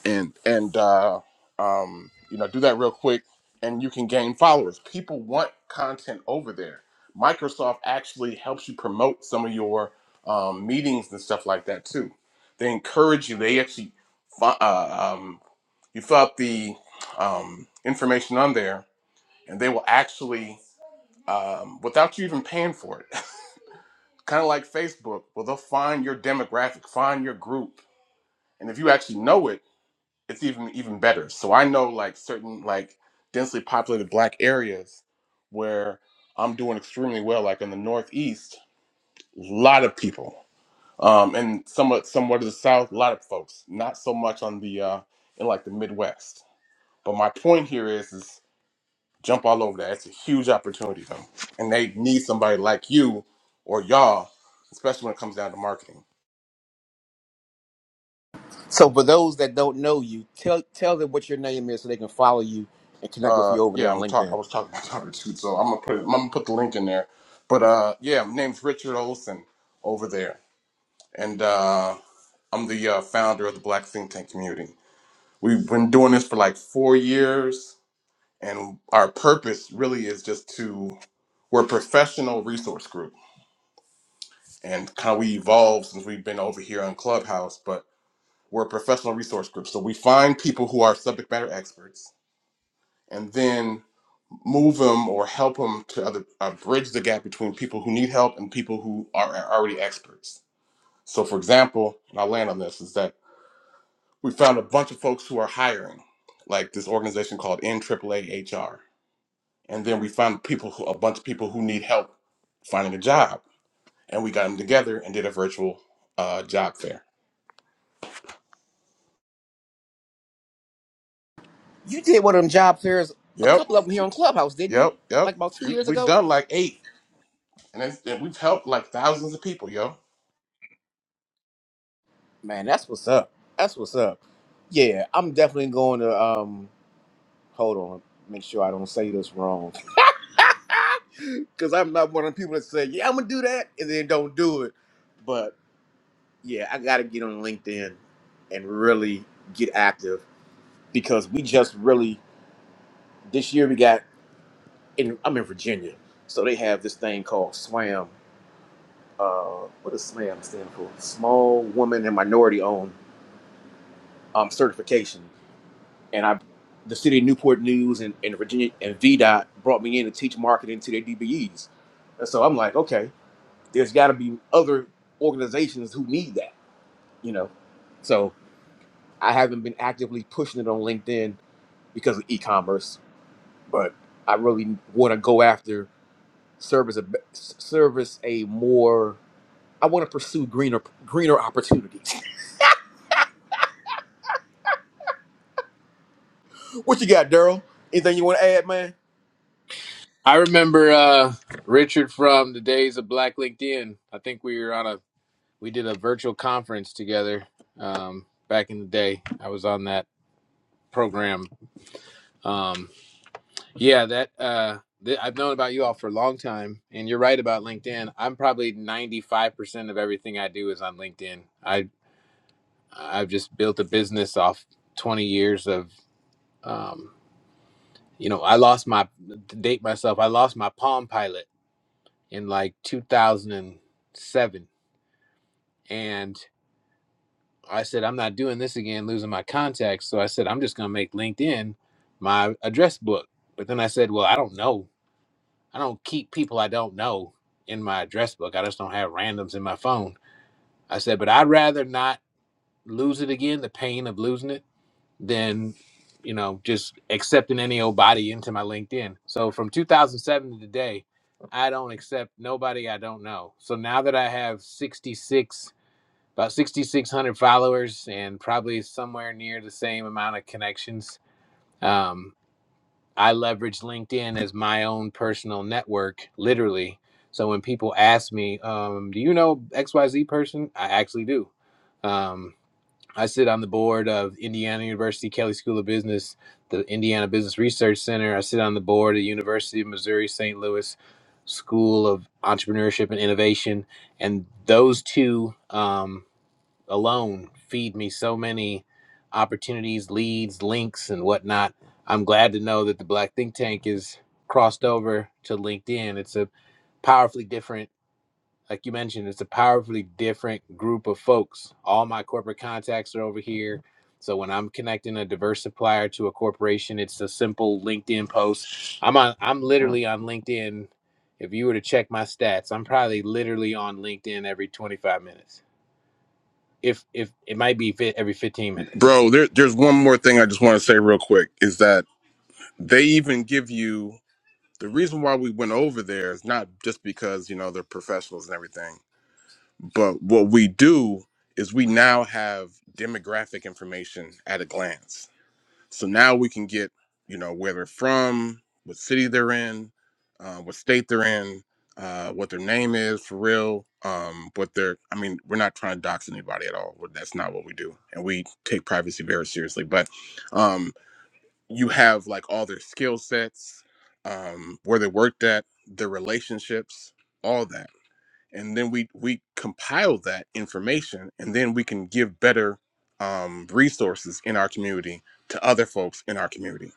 I: and and uh, um, you know do that real quick and you can gain followers people want content over there microsoft actually helps you promote some of your um, meetings and stuff like that too they encourage you they actually fi- uh, um, you fill out the um, information on there and they will actually um, without you even paying for it kind of like facebook well they'll find your demographic find your group and if you actually know it it's even even better. So I know like certain like densely populated black areas where I'm doing extremely well, like in the Northeast, a lot of people. Um, and somewhat somewhat to the South, a lot of folks. Not so much on the uh in like the Midwest. But my point here is is jump all over that. It's a huge opportunity though. And they need somebody like you or y'all, especially when it comes down to marketing.
F: So for those that don't know you, tell tell them what your name is so they can follow you and connect with
I: Uh,
F: you over there
I: yeah,
F: on
I: I'm talk. I
F: LinkedIn.
I: was talking about Dr. Toots, so I'm gonna put it, I'm gonna put the link in there. But uh, yeah, my name's Richard Olson over there, and uh, I'm the uh, founder of the Black Think Tank community. We've been doing this for like four years, and our purpose really is just to we're a professional resource group, and kind of we evolved since we've been over here on Clubhouse, but we're a professional resource group. So we find people who are subject matter experts, and then move them or help them to other uh, bridge the gap between people who need help and people who are, are already experts. So, for example, and I'll land on this is that we found a bunch of folks who are hiring, like this organization called NAAA HR, and then we found people who a bunch of people who need help finding a job, and we got them together and did a virtual uh, job fair.
F: You did one of them job fairs, a
I: Yep,
F: couple of them here on Clubhouse, didn't you?
I: yep, yep.
F: Like about two
I: We
F: years
I: we've
F: ago.
I: done like eight, and, it's, and we've helped like thousands of people, yo.
F: Man, that's what's up. That's what's up. Yeah, I'm definitely going to um hold on, make sure I don't say this wrong. Cause I'm not one of the people that say, Yeah, I'm gonna do that and then don't do it. But yeah, I gotta get on LinkedIn and really get active because we just really this year we got in I'm in Virginia, so they have this thing called SWAM. Uh, what does SWAM stand for? Small Woman and Minority Owned um, Certification. And I, the city of Newport News and, and Virginia and VDOT brought me in to teach marketing to their DBEs. And so I'm like, okay, there's got to be other organizations who need that, you know. So I haven't been actively pushing it on LinkedIn because of e-commerce, but I really want to go after service a service a more I want to pursue greener greener opportunities. what you got, Daryl? Anything you want to add, man?
G: I remember uh, Richard from the days of Black LinkedIn. I think we were on a we did a virtual conference together um, back in the day. I was on that program. Um, yeah, that uh, th- I've known about you all for a long time, and you're right about LinkedIn. I'm probably 95% of everything I do is on LinkedIn. I I've just built a business off 20 years of um, you know I lost my to date myself. I lost my Palm Pilot in like 2007, and I said, I'm not doing this again, losing my contacts. So I said, I'm just going to make LinkedIn my address book. But then I said, well, I don't know. I don't keep people I don't know in my address book. I just don't have randoms in my phone. I said, but I'd rather not lose it again, the pain of losing it, than, you know, just accepting any old body into my LinkedIn. So from 2007 to today, I don't accept nobody I don't know. So now that I have 66 about 6600 followers and probably somewhere near the same amount of connections um, i leverage linkedin as my own personal network literally so when people ask me um, do you know xyz person i actually do um, i sit on the board of indiana university Kelley school of business the indiana business research center i sit on the board of the university of missouri st louis school of entrepreneurship and innovation and those two um, alone feed me so many opportunities, leads, links, and whatnot. I'm glad to know that the Black Think Tank is crossed over to LinkedIn. It's a powerfully different, like you mentioned, it's a powerfully different group of folks. All my corporate contacts are over here. So when I'm connecting a diverse supplier to a corporation, it's a simple LinkedIn post. I'm on I'm literally on LinkedIn. If you were to check my stats, I'm probably literally on LinkedIn every 25 minutes if if it might be fit every 15 minutes
I: Bro, there, there's one more thing I just want to say real quick is that they even give you the reason why we went over there is not just because you know they're professionals and everything but what we do is we now have demographic information at a glance so now we can get you know where they're from what city they're in uh, what state they're in uh, what their name is for real um, what they're i mean we're not trying to dox anybody at all We're- that's not what we do and we take privacy very seriously but um, you have like all their skill sets, um, where they worked at, their relationships, all that. And then we we compile that information, and then we can give better um, resources in our community to other folks in our community.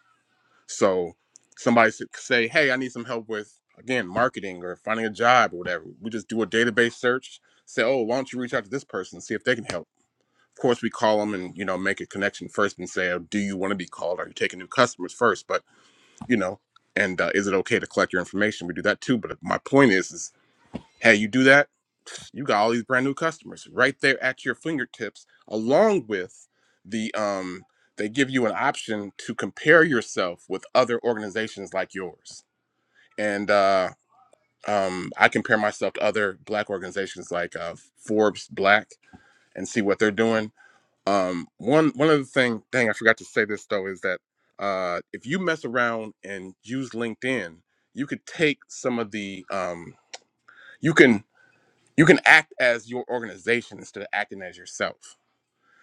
I: So somebody should say, "Hey, I need some help with again marketing or finding a job or whatever." We just do a database search. Say, "Oh, why don't you reach out to this person, see if they can help." Of course, we call them and you know make a connection first and say, oh, "Do you want to be called? Are you taking new customers first? But you know and uh, is it okay to collect your information we do that too but my point is is hey you do that you got all these brand new customers right there at your fingertips along with the um they give you an option to compare yourself with other organizations like yours and uh um i compare myself to other black organizations like uh forbes black and see what they're doing um, one one other thing, dang, I forgot to say this though, is that uh, if you mess around and use LinkedIn, you could take some of the um, you can you can act as your organization instead of acting as yourself.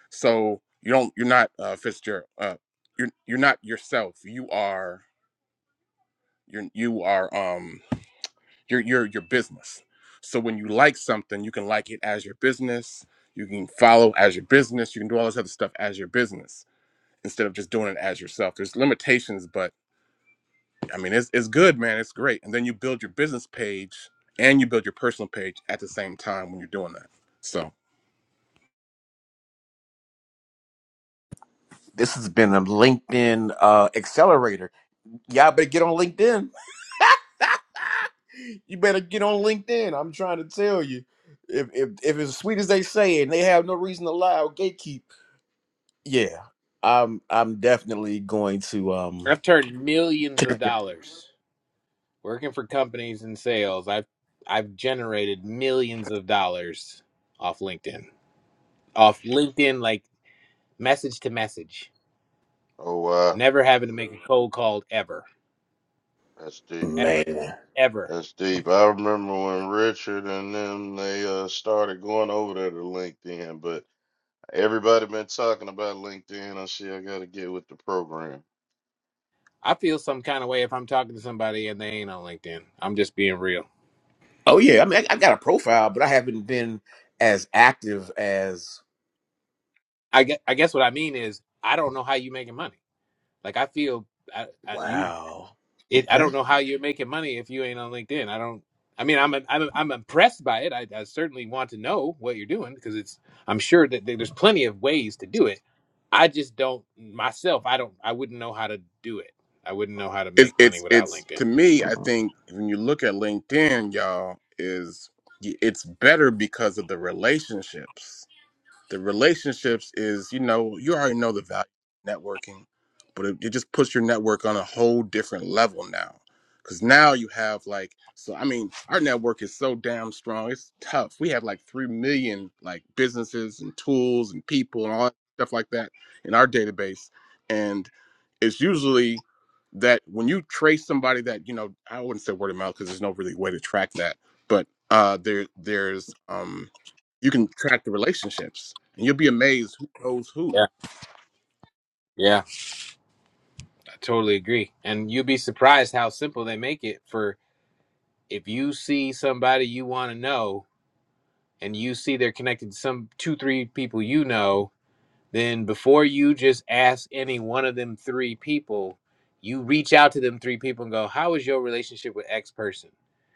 I: So you don't you're not uh, Fitzgerald. Uh, you're you're not yourself. You are you're you are um you're you're your business. So when you like something, you can like it as your business. You can follow as your business. You can do all this other stuff as your business. instead of just doing it as yourself. There's limitations, but I mean, it's, it's good, man. It's great. And then you build your business page and you build your personal page at the same time when you're doing that. So
F: This has been a LinkedIn uh, accelerator. Y'all better get on LinkedIn. You better get on LinkedIn. I'm trying to tell you. If if, if it's as sweet as they say it and they have no reason to lie or gatekeep, yeah. I'm I'm definitely going to um
G: i've turned millions of
F: take it-
G: dollars working for companies in sales i've i've generated millions of dollars off linkedin off linkedin like message to message
H: Oh wow,
G: never having to make a cold call ever
H: that's deep.
G: ever
F: man.
G: ever
H: That's deep. I remember when Richard and them they uh, started going over there to LinkedIn, but everybody been talking about LinkedIn. I see I got to get with the program.
G: i feel some kind of way if i'm talking to somebody and they ain't on linkedin i'm just being real
F: Oh yeah, I mean I, I got a profile, but I haven't been as active as
G: i guess, I guess what i mean is i don't know how you making money like i feel I, I, you
F: wow.
G: it I don't know how you're making money if you ain't on LinkedIn. I don't I mean I'm I'm I'm impressed by it. I, I certainly want to know what you're doing because it's I'm sure that there's plenty of ways to do it. I just don't myself I don't I wouldn't know how to do it. I wouldn't know how to
I: it's,
G: make money
I: it's,
G: without
I: it's
G: LinkedIn.
I: to me, I think when you look at LinkedIn, y'all, is it's better because of the relationships The relationships is, you know, you already know the value of networking, but it, it just puts your network on a whole different level now. Cause now you have like, so I mean, our network is so damn strong. It's tough. We have like three million like businesses and tools and people and all that stuff like that in our database, and it's usually that when you trace somebody that you know, I wouldn't say word of mouth because there's no really way to track that, but uh, there there's um, you can track the relationships and you'll be amazed who knows who.
G: Yeah. Yeah. I totally agree. And you'd be surprised how simple they make it for if you see somebody you want to know and you see they're connected to some two three people you know then before you just ask any one of them three people, you reach out to them three people and go, How is your relationship with X person?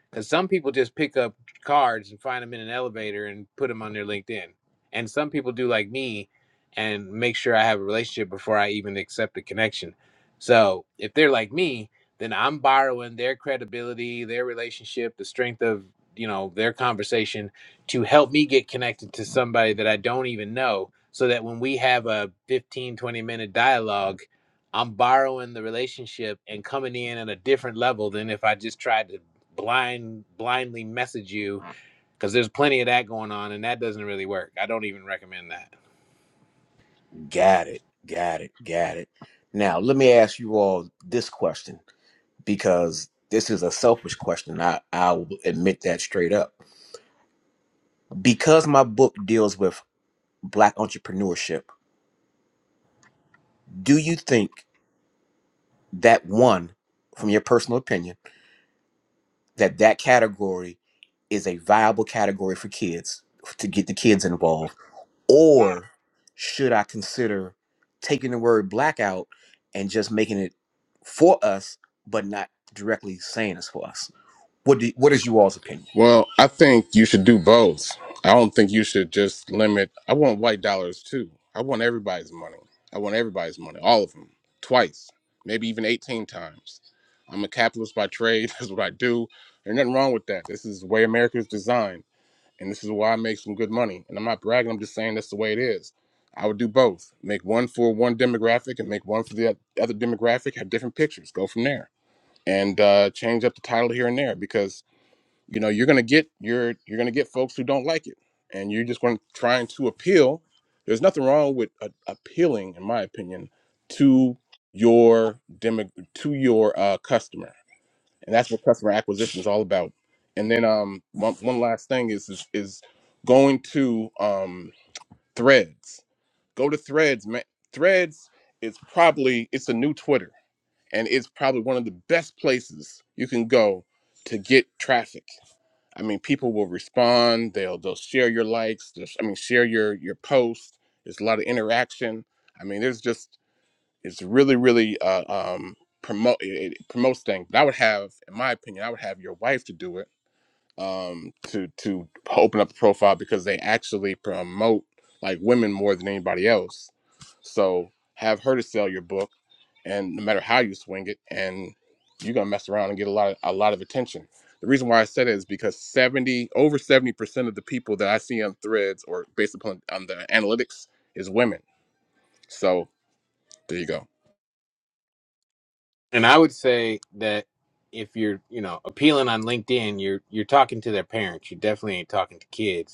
G: Because some people just pick up cards and find them in an elevator and put them on their LinkedIn. And some people do like me and make sure I have a relationship before I even accept the connection. So if they're like me, then I'm borrowing their credibility, their relationship, the strength of you know their conversation to help me get connected to somebody that I don't even know so that when we have a 15 20 minute dialogue i'm borrowing the relationship and coming in at a different level than if i just tried to blind blindly message you because there's plenty of that going on and that doesn't really work i don't even recommend that
F: Got it. Got it. Got it. Now, let me ask you all this question because this is a selfish question. I, I will admit that straight up. Because my book deals with Black entrepreneurship, do you think that one, from your personal opinion, that that category is a viable category for kids to get the kids involved? Or should I consider taking the word black out and just making it for us, but not directly saying it's for us? What do, what is you all's opinion?
I: Well, I think you should do both. I don't think you should just limit. I want white dollars too. I want everybody's money. I want everybody's money, all of them, twice, maybe even 18 times. I'm a capitalist by trade. That's what I do. There's nothing wrong with that. This is the way America is designed. And this is why I make some good money. And I'm not bragging. I'm just saying that's the way it is. I would do both. Make one for one demographic and make one for the oth- other demographic. Have different pictures. Go from there. and uh, change up the title here and there because you know you're gonna get your you're gonna get folks who don't like it, and you're just going to trying to appeal. There's nothing wrong with a, appealing, in my opinion, to your demo to your uh, customer, and that's what customer acquisition is all about. And then um one, one last thing is is is going to um threads. Go to threads, man. Threads is probably it's a new Twitter and it's probably one of the best places you can go to get traffic. I mean, people will respond. They'll they'll share your likes. they'll I mean, share your your posts. There's a lot of interaction. I mean, there's just it's really really uh, um, promote it, it promotes things. But I would have, in my opinion, I would have your wife to do it um, to to open up a profile because they actually promote like women more than anybody else. So have her to sell your book, and no matter how you swing it, and you're gonna mess around and get a lot of, a lot of attention. The reason why I said it is because seventy over seventy percent of the people that I see on Threads or based upon on the analytics is women. So there you go.
G: and i would say that if you're you know appealing on linkedin you're you're talking to their parents you definitely ain't talking to kids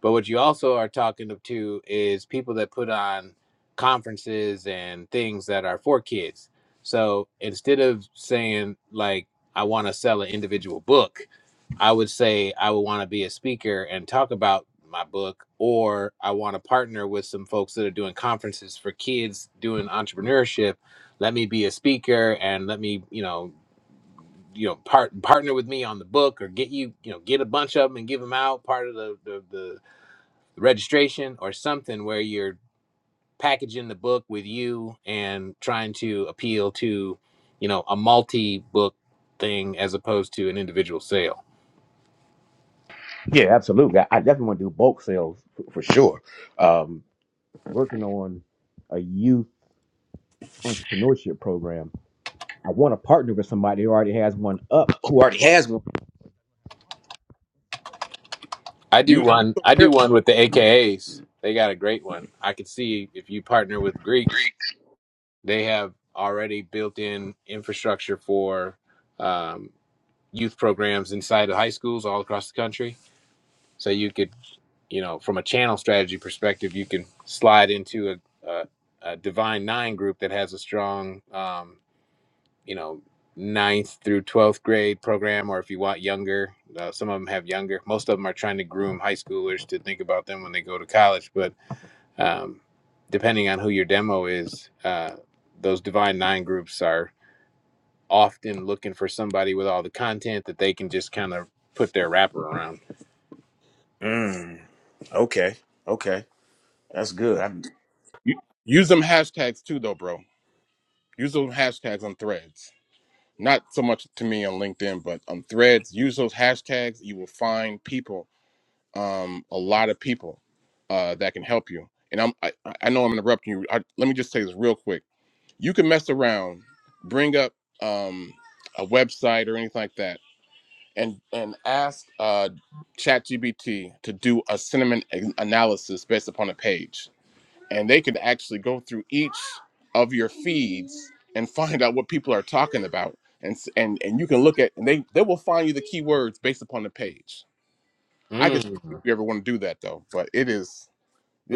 G: But what you also are talking to is people that put on conferences and things that are for kids. So instead of saying like I want to sell an individual book, I would say I would want to be a speaker and talk about my book or I want to partner with some folks that are doing conferences for kids doing entrepreneurship. Let me be a speaker and let me, you know, you know, part partner with me on the book or get you, you know, get a bunch of them and give them out part of the the, the registration or something where you're packaging the book with you and trying to appeal to you know a multi book thing as opposed to an individual sale
F: Yeah, absolutely. I, I definitely want to do bulk sales for, for sure. Um, working on a youth entrepreneurship program. I want to partner with somebody who already has one up. Who already has one?
G: i do
I: You,
G: one i do one with the akas they got a great one i could see if you partner with greeks they have already built in infrastructure for um, youth programs inside of high schools all across the country so you could you know, from a channel strategy perspective, you can slide into a, a, a divine nine group that has a strong, um, you know, ninth through 12th grade program, or if you want younger, uh, some of them have younger. Most of them are trying to groom high schoolers to think about them when they go to college. But um, depending on who your demo is, uh, those divine nine groups are often looking for somebody with all the content that they can just kind of put their wrapper around.
F: Mm, okay, okay, that's good. I,
I: you use them hashtags too, though, bro. Use those hashtags on Threads. not so much to me on LinkedIn, but on threads, use those hashtags. You will find people, um, a lot of people uh, that can help you. And I'm, I, I know I'm interrupting you. I, let me just say this real quick. You can mess around, bring up um, a website or anything like that, and and ask uh, ChatGPT to do a sentiment an- analysis based upon a page and they could actually go through each of your feeds and find out what people are talking about and s- and and you can look at and they they will find you the keywords based upon the page i could show you if
G: Mm,
I: you ever want to do that though but it is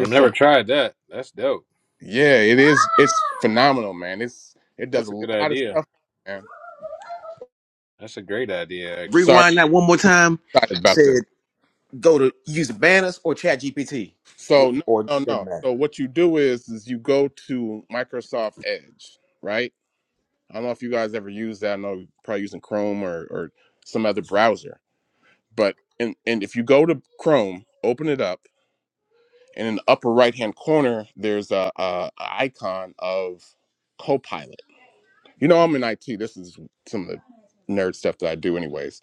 G: I've
I: so
G: never tried that. That's dope.
I: yeah it is it's phenomenal man it's it does
G: That's
I: a
G: a
I: lot
G: good
I: of
G: idea.
I: stuff man
G: That's a great idea, actually.
I: sorry
F: rewind that one more time.
I: I'm excited about this
F: Go to use Banners or ChatGPT,
I: so
F: W-
I: no
F: or it
I: no
F: doesn't
I: no
F: matter.
I: so what you do is is you go to microsoft edge right i don't know if you guys ever use that i know you're probably using chrome or or some other browser but and and if you go to Chrome, open it up, and in the upper right hand corner, there's a, a, a icon of Copilot. You know, I'm in IT. This is some of the nerd stuff that I do, anyways.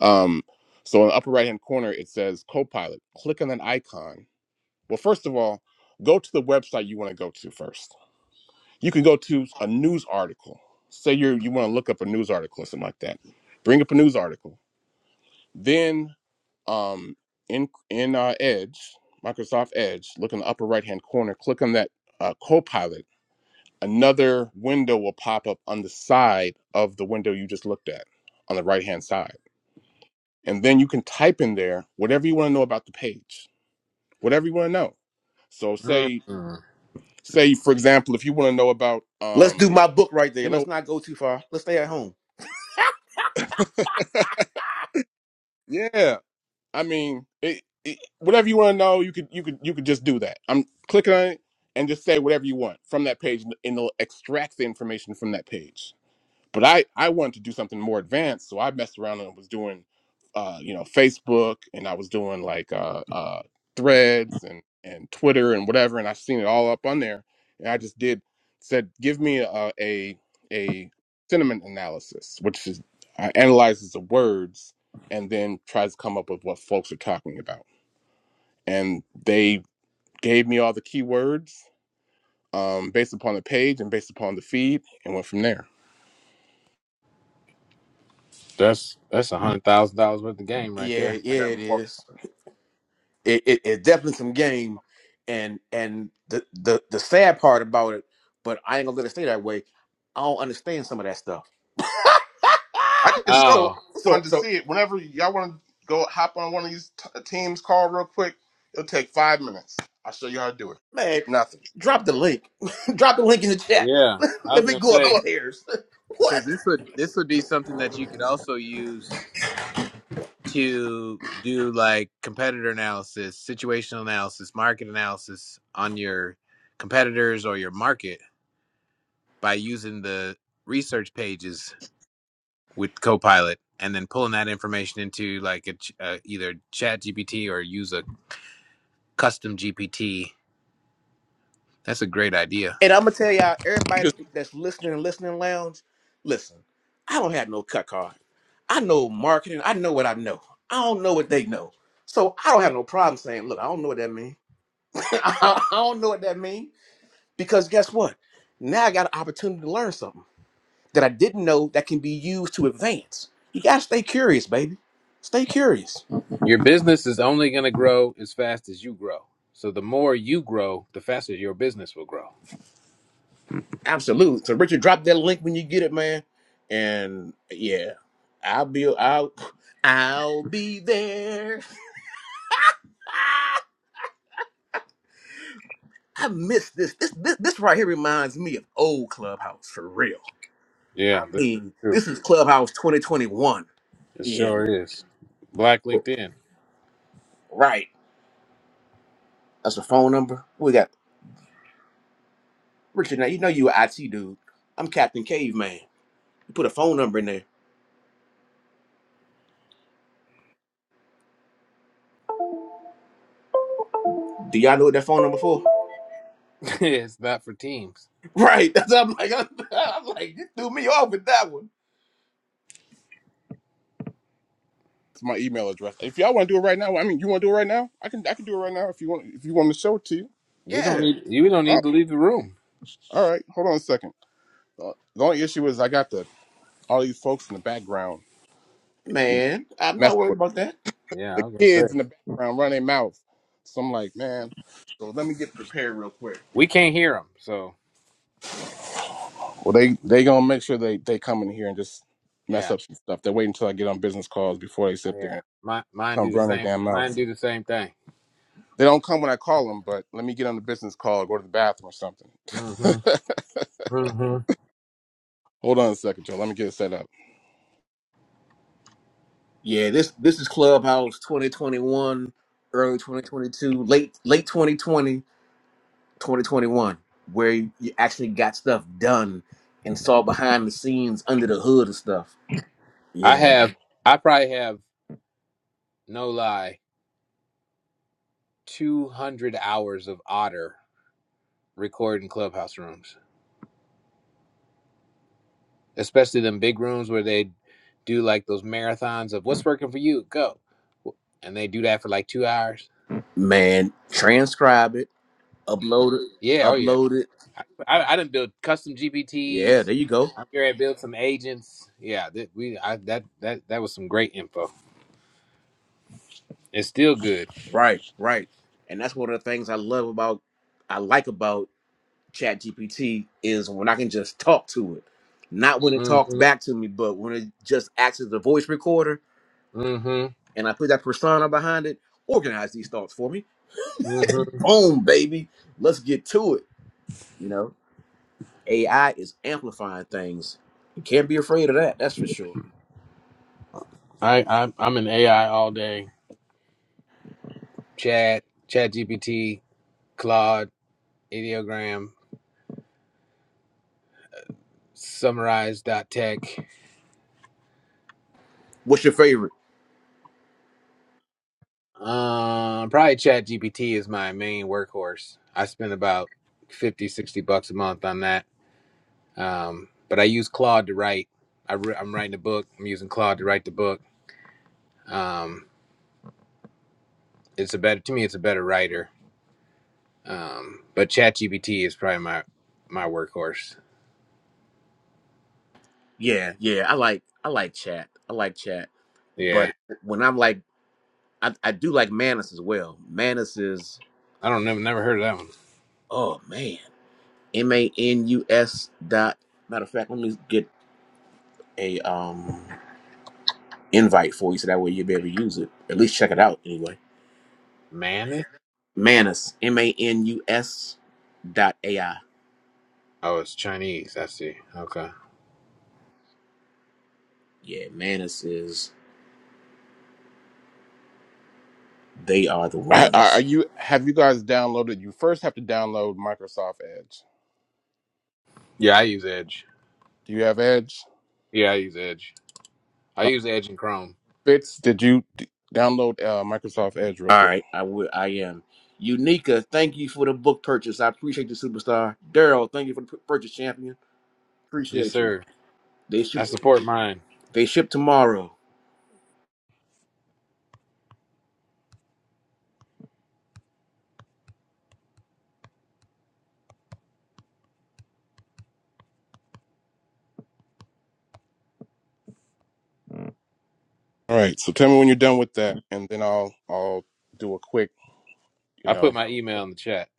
I: Um, so in the upper right hand corner, it says Copilot. Click on that icon. Well, first of all, go to the website you want to go to first. You can go to a news article. Say you you want to look up a news article or something like that. Bring up a news article Then um, in in uh, Edge, Microsoft Edge, look in the upper right hand corner, click on that uh, Copilot. Another window will pop up on the side of the window you just looked at, on the right hand side, and then you can type in there whatever you want to know about the page, whatever you want to know. So say
G: Mm.
I: say for example, if you want to know about
F: Let's do
I: um,
F: my book right there.
I: you
F: Let's
I: know,
F: not go too far. Let's stay at home.
I: yeah. I mean, it, it, whatever you want to know, you could you could you could just do that. I'm clicking on it and just say whatever you want from that page, and it'll extract the information from that page but I I wanted to do something more advanced, so I messed around and was doing, uh, you know, Facebook and I was doing like uh, uh, Threads and and Twitter and whatever, and I seen it all up on there, and I just did said, give me a a, a sentiment analysis, which is uh, analyzes the words and then tries to come up with what folks are talking about, and they gave me all the keywords um, based upon the page and based upon the feed, and went from there.
G: That's that's a hundred thousand dollars worth of game right
F: Yeah,
G: there.
I: I
F: yeah,
I: got
F: it
I: more.
F: is. It, it, it's definitely some game, and and the, the the sad part about it, but I ain't gonna let it stay that way. I don't understand some of that stuff.
I: I can show you if
F: so
G: Oh
I: you
F: so
I: wanted to
F: so
I: see it. Whenever y'all want to go hop on one of these t- teams call real quick, it'll take five minutes. I'll show you how to do it.
F: man,
I: It's nothing.
F: drop the link. drop the link in the chat.
G: yeah, I was
F: let me
G: gonna
F: go
G: say
F: upstairs. what?
G: because this would this would be something that you could also use to do like competitor analysis, situational analysis, market analysis on your competitors or your market by using the research pages with Copilot and then pulling that information into like a, ch- uh, either Chat GPT or use a custom GPT. That's a great idea.
F: And I'm gonna tell y'all,
I: You
F: everybody
I: just
F: that's listening and listening lounge, listen, I don't have no cut card. I know marketing. I know what I know. I don't know what they know. So I don't have no problem saying, look, I don't know what that means. I don't know what that means. Because guess what? Now I got an opportunity to learn something that I didn't know that can be used to advance. You gotta stay curious, baby. Stay curious.
G: Your business is only going to grow as fast as you grow. So the more you grow, the faster your business will grow.
F: Absolute. So Richard, drop that link when you get it, man. And yeah, I'll be I'll I'll be there. Ah, I miss this. This this this right here reminds me of old Clubhouse for real. I
G: Yeah, that's
F: mean,
G: true.
F: this is Clubhouse 2021.
G: It
F: You hear me?
G: sure is. Black LinkedIn.
F: Right. That's a phone number. What We got Richard. Now you know you a IT dude. I'm Captain Caveman. You put a phone number in there. Do y'all know what that phone number for?
G: it's not for teams.
F: Right. That's I'm like I'm, I'm like you threw me off with that one.
I: it's my email address. If y'all want to do it right now, I mean, you want to do it right now? I can I can do it right now if you want if you want me to show it to you.
G: We don't
F: Yeah.
G: need you. Don't
I: Oh,
G: need to leave the room.
I: all right. Hold on a second. Uh, the only issue is I got the all these folks in the background, you know,
F: Man, I'm not
I: messing
F: worried
I: with
F: about that.
G: Yeah,
I: the
G: I was gonna
I: kids in
G: say
I: the background running their mouth. So I'm like, man. So let me get prepared real quick.
G: we can't hear them. So
I: Well, they they gonna make sure they they come in here and just mess
G: yeah,
I: up some stuff. They wait until I get on business calls before they sit there
G: yeah.
I: and
G: My, mine
I: come
G: do the
I: run their
G: same.
I: damn
G: Mine
I: mouth.
G: do the same thing.
I: They don't come when I call them, but let me get on the business call, go to the bathroom or something.
G: hmm hmm
I: Hold on a second, Joe. Let me get it set up.
F: Yeah, this this is Clubhouse 2021, early 2022, late late 2020, 2021, where you actually got stuff done and saw behind the scenes, under the hood of stuff. You
G: I
F: know,
G: have. I probably have no lie. Two hundred hours of otter record in clubhouse rooms, especially them big rooms where they do like those marathons of what's working for you, go. And they do that for like two hours.
F: man, transcribe it, upload it,
G: Yeah, oh yeah.
F: upload it.
G: I, I didn't build custom
F: Yeah,
G: GPTs.
F: there you go.
G: I'm here to build some agents. Yeah, that we I, that that that was some great info. It's still good.
F: Right, right. And that's one of the things I love about, I like about Chat GPT is when I can just talk to it. Not when it talks
G: Mm-hmm.
F: back to me, but when it just acts as a voice recorder
G: Mm-hmm.
F: and I put that persona behind it, organize these thoughts for me.
G: Mm-hmm.
F: Boom, baby. Let's get to it. You know, AI is amplifying things. You can't be afraid of that, that's for sure.
G: I, I I'm in AI all day. Chat, Chat GPT, Claude, Ideogram, summarize dot Tech.
F: What's your favorite?
G: Um, probably Chat GPT is my main workhorse. I spend about 50, 60 bucks a month on that. Um, but I use Claude to write. I re- I'm writing a book. I'm using Claude to write the book. Um, it's a better to me. It's a better writer. Um, but Chat GPT is probably my my workhorse.
F: Yeah, yeah. I like I like chat. I like chat. But
G: Yeah,
F: when I'm like I, I do like Manus as well. Manus is
G: I don't never never heard of that one.
F: oh man. M A N U S dot. Matter of fact, let me get a um invite for you so that way you'll be able to use it. At least check it out anyway.
G: Mammoth.
F: Manus, M A N U S dot A I.
G: Oh, it's Chinese. I see. Okay.
F: Yeah, Manus is they are the
I: Are are
F: ones.
I: you have you guys downloaded? You first have to download Microsoft Edge.
G: Yeah, I use Edge.
I: Do you have Edge?
G: Yeah, I use Edge. I
I: Uh,
G: use Edge and Chrome.
I: Fitz, did you d- download uh, Microsoft Edge real
F: All
I: quick?
F: right, I will. I am. Unica, thank you for the book purchase. I appreciate you, superstar. Daryl, thank you for the pur- purchase, champion.
G: Yes,
F: Appreciate you.
G: sir.
F: They ship.
G: I support mine.
F: They ship tomorrow.
I: All right. So tell me when you're done with that, and then I'll I'll do a quick, you
G: I put
I: know.
G: my email in the chat.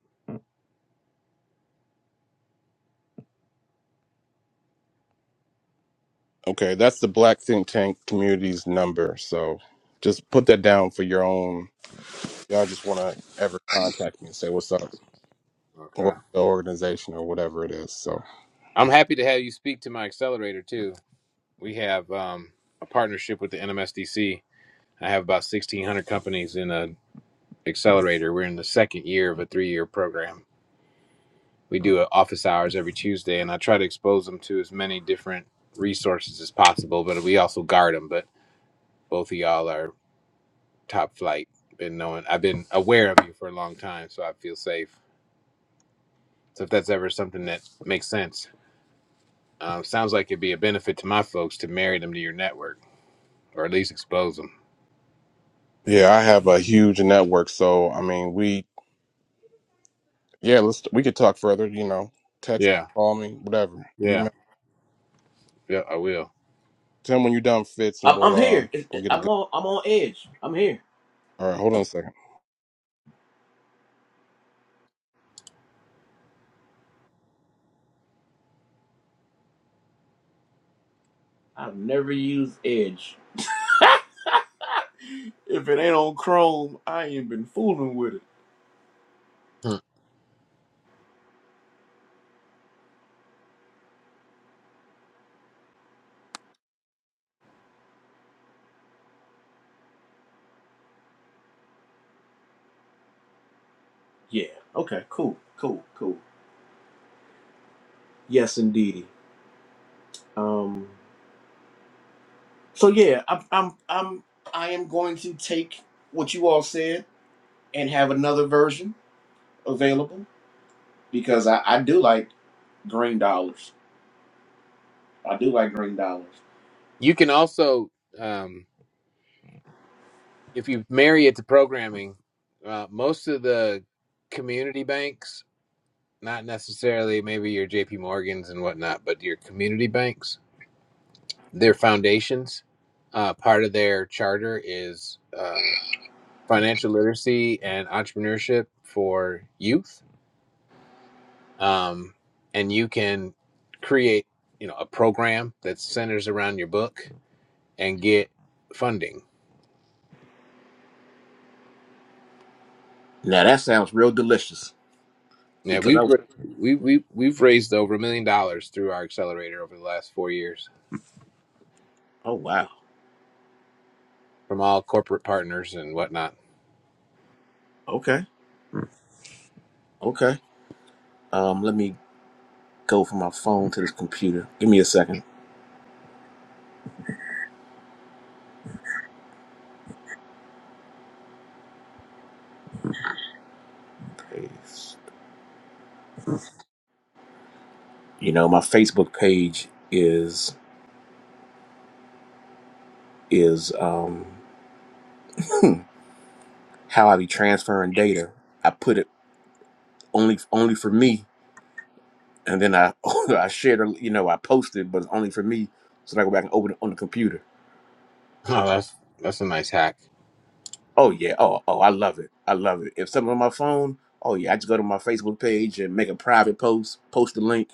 I: Okay, that's the Black Think Tank community's number. So just put that down for your own. Y'all just want to ever contact me and say what's up,
G: Okay.
I: or the organization or whatever it is. So
G: I'm happy to have you speak to my accelerator too. We have um, a partnership with the NMSDC. I have about 1,600 companies in a accelerator. We're in the second year of a three year program. We do uh, office hours every Tuesday, and I try to expose them to as many different resources as possible, but we also guard them. But both of y'all are top flight. Been knowing, I've been aware of you for a long time, so I feel safe. So if that's ever something that makes sense, um, sounds like it'd be a benefit to my folks to marry them to your network or at least expose them.
I: yeah, I have a huge network. So I mean, we yeah, let's we could talk further. You know, text,
G: Yeah,
I: call me, whatever.
G: yeah,
I: Email.
G: yeah. I will.
I: Tell me when you're done, Fitz, and
F: I'm,
I: we'll
F: I'm
I: uh
F: here. It's-
I: we'll
F: it-
I: get it
F: I'm
I: going.
F: on. I'm on Edge. I'm here.
I: All right, hold on a second.
F: I've never used Edge. If it ain't on Chrome, I ain't been fooling with it.
G: Hmm.
F: Yeah. Okay. Cool. Cool. Cool. Yes, indeedy. Um. So yeah, I'm. I'm. I'm. I am going to take what you all said and have another version available because I, I do like green dollars. I do like green dollars.
G: You can also, um, if you marry it to programming, uh, most of the community banks, not necessarily maybe your J.P. Morgans and whatnot, but your community banks, their foundations, uh, part of their charter is uh, financial literacy and entrepreneurship for youth, um, and you can create, you know, a program that centers around your book and get funding.
F: Now that sounds real delicious
G: Yeah,
F: because
G: we've
F: I.
G: we we we've raised over a million dollars through our accelerator over the last four years
F: Oh wow.
G: from all corporate partners and whatnot.
F: Okay. Okay. Um, let me go from my phone to this computer. Give me a second. Paste. You know, my Facebook page is is um, hmm, how I be transferring data. I put it only only for me, and then I I shared, a- you know, I posted, but it's only for me, so that I go back and open it on the computer.
G: Oh, that's that's a nice hack.
F: Oh yeah, oh oh, I love it, I love it. If something on my phone, oh yeah, I just go to my Facebook page and make a private post, post the link,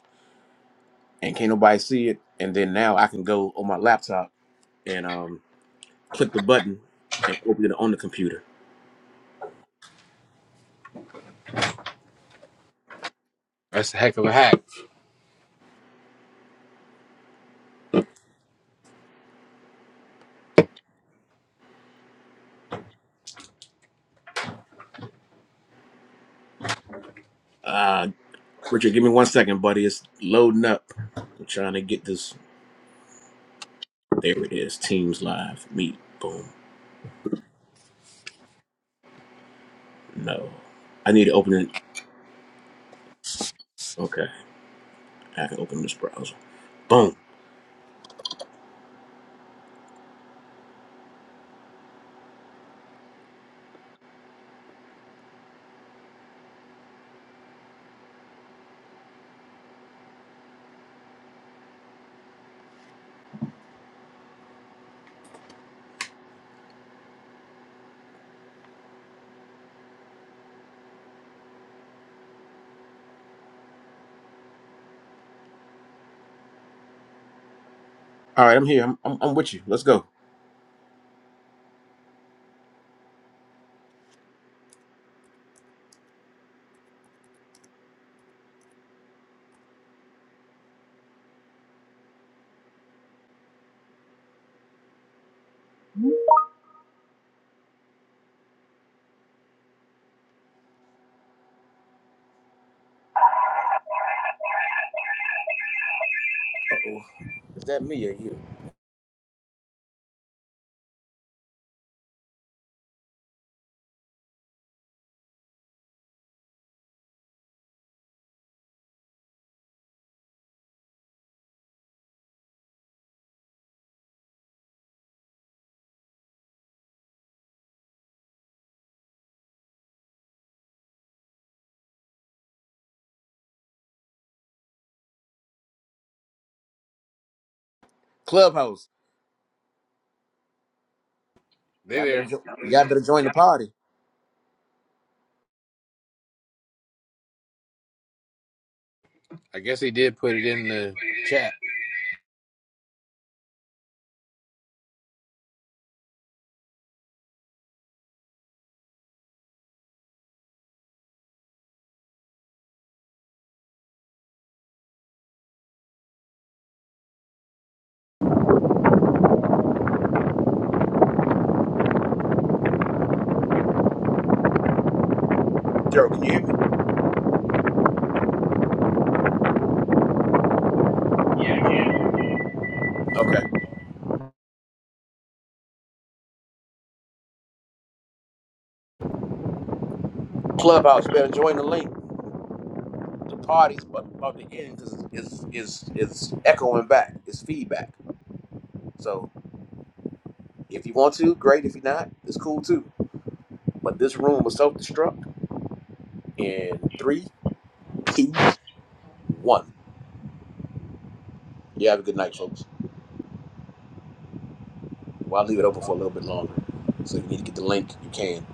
F: and can't nobody see it. And then now I can go on my laptop and um click the button and open it on the computer.
G: That's a heck of a hack.
F: Ah, Richard, give me one second, buddy. It's loading up. I'm trying to get this. There it is. Teams live. Meet. Boom. No. I need to open it. Okay. I can open this browser. Boom. All right, I'm here. I'm, I'm, I'm with you. Let's go. Uh-oh. Is that me or you? Clubhouse.
G: They
F: Y'all better,
G: there.
F: jo- y'all better join the party.
G: I guess he did put it in the chat.
F: Gerald, can you hear me? Okay. Clubhouse, you better join the link. The party's bu- about to end because it's, it's, it's, it's echoing back. It's feedback. So if you want to, great. If you're not, it's cool too. But this room will self destruct in three, two, one. You have a good night, folks. Well, I'll leave it open for a little bit longer. So if you need to get the link, you can.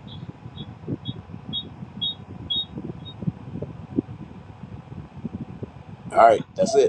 F: All right, that's it.